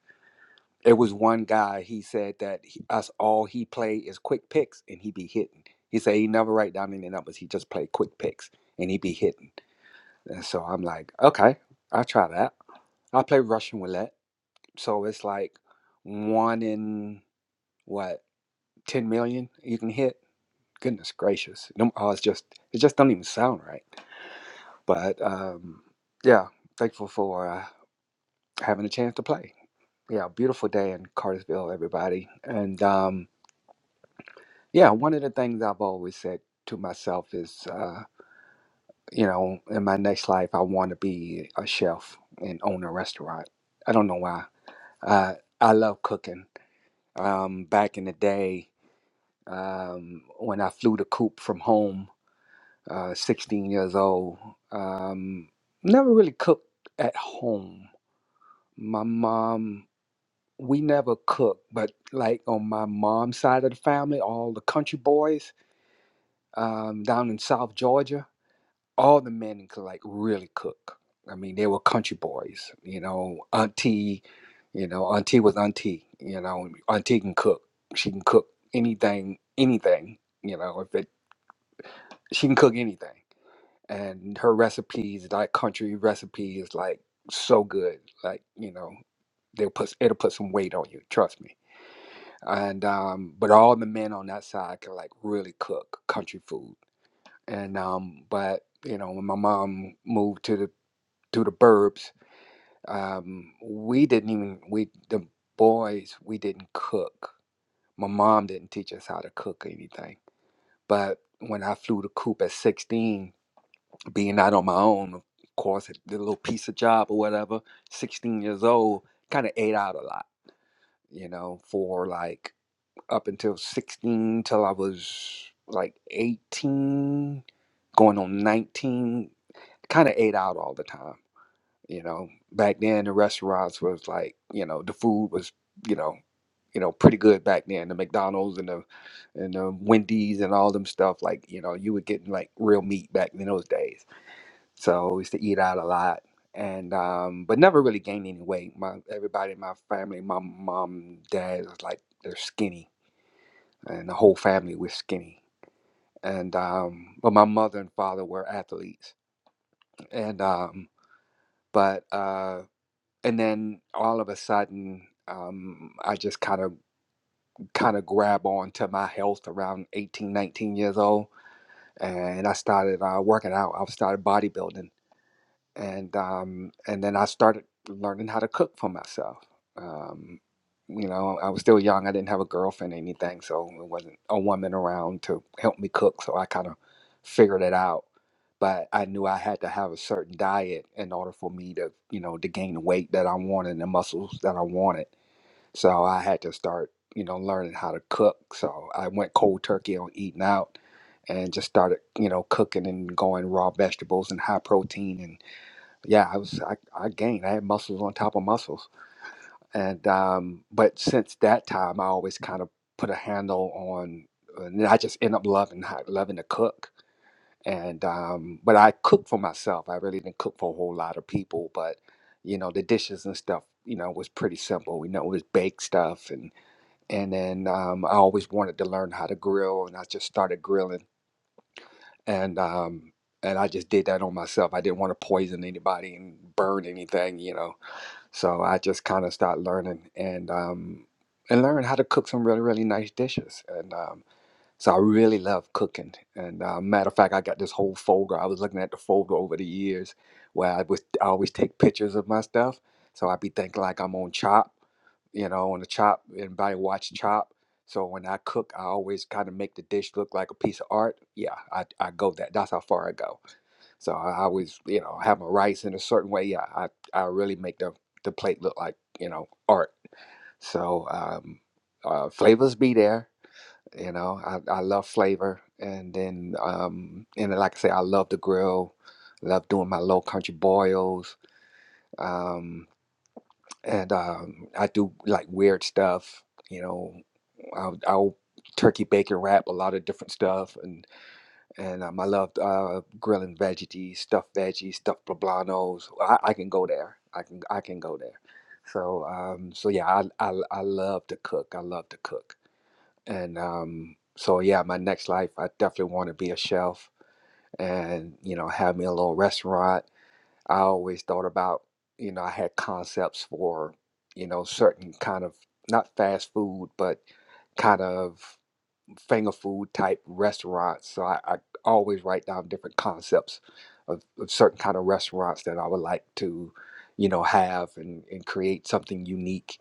S4: It was one guy. He said that he, us all he play is quick picks, and he be hitting. He said he never write down any numbers. He just play quick picks, and he be hitting. And so I'm like, okay, I'll try that. I play Russian roulette, so it's like one in what 10 million you can hit goodness gracious them odds just it just don't even sound right but um yeah thankful for uh, having a chance to play yeah beautiful day in cartersville everybody and um yeah one of the things i've always said to myself is uh you know in my next life i want to be a chef and own a restaurant i don't know why uh i love cooking um back in the day um when i flew the coop from home uh, 16 years old. Um, never really cooked at home. My mom, we never cooked, but like on my mom's side of the family, all the country boys um, down in South Georgia, all the men could like really cook. I mean, they were country boys, you know, auntie, you know, auntie was auntie, you know, auntie can cook. She can cook anything, anything, you know, if it, she can cook anything and her recipes like country recipes like so good like you know they'll put it'll put some weight on you trust me and um but all the men on that side can like really cook country food and um but you know when my mom moved to the to the burbs um we didn't even we the boys we didn't cook my mom didn't teach us how to cook or anything but when i flew the coop at 16 being out on my own, of course, I did a little piece of job or whatever. 16 years old, kind of ate out a lot, you know, for like up until 16 till I was like 18, going on 19, kind of ate out all the time, you know. Back then, the restaurants was like, you know, the food was, you know, you know, pretty good back then. The McDonald's and the and the Wendy's and all them stuff. Like, you know, you were getting like real meat back in those days so I used to eat out a lot, and um, but never really gained any weight. My everybody in my family, my mom, dad was like they're skinny, and the whole family was skinny. And um, but my mother and father were athletes, and um, but uh, and then all of a sudden. Um, I just kind of kind of grab on to my health around 18, 19 years old, and I started uh, working out. I started bodybuilding, and um, and then I started learning how to cook for myself. Um, you know, I was still young. I didn't have a girlfriend or anything, so it wasn't a woman around to help me cook. So I kind of figured it out. But I knew I had to have a certain diet in order for me to, you know, to gain the weight that I wanted and the muscles that I wanted. So I had to start, you know, learning how to cook. So I went cold turkey on eating out and just started, you know, cooking and going raw vegetables and high protein yeah, I was I, I gained. I had muscles on top of muscles, and um, but since that time, I always kind of put a handle on, uh, and I just end up loving ho- loving to cook. And um, but I cook for myself. I really didn't cook for a whole lot of people, but you know the dishes and stuff. You know was pretty simple. You know it was baked stuff, and and then um, I always wanted to learn how to grill, and I just started grilling. And um, and I just did that on myself. I didn't want to poison anybody and burn anything, you know so I just kind of started learning and um, and learned how to cook some really really nice dishes. And um, so I really love cooking. And uh, matter of fact, I got this whole folder. I was looking at the folder over the years where I was I always take pictures of my stuff. So I'd be thinking like I'm on Chop, you know, on the Chop. Everybody watch Chop. So when I cook, I always kind of make the dish look like a piece of art. Yeah, I, I go that. That's how far I go. So I always, you know, have my rice in a certain way. Yeah, I, I really make the, the plate look like, you know, art. So um, uh, flavors be there. You know, I, I love flavor. And then, um, and like I say, I love the grill. love doing my low country boils. Um, and um, I do like weird stuff. You know, I'll, I'll turkey bacon wrap a lot of different stuff. and and um, I loved uh, grilling veggies, stuffed veggies, stuffed poblanos. I, I can go there. I can I can go there. So um, so yeah, I, I I love to cook. I love to cook, and um, so yeah, my next life, I definitely want to be a chef, and you know, have me a little restaurant. I always thought about, you know, I had concepts for, you know, certain kind of not fast food, but kind of finger food type restaurants. So I, I always write down different concepts of, of certain kind of restaurants that I would like to, you know, have and, and create something unique.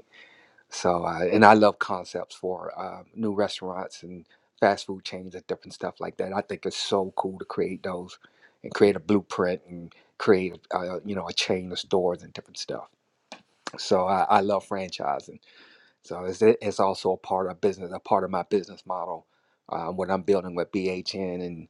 S4: So uh, and I love concepts for uh, new restaurants and fast food chains and different stuff like that. I think it's so cool to create those and create a blueprint and create, uh, you know, a chain of stores and different stuff. So I, I love franchising so it's it's also a part of business, a part of my business model, um, what I'm building with BHN and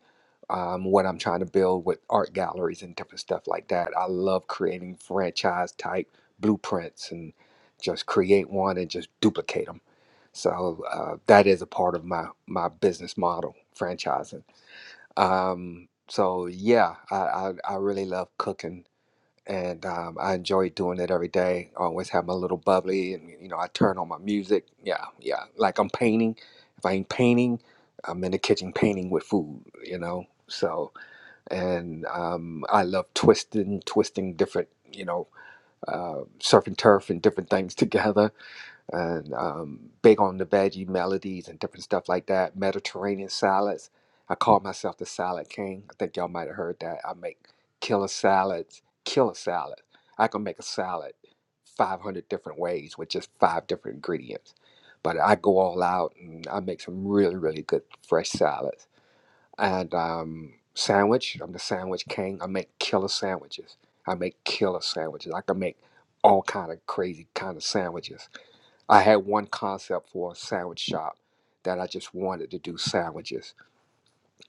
S4: um, what I'm trying to build with art galleries and different stuff like that. I love creating franchise type blueprints and just create one and just duplicate them. So uh, that is a part of my my business model, franchising. Um, so yeah, I, I I really love cooking and um, I enjoy doing it every day. I always have my little bubbly, and you know, I turn on my music. Yeah, yeah, like I'm painting. If I ain't painting, I'm in the kitchen painting with food. You know, so and um, I love twisting, twisting different, you know, uh, surf and turf and different things together and um, big on the veggie melodies and different stuff like that. Mediterranean salads. I call myself the salad king. I think y'all might have heard that. I make killer salads, killer salad. I can make a salad 500 different ways with just five different ingredients. But I go all out and I make some really, really good fresh salads. And um, sandwich, I'm the sandwich king. I make killer sandwiches. I make killer sandwiches. I can make all kind of crazy kind of sandwiches I had one concept for a sandwich shop that I just wanted to do sandwiches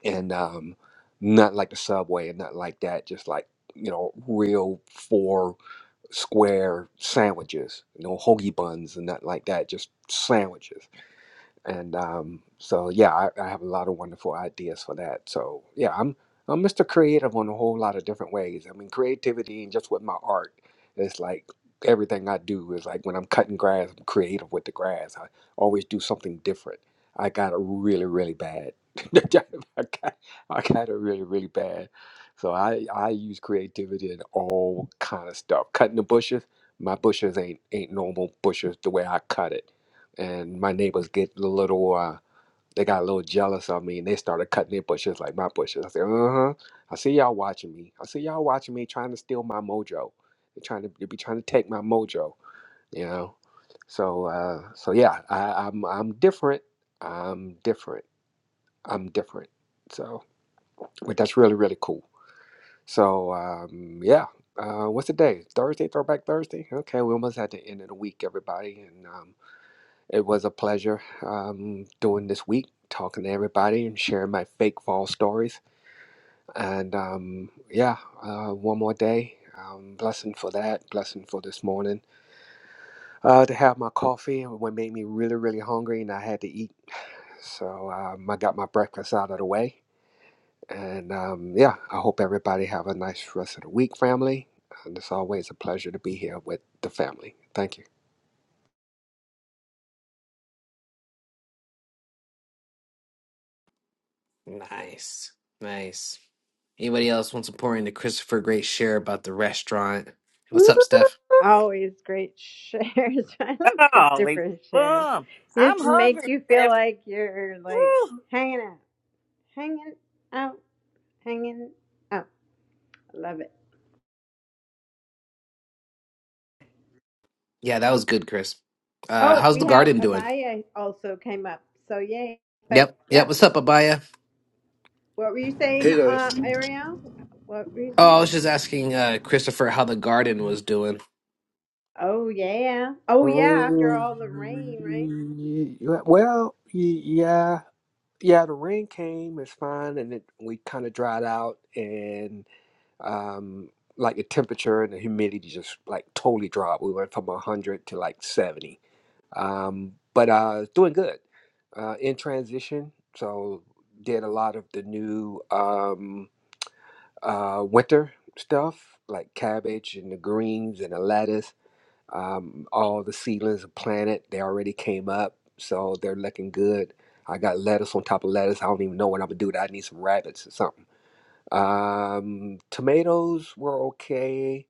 S4: and um, not like the subway and not like that, just like, you know, real four square sandwiches, no hoagie buns and nothing like that, just sandwiches and um, so yeah, I, I have a lot of wonderful ideas for that. So yeah, I'm I'm Mr. Creative on a whole lot of different ways. I mean, creativity and just with my art, it's like everything I do is like when I'm cutting grass, I'm creative with the grass. I always do something different. I got it really really bad. I got I got it really really bad. So I I use creativity in all kind of stuff. Cutting the bushes, my bushes ain't ain't normal bushes the way I cut it and my neighbors get a little uh they got a little jealous of me and they started cutting their bushes like my bushes. I said, uh-huh. I see y'all watching me. I see y'all watching me trying to steal my mojo. They're trying to they be trying to take my mojo, you know. So uh so yeah, I, I'm I'm different. I'm different. I'm different. So but that's really, really cool. So um yeah. Uh, what's the day? Thursday, Throwback Thursday. Okay, we almost at the end of the week, everybody, and um, it was a pleasure um, doing this week, talking to everybody and sharing my fake fall stories. And um, yeah, uh, one more day. Um, blessing for that, blessing for this morning. Uh, to have my coffee, what made me really, really hungry, and I had to eat. So um, I got my breakfast out of the way. And um, yeah, I hope everybody have a nice rest of the week, family. And it's always a pleasure to be here with the family. Thank you.
S9: Nice. Nice. Anybody else wants to pour into Christopher Great share about the restaurant? What's up, Steph?
S7: Always great shares. I love
S1: Golly,
S7: Christopher's shares.
S1: boom!
S7: It
S1: I'm
S7: just makes
S1: hungry,
S7: you feel
S1: Steph.
S7: like you're like
S1: Woo.
S7: hanging out, hanging out. Hanging up. I love it.
S9: Yeah, that was good, Chris. Uh,
S7: Oh,
S9: how's
S7: we
S9: the
S7: have
S9: garden doing?
S7: Abaya also came up. So yay. But
S9: Yep. Yep.
S7: yeah.
S9: What's up, Abaya?
S7: What were you saying,
S16: Hey guys.
S7: uh, Ariel? What were you
S9: Oh, I
S7: saying?
S9: was just asking uh, Christopher how the garden was doing.
S7: Oh yeah. Oh yeah, after
S4: Oh,
S7: all the rain, right?
S4: y- y- well, y- yeah. Yeah, the rain came, it's fine, and it we kind of dried out, and um, like the temperature and the humidity just like totally dropped. We went from 100 to like 70. Um, but uh, it's doing good. Uh, in transition, so did a lot of the new um, uh, winter stuff like cabbage and the greens and the lettuce um, all the seedlings are planted. They already came up, so they're looking good. I got lettuce on top of lettuce. I don't even know what I'm gonna do. with that. I need some rabbits or something. Um, tomatoes were okay.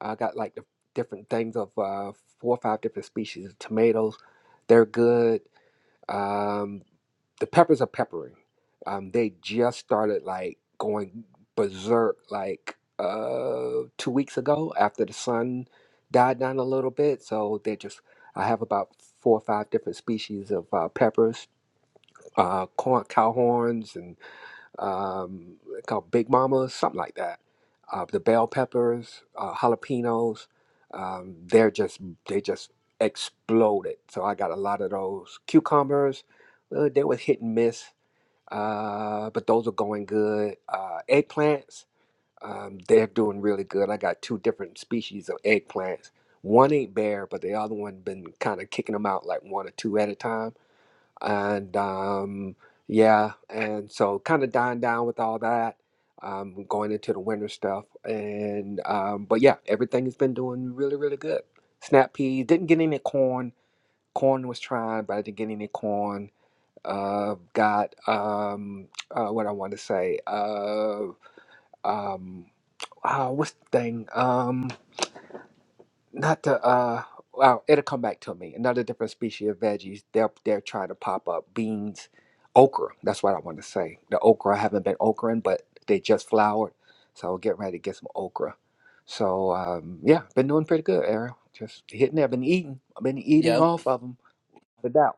S4: I got like the different things of uh, four or five different species of tomatoes. They're good. Um, the peppers are peppering. Um, they just started like going berserk like uh, two weeks ago after the sun died down a little bit. So they just I have about four or five different species of uh, peppers, uh, corn, cow horns, and um, they're called big mamas, something like that. Uh, the bell peppers, uh, jalapenos, um, they're just they just exploded. So I got a lot of those cucumbers. Uh, they were hit and miss uh, but those are going good. Uh, eggplants, um, they're doing really good. I got two different species of eggplants. One ain't bare, but the other one been kind of kicking them out like one or two at a time. And um, yeah, and so kind of dying down with all that. Um, going into the winter stuff, and um, but yeah, everything has been doing really, really good. Snap peas didn't get any corn. Corn was trying, but I didn't get any corn uh, got um, uh, what I want to say. Uh, um, uh, what's the thing? Um, not the uh. Well, it'll come back to me. Another different species of veggies. They're they're trying to pop up beans, okra. That's what I want to say. The okra I haven't been okraing, but they just flowered, so I'll get ready to get some okra. So um, yeah, been doing pretty good, Ariel. Just hitting. there. been eating. I've been eating
S9: Yep.
S4: off of them. without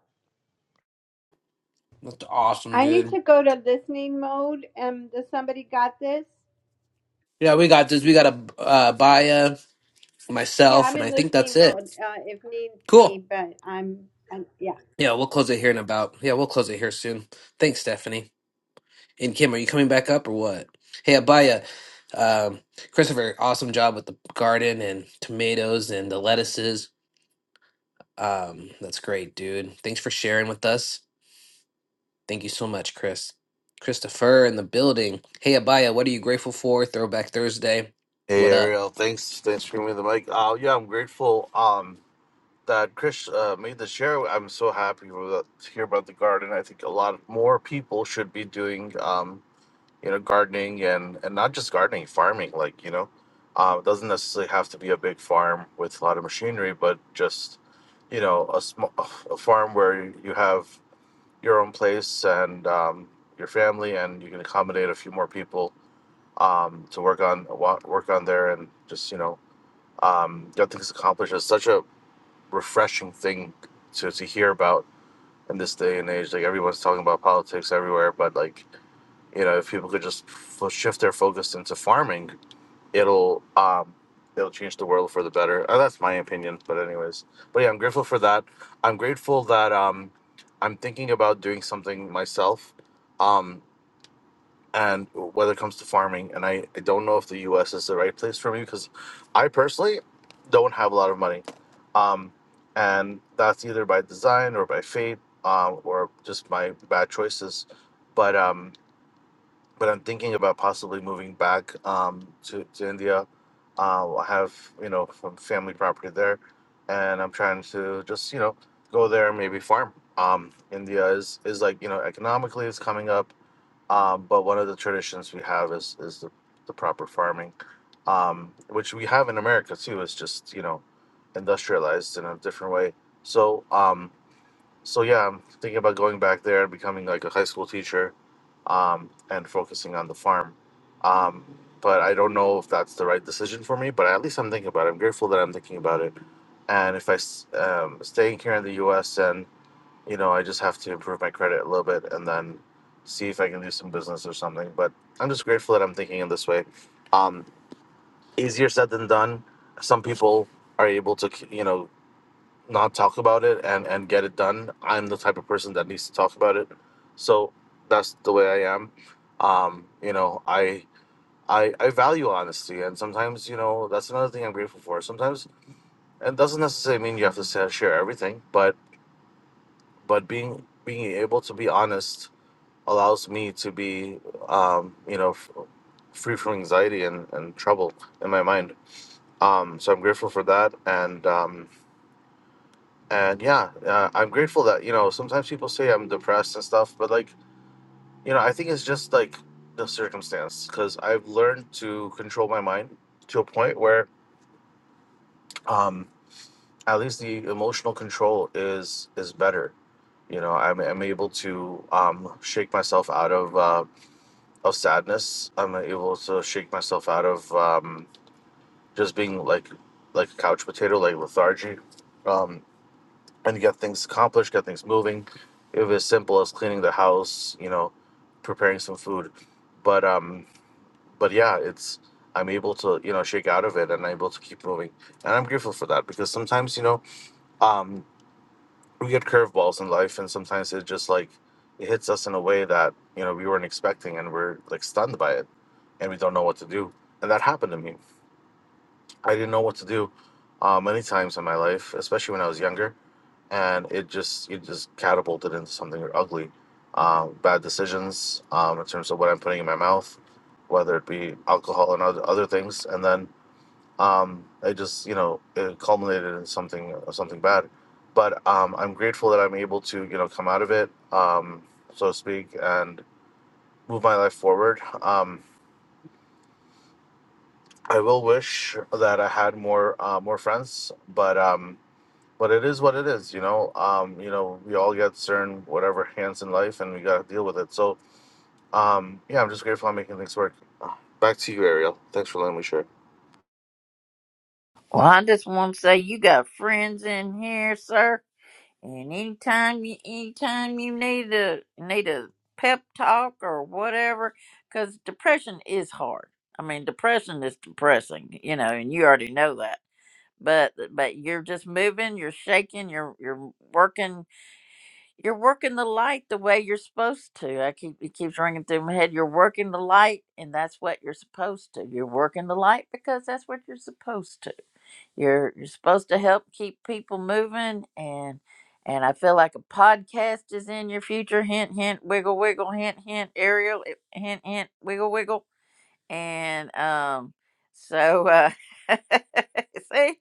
S9: That's awesome,
S7: I need
S9: dude.
S7: to go to listening mode. Um does somebody got this?
S9: Yeah, we got this. We got a uh, Baya,
S7: Yeah,
S9: myself,
S7: I'm
S9: and I
S7: in
S9: think that's
S7: listening
S9: it.
S7: mode, uh, if need
S9: Cool.
S7: me, but I'm, i yeah.
S9: Yeah, we'll close it here in about. Yeah, we'll close it here soon. Thanks, Stephanie. And Kim, are you coming back up or what? Hey, Abaya, um, Christopher, awesome job with the garden and tomatoes and the lettuces. Um, that's great, dude. Thanks for sharing with us. Thank you so much, Chris. Christopher in the building. Hey, Abaya, what are you grateful for? Throwback Thursday.
S16: Hey
S9: What up?
S16: Ariel, thanks thanks for giving me the mic. Uh, yeah, I'm grateful um, that Chris uh, made the share. I'm so happy with, that- to hear about the garden. I think a lot more people should be doing um, you know gardening and and not just gardening, farming. Like you know, uh, it doesn't necessarily have to be a big farm with a lot of machinery, but just you know a small a farm where you have your own place and um, your family, and you can accommodate a few more people um, to work on wa- work on there and just you know um, get things accomplished. It's such a refreshing thing to, to hear about in this day and age. Like everyone's talking about politics everywhere, but like you know, if people could just f- shift their focus into farming, it'll um, it'll change the world for the better. Uh, that's my opinion, but anyways, but yeah, I'm grateful for that. I'm grateful that um, I'm thinking about doing something myself. Um, and whether it comes to farming and I, I don't know if the us is the right place for me because i personally don't have a lot of money um, and that's either by design or by fate um, or just my bad choices but um, but i'm thinking about possibly moving back um, to, to india uh, i have you know some family property there and i'm trying to just you know go there and maybe farm um, india is is like you know economically it's coming up um, but one of the traditions we have is is the, the proper farming, um, which we have in America too. It's just you know industrialized in a different way. So um, so yeah, I'm thinking about going back there and becoming like a high school teacher, um, and focusing on the farm. Um, but I don't know if that's the right decision for me. But at least I'm thinking about it. I'm grateful that I'm thinking about it. And if I s- um, staying here in the U.S. and you know, I just have to improve my credit a little bit and then see if I can do some business or something. But I'm just grateful that I'm thinking in this way. Um, easier said than done. Some people are able to, you know, not talk about it and and get it done. I'm the type of person that needs to talk about it, so that's the way I am. Um, you know, I. I, I value honesty, and sometimes, you know, that's another thing I'm grateful for. Sometimes, it doesn't necessarily mean you have to sa- share everything, but but being being able to be honest allows me to be, um, you know, f- free from anxiety and, and trouble in my mind. Um, so I'm grateful for that, and um, and yeah, uh, I'm grateful that you know sometimes people say I'm depressed and stuff, but like you know, I think it's just like the circumstance because I've learned to control my mind to a point where um, at least the emotional control is is better. You know, I'm, I'm able to um, shake myself out of. Uh, of sadness. I'm able to shake myself out of um, just being like like a couch potato, like lethargy, um, and get things accomplished, get things moving. It was as simple as cleaning the house, you know, preparing some food, but um, but yeah, it's I'm able to you know shake out of it and I'm able to keep moving, and I'm grateful for that because sometimes you know um, we get curveballs in life, and sometimes it just like it hits us in a way that you know we weren't expecting, and we're like stunned by it, and we don't know what to do. And that happened to me. I didn't know what to do uh, many times in my life, especially when I was younger, and it just it just catapulted into something ugly. Uh, bad decisions um, in terms of what I'm putting in my mouth, whether it be alcohol and other other things, and then um, it just you know it culminated in something uh, something bad. But um, I'm grateful that I'm able to you know come out of it, um, so to speak, and move my life forward. Um, I will wish that I had more uh, more friends, but um, but it is what it is, you know. Um, you know, we all get certain whatever hands in life, and we gotta deal with it. So um, yeah, I'm just grateful I'm making things work. Back to you, Ariel. Thanks for letting me share.
S1: Well, I just want to say you got friends in here, sir. And anytime you anytime you need a need a pep talk or whatever, because depression is hard. I mean, depression is depressing, you know, and you already know that but uh, but you're just moving you're shaking you're you're working you're working the light the way you're supposed to i keep it keeps ringing through my head you're working the light and that's what you're supposed to you're working the light because that's what you're supposed to you're you're supposed to help keep people moving and and i feel like a podcast is in your future hint hint wiggle wiggle hint hint ariel eh, hint hint wiggle wiggle and um so uh see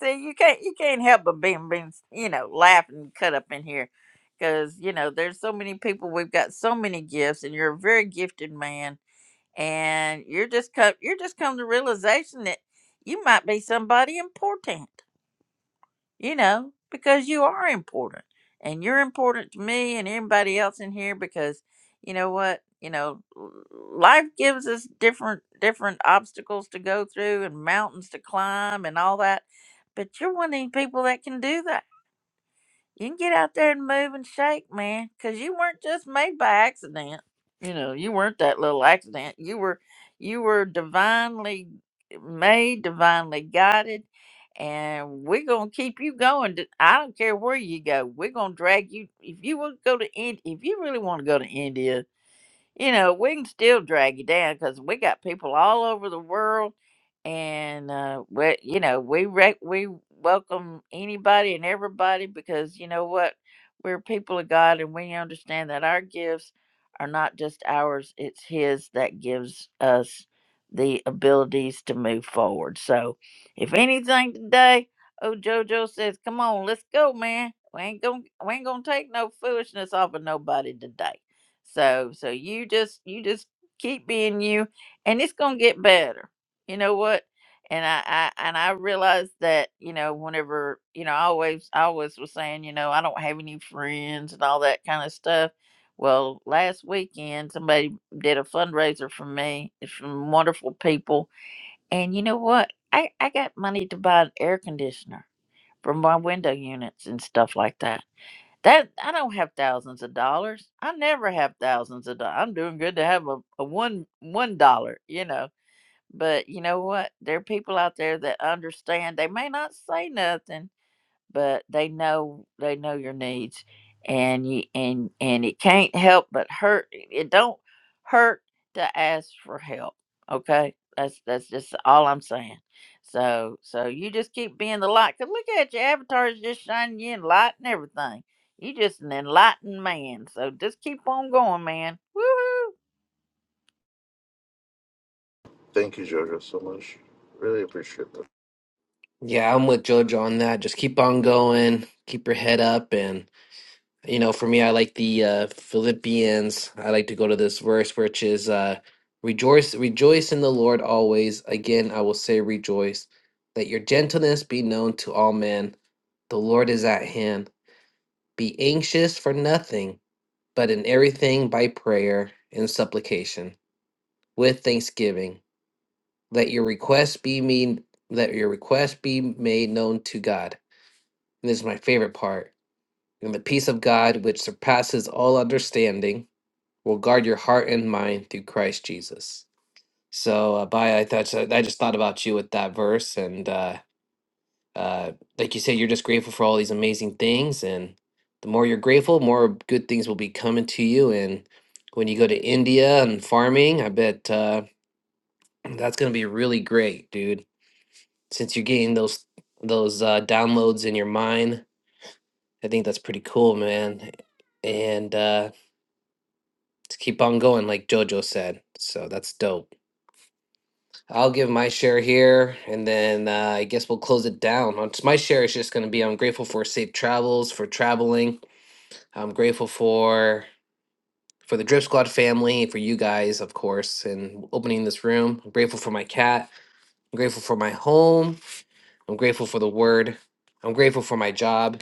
S1: see you can't you can't help but being being you know laughing and cut up in here because you know there's so many people we've got so many gifts and you're a very gifted man and you're just come you're just come to realization that you might be somebody important you know, because you are important and you're important to me and everybody else in here because you know what, you know, l- life gives us different different obstacles to go through and mountains to climb and all that. But you're one of these people that can do that you can get out there and move and shake, man, because you weren't just made by accident. You know, you weren't that little accident. You were, you were divinely made, divinely guided, and we're gonna keep you going. D- I don't care where you go. We're gonna drag you. If you want to go to India, if you really want to go to India, you know, we can still drag you down because we got people all over the world, and uh, we, you know, we rec- we welcome anybody and everybody because you know what, we're people of God, and we understand that our gifts are not just ours; it's His that gives us the abilities to move forward. So, if anything today, oh JoJo says, "Come on, let's go, man. We ain't gonna we ain't gonna take no foolishness off of nobody today." So so you just you just keep being you and it's gonna get better. You know what? And I, I and I realized that, you know, whenever, you know, I always I always was saying, you know, I don't have any friends and all that kind of stuff. Well, last weekend somebody did a fundraiser for me It's from wonderful people. And you know what? I, I got money to buy an air conditioner for my window units and stuff like that. That I don't have thousands of dollars. I never have thousands of dollars. I'm doing good to have a, a one one dollar, you know. But you know what? There are people out there that understand. They may not say nothing, but they know they know your needs and you and and it can't help but hurt it don't hurt to ask for help okay that's that's just all i'm saying so so you just keep being the light because look at your avatar is just shining you in light and everything you just an enlightened man so just keep on going man Woohoo!
S16: Thank you, Jojo, so much. Really appreciate that.
S9: Yeah, I'm with Jojo on that. Just keep on going, keep your head up, and you know, for me, I like the uh, Philippians. I like to go to this verse, which is uh, rejoice, rejoice in the Lord always. Again, I will say rejoice. Let your gentleness be known to all men. The Lord is at hand. Be anxious for nothing, but in everything by prayer and supplication with thanksgiving. Let your requests be mean. Let your requests be made known to God And this is my favorite part. And the peace of God, which surpasses all understanding, will guard your heart and mind through Christ Jesus. So, uh, Baya, I thought so, I just thought about you with that verse, and uh, uh, like you said, you're just grateful for all these amazing things, and the more you're grateful, more good things will be coming to you. And when you go to India and farming, I bet uh, that's going to be really great, dude. Since you're getting those those uh, downloads in your mind I think that's pretty cool, man. And uh, to keep on going, like JoJo said. So that's dope. I'll give my share here, and then uh, I guess we'll close it down. Uh, My share is just going to be I'm grateful for safe travels, for traveling. I'm grateful for for the Drip Squad family, for you guys, of course, and opening this room. I'm grateful for my cat. I'm grateful for my home. I'm grateful for the word. I'm grateful for my job.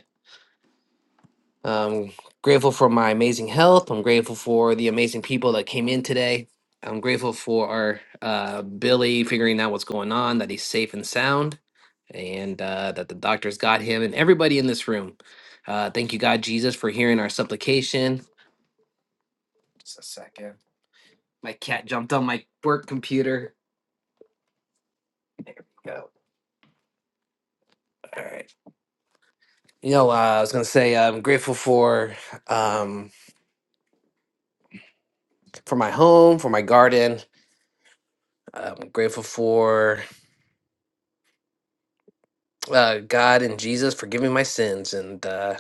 S9: I'm grateful for my amazing health. I'm grateful for the amazing people that came in today. I'm grateful for our uh, Billy figuring out what's going on, that he's safe and sound, and uh, that the doctors got him, and everybody in this room. Uh, thank you, God Jesus, for hearing our supplication. Just a second. My cat jumped on my work computer. Go. All right. You know, uh, I was gonna say I'm grateful for um, for my home, for my garden. I'm grateful for uh, God and Jesus, forgive me my sins. And uh,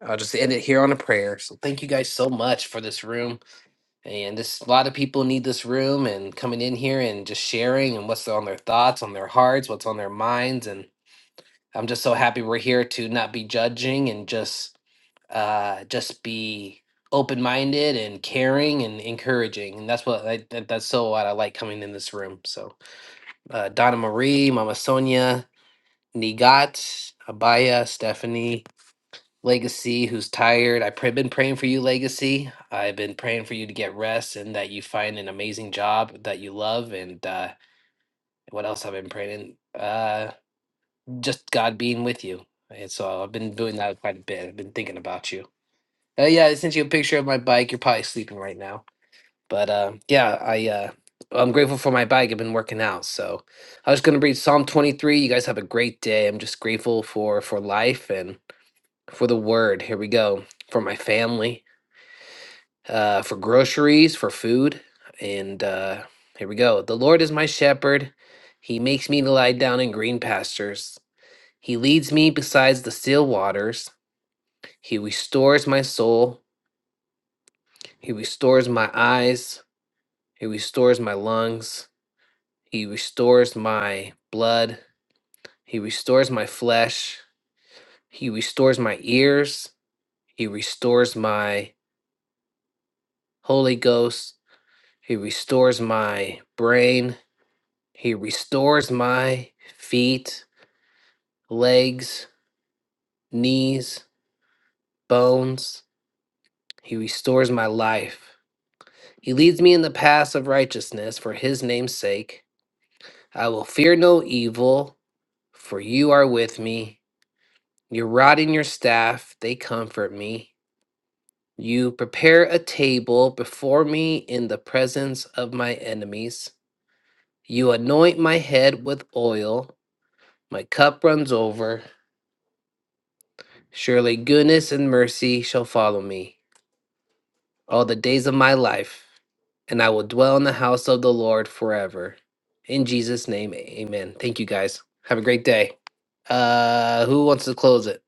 S9: I'll just end it here on a prayer. So thank you guys so much for this room. And this a lot of people need this room and coming in here and just sharing and what's on their thoughts, on their hearts, what's on their minds. And I'm just so happy we're here to not be judging and just uh, just be open minded and caring and encouraging. And that's what I, that, that's so what I like coming in this room. So uh, Donna Marie, Mama Sonia, Nigat, Abaya, Stephanie, Legacy, who's tired. I've pr- been praying for you, Legacy. I've been praying for you to get rest and that you find an amazing job that you love. And uh, what else I've been praying? Uh, just God being with you. And so I've been doing that quite a bit. I've been thinking about you. Uh, yeah, I sent you a picture of my bike. You're probably sleeping right now, but uh, yeah, I uh, I'm grateful for my bike. I've been working out, so I was going to read Psalm 23. You guys have a great day. I'm just grateful for for life and for the word. Here we go. For my family, uh, for groceries, for food. And uh, here we go. The Lord is my shepherd. He makes me to lie down in green pastures. He leads me beside the still waters. He restores my soul. He restores my eyes. He restores my lungs. He restores my blood. He restores my flesh. He restores my ears. He restores my Holy Ghost. He restores my brain. He restores my feet, legs, knees, bones. He restores my life. He leads me in the paths of righteousness for his name's sake. I will fear no evil, for you are with me. Your rod and your staff, they comfort me. You prepare a table before me in the presence of my enemies. You anoint my head with oil, my cup runs over. Surely goodness and mercy shall follow me all the days of my life, and I will dwell in the house of the Lord forever. In Jesus' name, amen. Thank you guys. Have a great day. Uh who wants to close it?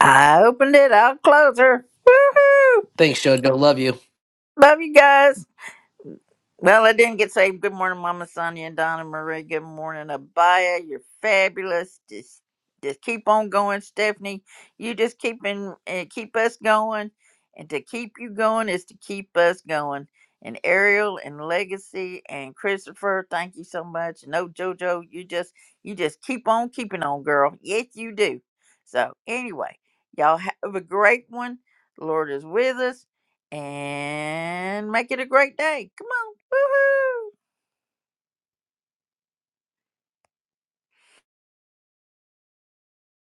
S1: i opened it i'll close her Woohoo!
S9: Thanks, Jojo. Love you.
S1: love you guys Well, I didn't get saved. Good morning, Mama Sonia and Donna Marie. Good morning, Abaya. You're fabulous. Just, just keep on going, Stephanie. You just keep in, uh, keep us going, and to keep you going is to keep us going. And Ariel and Legacy and Christopher, thank you so much. No, JoJo, you just, you just keep on keeping on, girl. Yes, you do. So anyway, y'all have a great one. The Lord is with us and make it a great day. Come on. Woohoo.